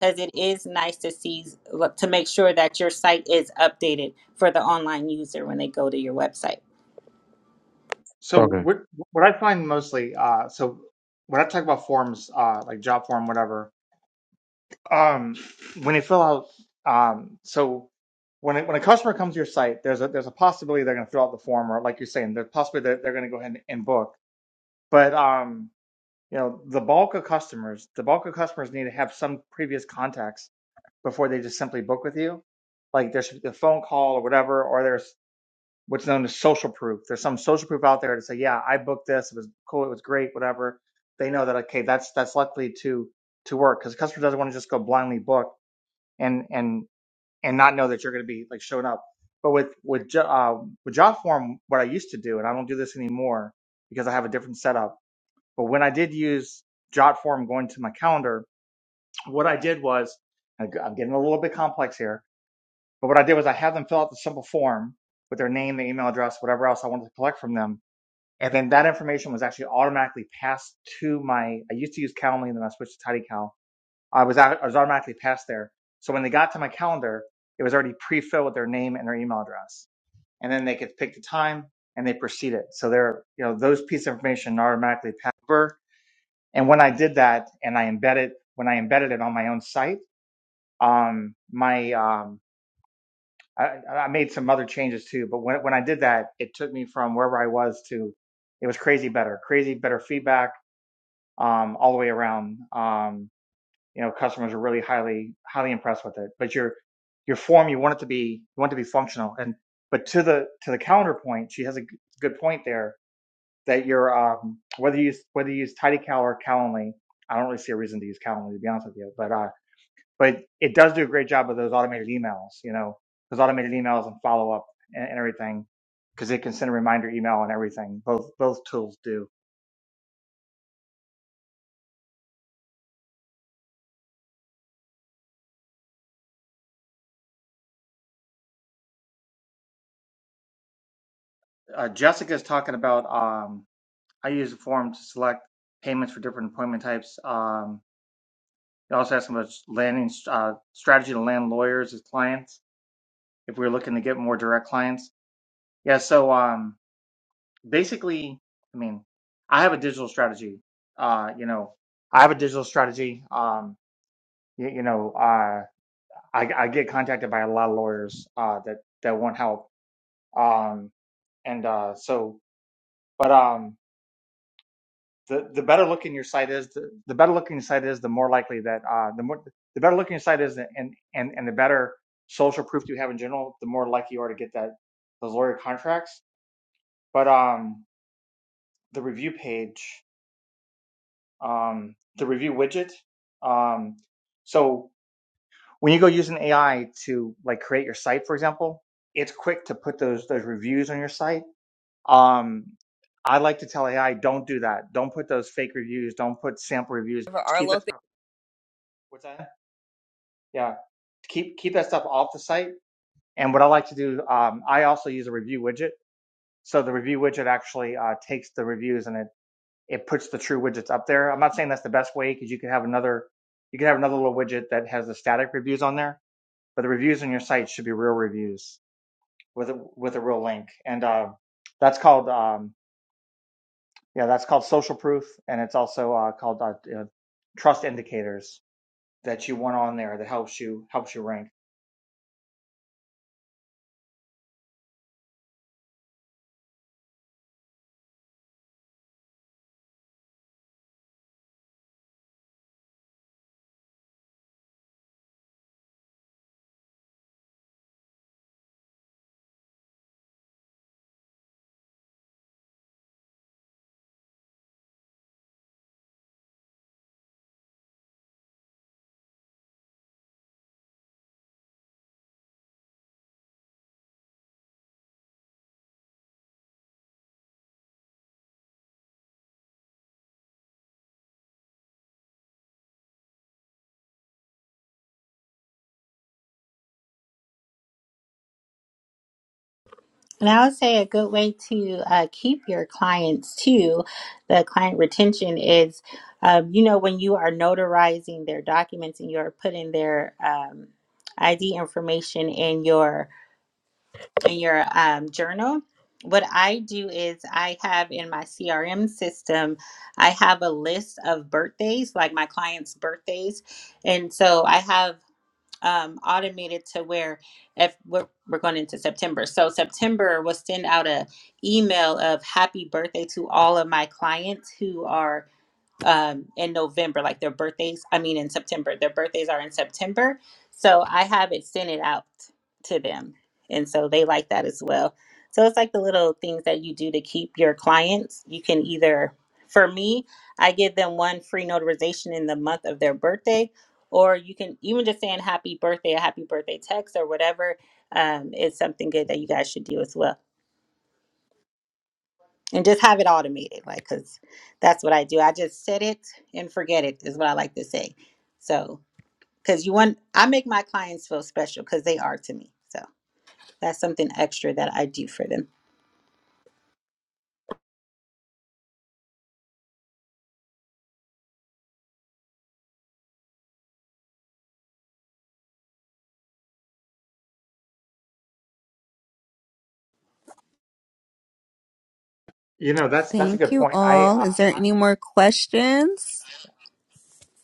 [SPEAKER 3] because it is nice to see look, to make sure that your site is updated for the online user when they go to your website.
[SPEAKER 6] So
[SPEAKER 8] Okay.
[SPEAKER 6] what what I find mostly, uh, so when I talk about forms, uh, like job form, whatever, Um, when they fill out, um, so when it, when a customer comes to your site, there's a there's a possibility they're going to fill out the form, or like you're saying, there's possibly that they're going to go ahead and, and book. But um, you know, the bulk of customers, the bulk of customers need to have some previous contacts before they just simply book with you. Like there should be a phone call or whatever, or there's what's known as social proof. There's some social proof out there to say, yeah, I booked this. It was cool. It was great. Whatever. They know that okay, that's that's likely to to work because the customer doesn't want to just go blindly book and and and not know that you're going to be like showing up. But with with jo- uh, with Jotform, what I used to do, and I don't do this anymore because I have a different setup. But when I did use Jotform, going to my calendar, what I did was I'm g- I'm getting a little bit complex here. But what I did was I had them fill out the simple form with their name, their email address, whatever else I wanted to collect from them, and then that information was actually automatically passed to my. I used to use Calendly, and then I switched to TidyCal I was out, I was automatically passed there. So when they got to my calendar, it was already pre-filled with their name and their email address, and then they could pick the time and they proceeded. So they're you know those pieces of information are automatically passed over. And when I did that, and I embedded when I embedded it on my own site, um, my um, I, I made some other changes too. But when when I did that, it took me from wherever I was to it was crazy better, crazy better feedback um, all the way around. Um, you know customers are really highly highly impressed with it but your your form you want it to be you want it to be functional and but to the to the calendar point she has a good point there that your um whether you use whether you use tidycal or calendly i don't really see a reason to use calendly to be honest with you but uh but it does do a great job of those automated emails you know those automated emails and follow up and, and everything because it can send a reminder email and everything both both tools do uh, jessica's talking about um I use the form to select payments for different appointment types. Um, it also has some landing uh, strategy to land lawyers as clients if we're looking to get more direct clients. Yeah. So um, basically, I mean, I have a digital strategy. Uh, you know, I have a digital strategy. Um, you, you know, uh, I, I get contacted by a lot of lawyers uh, that that want help. Um, and uh, so, but um, the, the better looking your site is, the, the better looking your site is, the more likely that uh, the more the better looking your site is, and and and the better social proof you have in general, the more likely you are to get that those lawyer contracts. But um, the review page, um, the review widget, um, so when you go use an AI to like create your site, for example, it's quick to put those those reviews on your site. Um, I like to tell AI, don't do that. Don't put those fake reviews. Don't put sample reviews.
[SPEAKER 1] for
[SPEAKER 6] Just keep
[SPEAKER 1] Arlo,
[SPEAKER 6] that. What's that? Yeah, keep keep that stuff off the site. And what I like to do, um, I also use a review widget. So the review widget actually uh, takes the reviews and it it puts the true widgets up there. I'm not saying that's the best way because you could have another you could have another little widget that has the static reviews on there, but the reviews on your site should be real reviews with a with a real link. And uh, that's called um, yeah, that's called social proof, and it's also uh, called uh, you trust indicators that you want on there that helps you helps you rank.
[SPEAKER 3] And I would say a good way to uh, keep your clients too, the client retention is, um, you know, when you are notarizing their documents and you're putting their um, ID information in your in your um, journal. What I do is I have in my CRM system, I have a list of birthdays, like my clients' birthdays. And so I have um, automated to where if we're, we're going into September. So September will send out a email of happy birthday to all of my clients who are um, in November, like their birthdays. I mean, in September, their birthdays are in September. So I have it sent it out to them. And so they like that as well. So it's like the little things that you do to keep your clients. You can either, for me, I give them one free notarization in the month of their birthday, or you can even just saying happy birthday, a happy birthday text or whatever um, is something good that you guys should do as well and just have it automated like because that's what i do i just set it and forget it is what i like to say so because you want i make my clients feel special because they are to me so that's something extra that i do for them
[SPEAKER 6] You know, that's that's a
[SPEAKER 1] Thank
[SPEAKER 6] good
[SPEAKER 1] you
[SPEAKER 6] point. I,
[SPEAKER 1] all.
[SPEAKER 6] uh,
[SPEAKER 1] Is there
[SPEAKER 6] I
[SPEAKER 1] any more questions?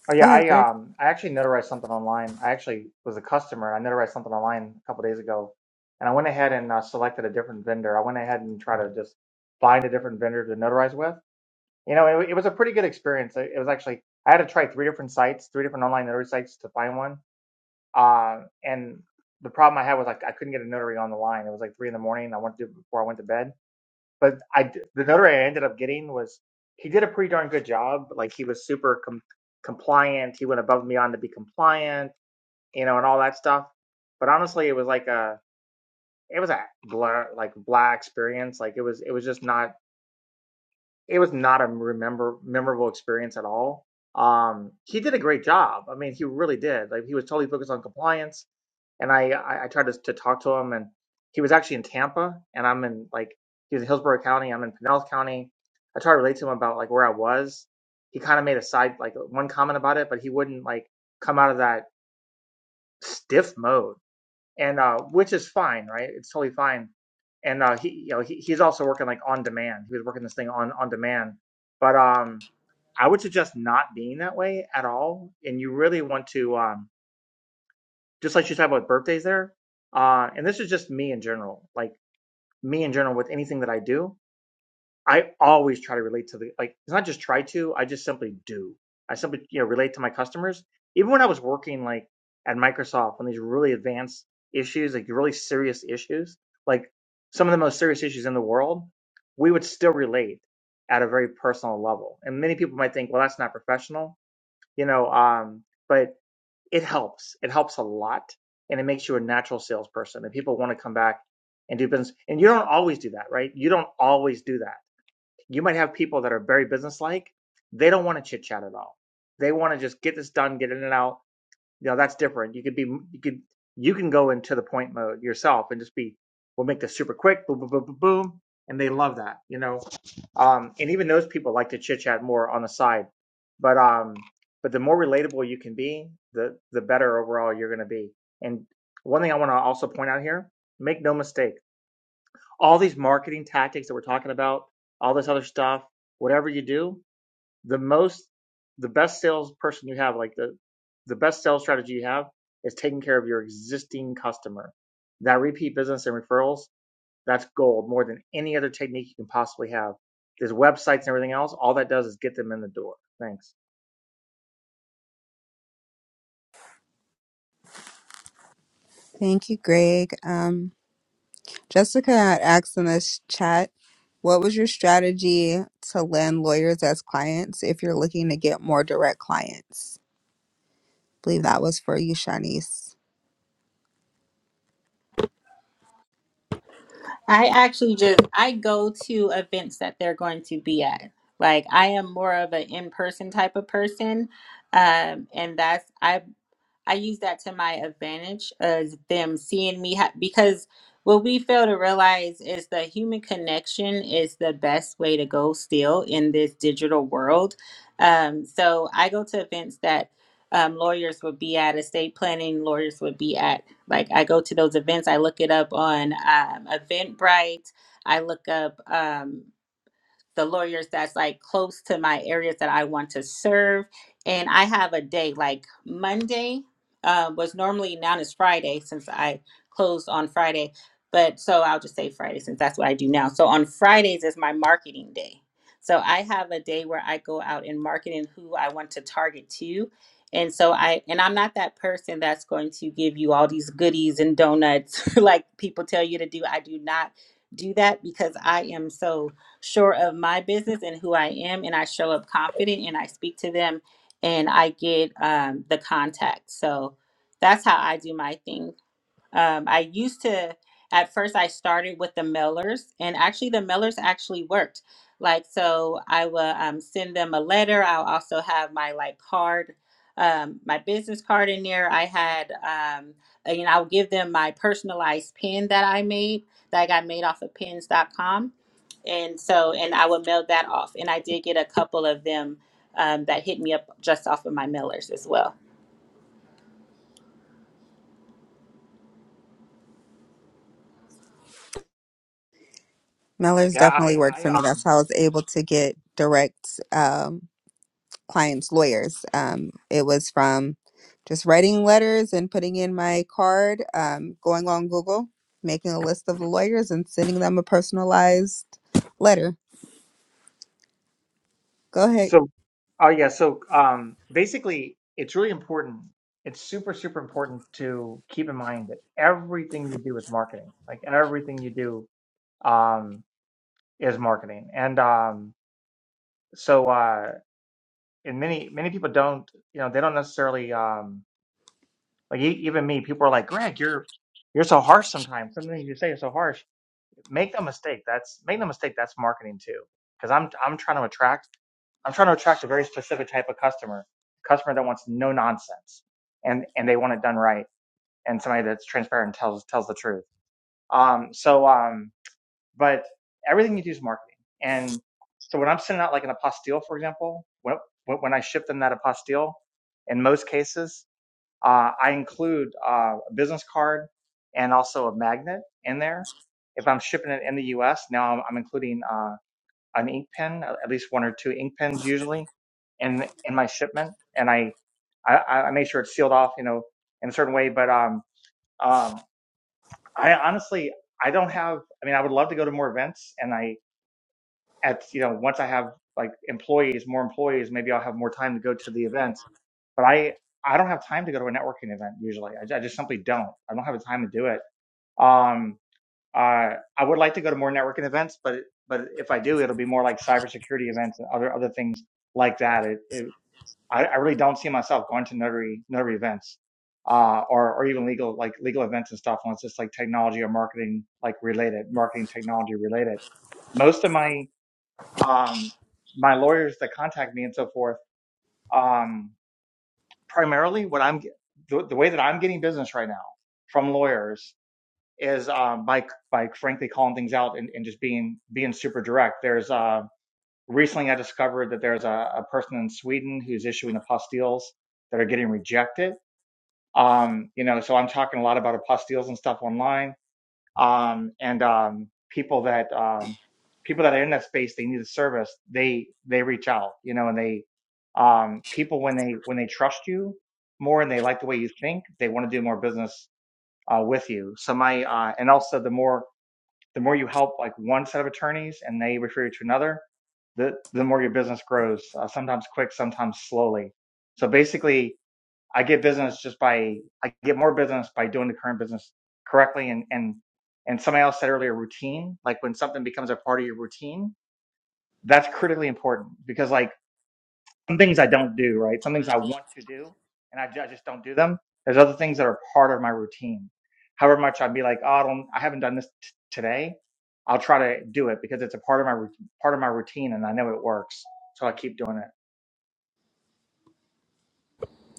[SPEAKER 6] oh yeah,
[SPEAKER 1] Go ahead,
[SPEAKER 6] I
[SPEAKER 1] Greg.
[SPEAKER 6] um I actually notarized something online. I actually was a customer. I notarized something online a couple days ago, and I went ahead and uh, selected a different vendor. I went ahead and tried to just find a different vendor to notarize with. You know, it, wa- it was a pretty good experience. It, it was actually I had to try three different sites, three different online notary sites to find one. Uh, and the problem I had was like I couldn't get a notary on the line. It was like three in the morning. I wanted to do it before I went to bed. but I, the notary I ended up getting was he did a pretty darn good job. Like he was super com- compliant. He went above and beyond to be compliant, you know, and all that stuff. But honestly, it was like a it was a blur like blah experience. Like it was it was just not it was not a remember memorable experience at all. Um, he did a great job. I mean, he really did. Like he was totally focused on compliance and I I, I tried to to talk to him, and he was actually in Tampa, and I'm in like he was in Hillsborough County, I'm in Pinellas County. I tried to relate to him about like where I was. He kind of made a side like one comment about it, but he wouldn't like come out of that stiff mode, and uh, which is fine, right? It's totally fine. And uh, he you know he, he's also working like on demand. He was working this thing on on demand, but um. I would suggest not being that way at all, and you really want to. um, just like you talked about birthdays there. Uh, and this is just me in general, like me in general with anything that I do. I always try to relate to the like. It's not just try to. I just simply do. I simply you know relate to my customers. Even when I was working like at Microsoft on these really advanced issues, like really serious issues, like some of the most serious issues in the world, we would still relate at a very personal level. And many people might think, well, that's not professional, you know. Um, but it helps. It helps a lot and it makes you a natural salesperson and people want to come back and do business. And you don't always do that, right? You don't always do that. You might have people that are very businesslike. They don't want to chit chat at all. They want to just get this done, get in and out you know, that's different. You could be you could you can go into the point mode yourself and just be we'll make this super quick, boom, boom, boom, boom, boom. And they love that, you know. Um, and even those people like to chit chat more on the side. But um, but the more relatable you can be, the the better overall you're gonna be. And one thing I want to also point out here, make no mistake, all these marketing tactics that we're talking about, all this other stuff, whatever you do, the most the best salesperson you have like the the best sales strategy you have is taking care of your existing customer that repeat business and referrals that's gold more than any other technique you can possibly have there's websites and everything else all that does is get them in the door thanks
[SPEAKER 1] Thank you, Greg. Um Jessica had asked in this chat, what was your strategy to land lawyers as clients if you're looking to get more direct clients? I believe that was for you, Shanice.
[SPEAKER 3] I actually just I go to events that they're going to be at. Like I am more of an in-person type of person. Um, and that's I I use that to my advantage as them seeing me ha- because what we fail to realize is that human connection is the best way to go still in this digital world. Um, so I go to events that um, lawyers would be at, estate planning lawyers would be at. Like I go to those events, I look it up on um, Eventbrite, I look up. Um, the lawyers that's like close to my areas that I want to serve. And I have a day like Monday uh, was normally now is Friday since I closed on Friday. But so I'll just say Friday since that's what I do now. So on Fridays is my marketing day. So I have a day where I go out and market and who I want to target to. And so I and I'm not that person that's going to give you all these goodies and donuts like people tell you to do. I do not do that because I am so sure of my business and who I am, and I show up confident and I speak to them and I get um, the contact. So that's how I do my thing. Um, I used to, at first, I started with the mailers, and actually, the mailers actually worked. Like, so I will um, send them a letter. I'll also have my like card, um, my business card in there. I had, um, and I'll give them my personalized pin that I made, that I got made off of pins.com. And so, and I would mail that off. And I did get a couple of them um, that hit me up just off of my mailers as well.
[SPEAKER 1] Mellers
[SPEAKER 6] Yeah,
[SPEAKER 1] definitely
[SPEAKER 6] I,
[SPEAKER 1] worked
[SPEAKER 6] I,
[SPEAKER 1] for
[SPEAKER 6] uh,
[SPEAKER 1] me. That's how I was able to get direct um, clients, lawyers. Um, it was from just writing letters and putting in my card, um, going on Google, making a list of the lawyers and sending them a personalized letter. Go ahead.
[SPEAKER 6] so, oh yeah, so um, basically, it's really important. It's super, super important to keep in mind that everything you do with marketing, like everything you do, um, is marketing. And um. so uh and many many people don't you know they don't necessarily um like e- even me people are like greg you're you're so harsh sometimes some things you say are so harsh make no mistake that's make no mistake that's marketing too because i'm i'm trying to attract i'm trying to attract a very specific type of customer customer that wants no nonsense and and they want it done right and somebody that's transparent and tells tells the truth um so um but everything you do is marketing. And so when I'm sending out like an apostille, for example, when, when I ship them that apostille, in most cases, uh, I include uh, a business card and also a magnet in there. If I'm shipping it in the U.S., now I'm, I'm including uh, an ink pen, uh, at least one or two ink pens usually, in in my shipment, and I I, I make sure it's sealed off, you know, in a certain way. But um um I honestly I don't have. I mean, I would love to go to more events, and I at you know once I have like employees, more employees, maybe I'll have more time to go to the events. But I I don't have time to go to a networking event usually. I, I just simply don't. I don't have the time to do it. Um, uh, I would like to go to more networking events, but but if I do, it'll be more like cybersecurity events and other other things like that. It, it I, I really don't see myself going to notary notary events. Uh, or, or even legal, like legal events and stuff, unless it's like technology or marketing, like related, marketing technology related. Most of my, um, my lawyers that contact me and so forth. Um, primarily, what I'm the, the way that I'm getting business right now from lawyers is um, by by frankly calling things out and, and just being being super direct. There's uh, recently I discovered that there's a, a person in Sweden who's issuing apostilles that are getting rejected. Um, you know, so I'm talking a lot about apostilles and stuff online um, and um, people that um, people that are in that space they need a service they they reach out you know and they um, people when they when they trust you more and they like the way you think they want to do more business uh, with you so my uh, and also the more the more you help like one set of attorneys and they refer you to another the the more your business grows uh, sometimes quick sometimes slowly so basically I get business just by I get more business by doing the current business correctly and and and somebody else said earlier routine like when something becomes a part of your routine that's critically important because like some things I don't do right some things I want to do and I, I just don't do them there's other things that are part of my routine however much I'd be like oh I don't I haven't done this t- today I'll try to do it because it's a part of my rout- part of my routine and I know it works so I keep doing it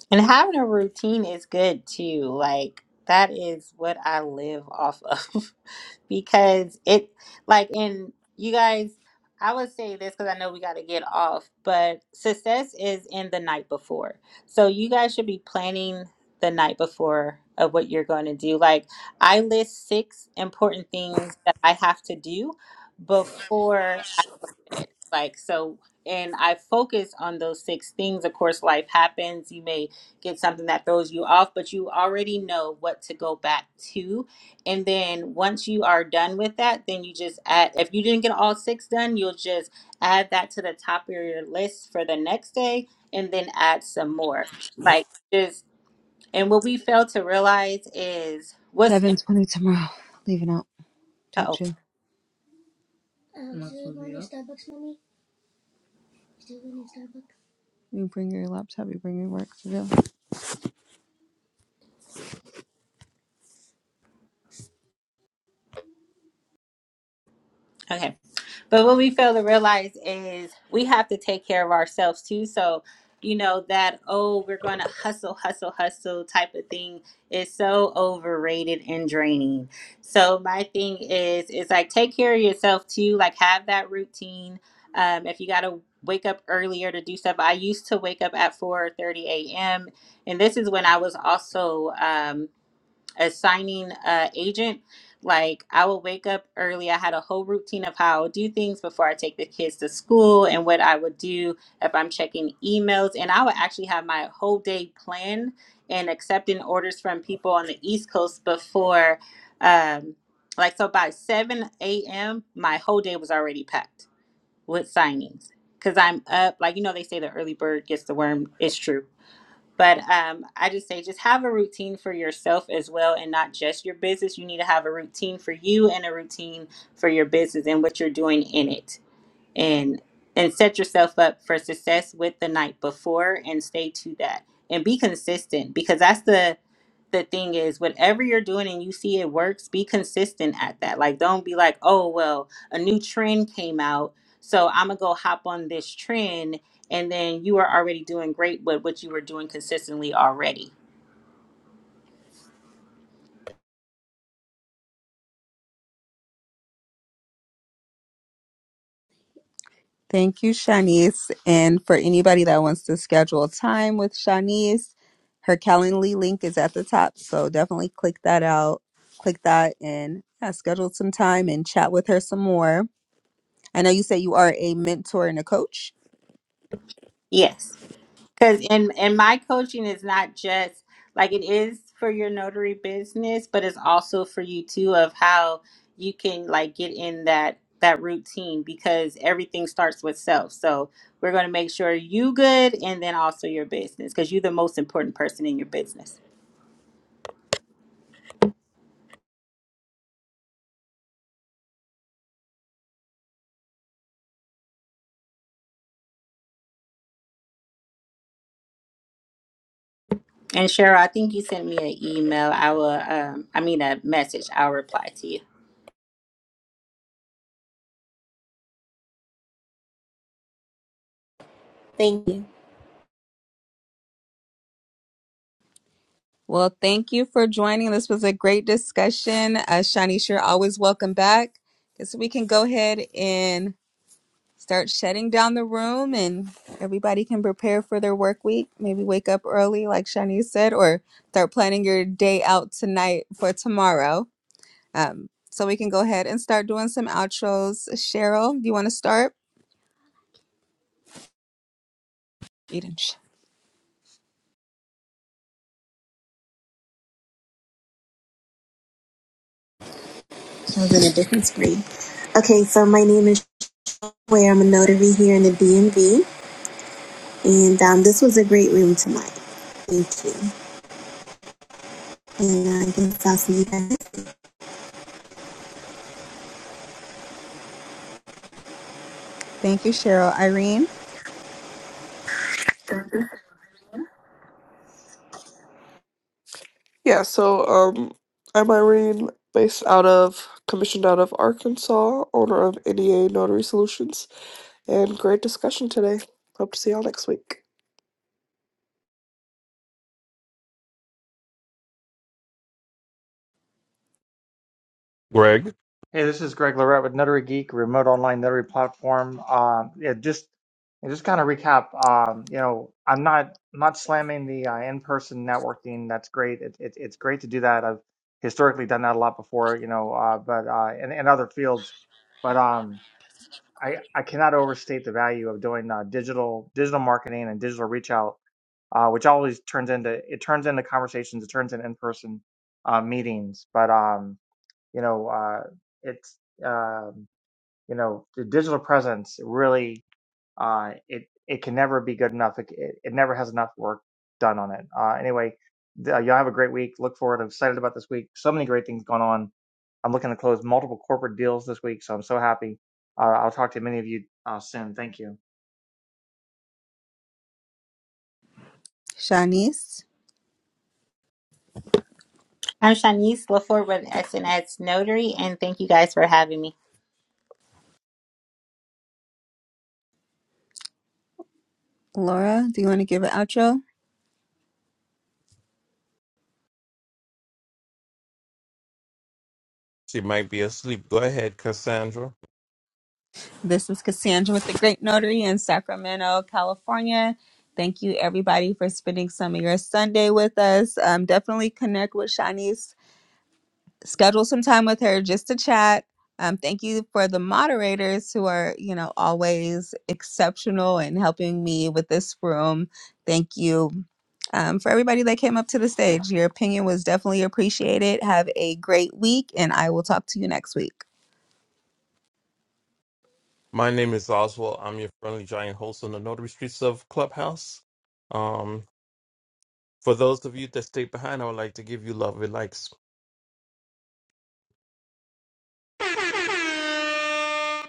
[SPEAKER 3] And having a routine is good too. Like that is what I live off of because it like and you guys I would say this because I know we got to get off, but success is in the night before. So you guys should be planning the night before of what you're going to do. Like I list six important things that I have to do before it. Like so and I focus on those six things. Of course, life happens. You may get something that throws you off, but you already know what to go back to. And then once you are done with that, then you just add if you didn't get all six done, you'll just add that to the top of your list for the next day and then add some more. Like just and what we fail to realize is what's
[SPEAKER 1] 720 tomorrow. Leaving out
[SPEAKER 3] in
[SPEAKER 1] pictures. You bring your laptop, you bring your work to do.
[SPEAKER 3] Okay. But what we fail to realize is we have to take care of ourselves too. So, you know, that, oh, we're going to hustle, hustle, hustle type of thing is so overrated and draining. So, my thing is, is like take care of yourself too. Like, have that routine. Um, if you got to wake up earlier to do stuff, I used to wake up at four thirty a.m. And this is when I was also, um, a signing uh, agent, like I would wake up early. I had a whole routine of how I would do things before I take the kids to school and what I would do if I'm checking emails. And I would actually have my whole day planned and accepting orders from people on the East Coast before, um, like, so by 7 a.m., my whole day was already packed with signings. Cause I'm up, like you know, they say the early bird gets the worm. It's true but um, I just say just have a routine for yourself as well and not just your business. You need to have a routine for you and a routine for your business and what you're doing in it and and set yourself up for success with the night before and stay to that and be consistent because that's the the thing is whatever you're doing and you see it works be consistent at that like don't be like oh well a new trend came out so i'm gonna go hop on this trend and then you are already doing great with what you were doing consistently already
[SPEAKER 1] Thank you, Shanice. And for anybody that wants to schedule time with Shanice, her Calendly link is at the top. So definitely click that out, click that, and yeah, schedule some time and chat with her some more. I know you said you are a mentor and a coach.
[SPEAKER 3] Yes. Because and and my coaching is not just like it is for your notary business, but it's also for you too of how you can like get in that that routine because everything starts with self. So we're going to make sure you good and then also your business because you're the most important person in your business. And Cheryl, I think you sent me an email. I will, um, I mean, a message. I'll reply to you.
[SPEAKER 5] Thank you.
[SPEAKER 1] Well, thank you for joining. This was a great discussion. Uh, Shanice, you're always welcome back. So we can go ahead and start shutting down the room and everybody can prepare for their work week. Maybe wake up early, like Shanice said, or start planning your day out tonight for tomorrow. Um, so we can go ahead and start doing some outros. Cheryl, do you want to start? You didn't sh-
[SPEAKER 5] I was in a different screen. Okay, so my name is Way. I'm a notary here in the DMV, and um, this was a great room tonight. Thank you. And uh, I guess I'll see you guys.
[SPEAKER 1] Thank you, Cheryl. Irene,
[SPEAKER 7] Yeah. So um, I'm Irene, based out of, commissioned out of Arkansas, owner of NEA Notary Solutions, and great discussion today. Hope to see y'all next week.
[SPEAKER 4] Greg,
[SPEAKER 6] Hey, this is Greg Lorette with Notary Geek, remote online notary platform. Um, yeah, just yeah, just kind of recap. Um, you know, I'm not I'm not slamming the uh, in-person networking. That's great. It, it, it's great to do that. I've historically done that a lot before. You know, uh, but uh, in, in other fields, but um, I I cannot overstate the value of doing uh, digital digital marketing and digital reach out, uh, which always turns into it turns into conversations. It turns into in-person uh, meetings. But um, you know, uh, it's um, you know, the digital presence really uh, it it can never be good enough. It, it, it never has enough work done on it. Uh, anyway, th- y'all have a great week. Look forward. I'm excited about this week. So many great things going on. I'm looking to close multiple corporate deals this week, so I'm so happy. Uh, I'll talk to many of you uh, soon. Thank you.
[SPEAKER 1] Shanice,
[SPEAKER 3] I'm Shanice LaForte with SNS Notary, and thank you guys for having me.
[SPEAKER 1] Laura, do you want to give an outro?
[SPEAKER 4] she might be asleep. Go ahead, Cassandra.
[SPEAKER 1] This is Cassandra with the Great Notary in Sacramento, California. Thank you, everybody, for spending some of your Sunday with us. Um, definitely connect with Shanice schedule some time with her just to chat. Um, thank you for the moderators who are, you know, always exceptional in helping me with this room. Thank you um, for everybody that came up to the stage. Your opinion was definitely appreciated. Have a great week, and I will talk to you next week.
[SPEAKER 4] My name is Oswald. I'm your friendly giant host on the Notary Streets of Clubhouse. Um, for those of you that stayed behind, I would like to give you love and likes. Oh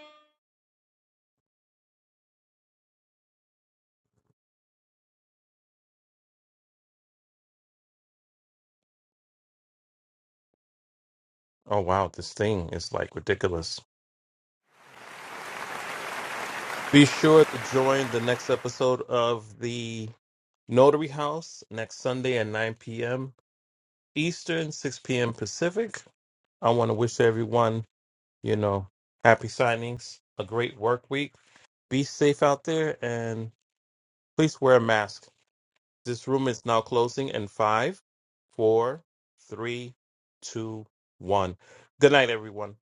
[SPEAKER 4] wow, this thing is like ridiculous. Be sure to join the next episode of the Notary House next Sunday at 9 p.m. Eastern, 6 p.m. Pacific. I want to wish everyone, you know, happy signings, a great work week. Be safe out there and Please wear a mask. This room is now closing in five, four, three, two, one. Good night, everyone.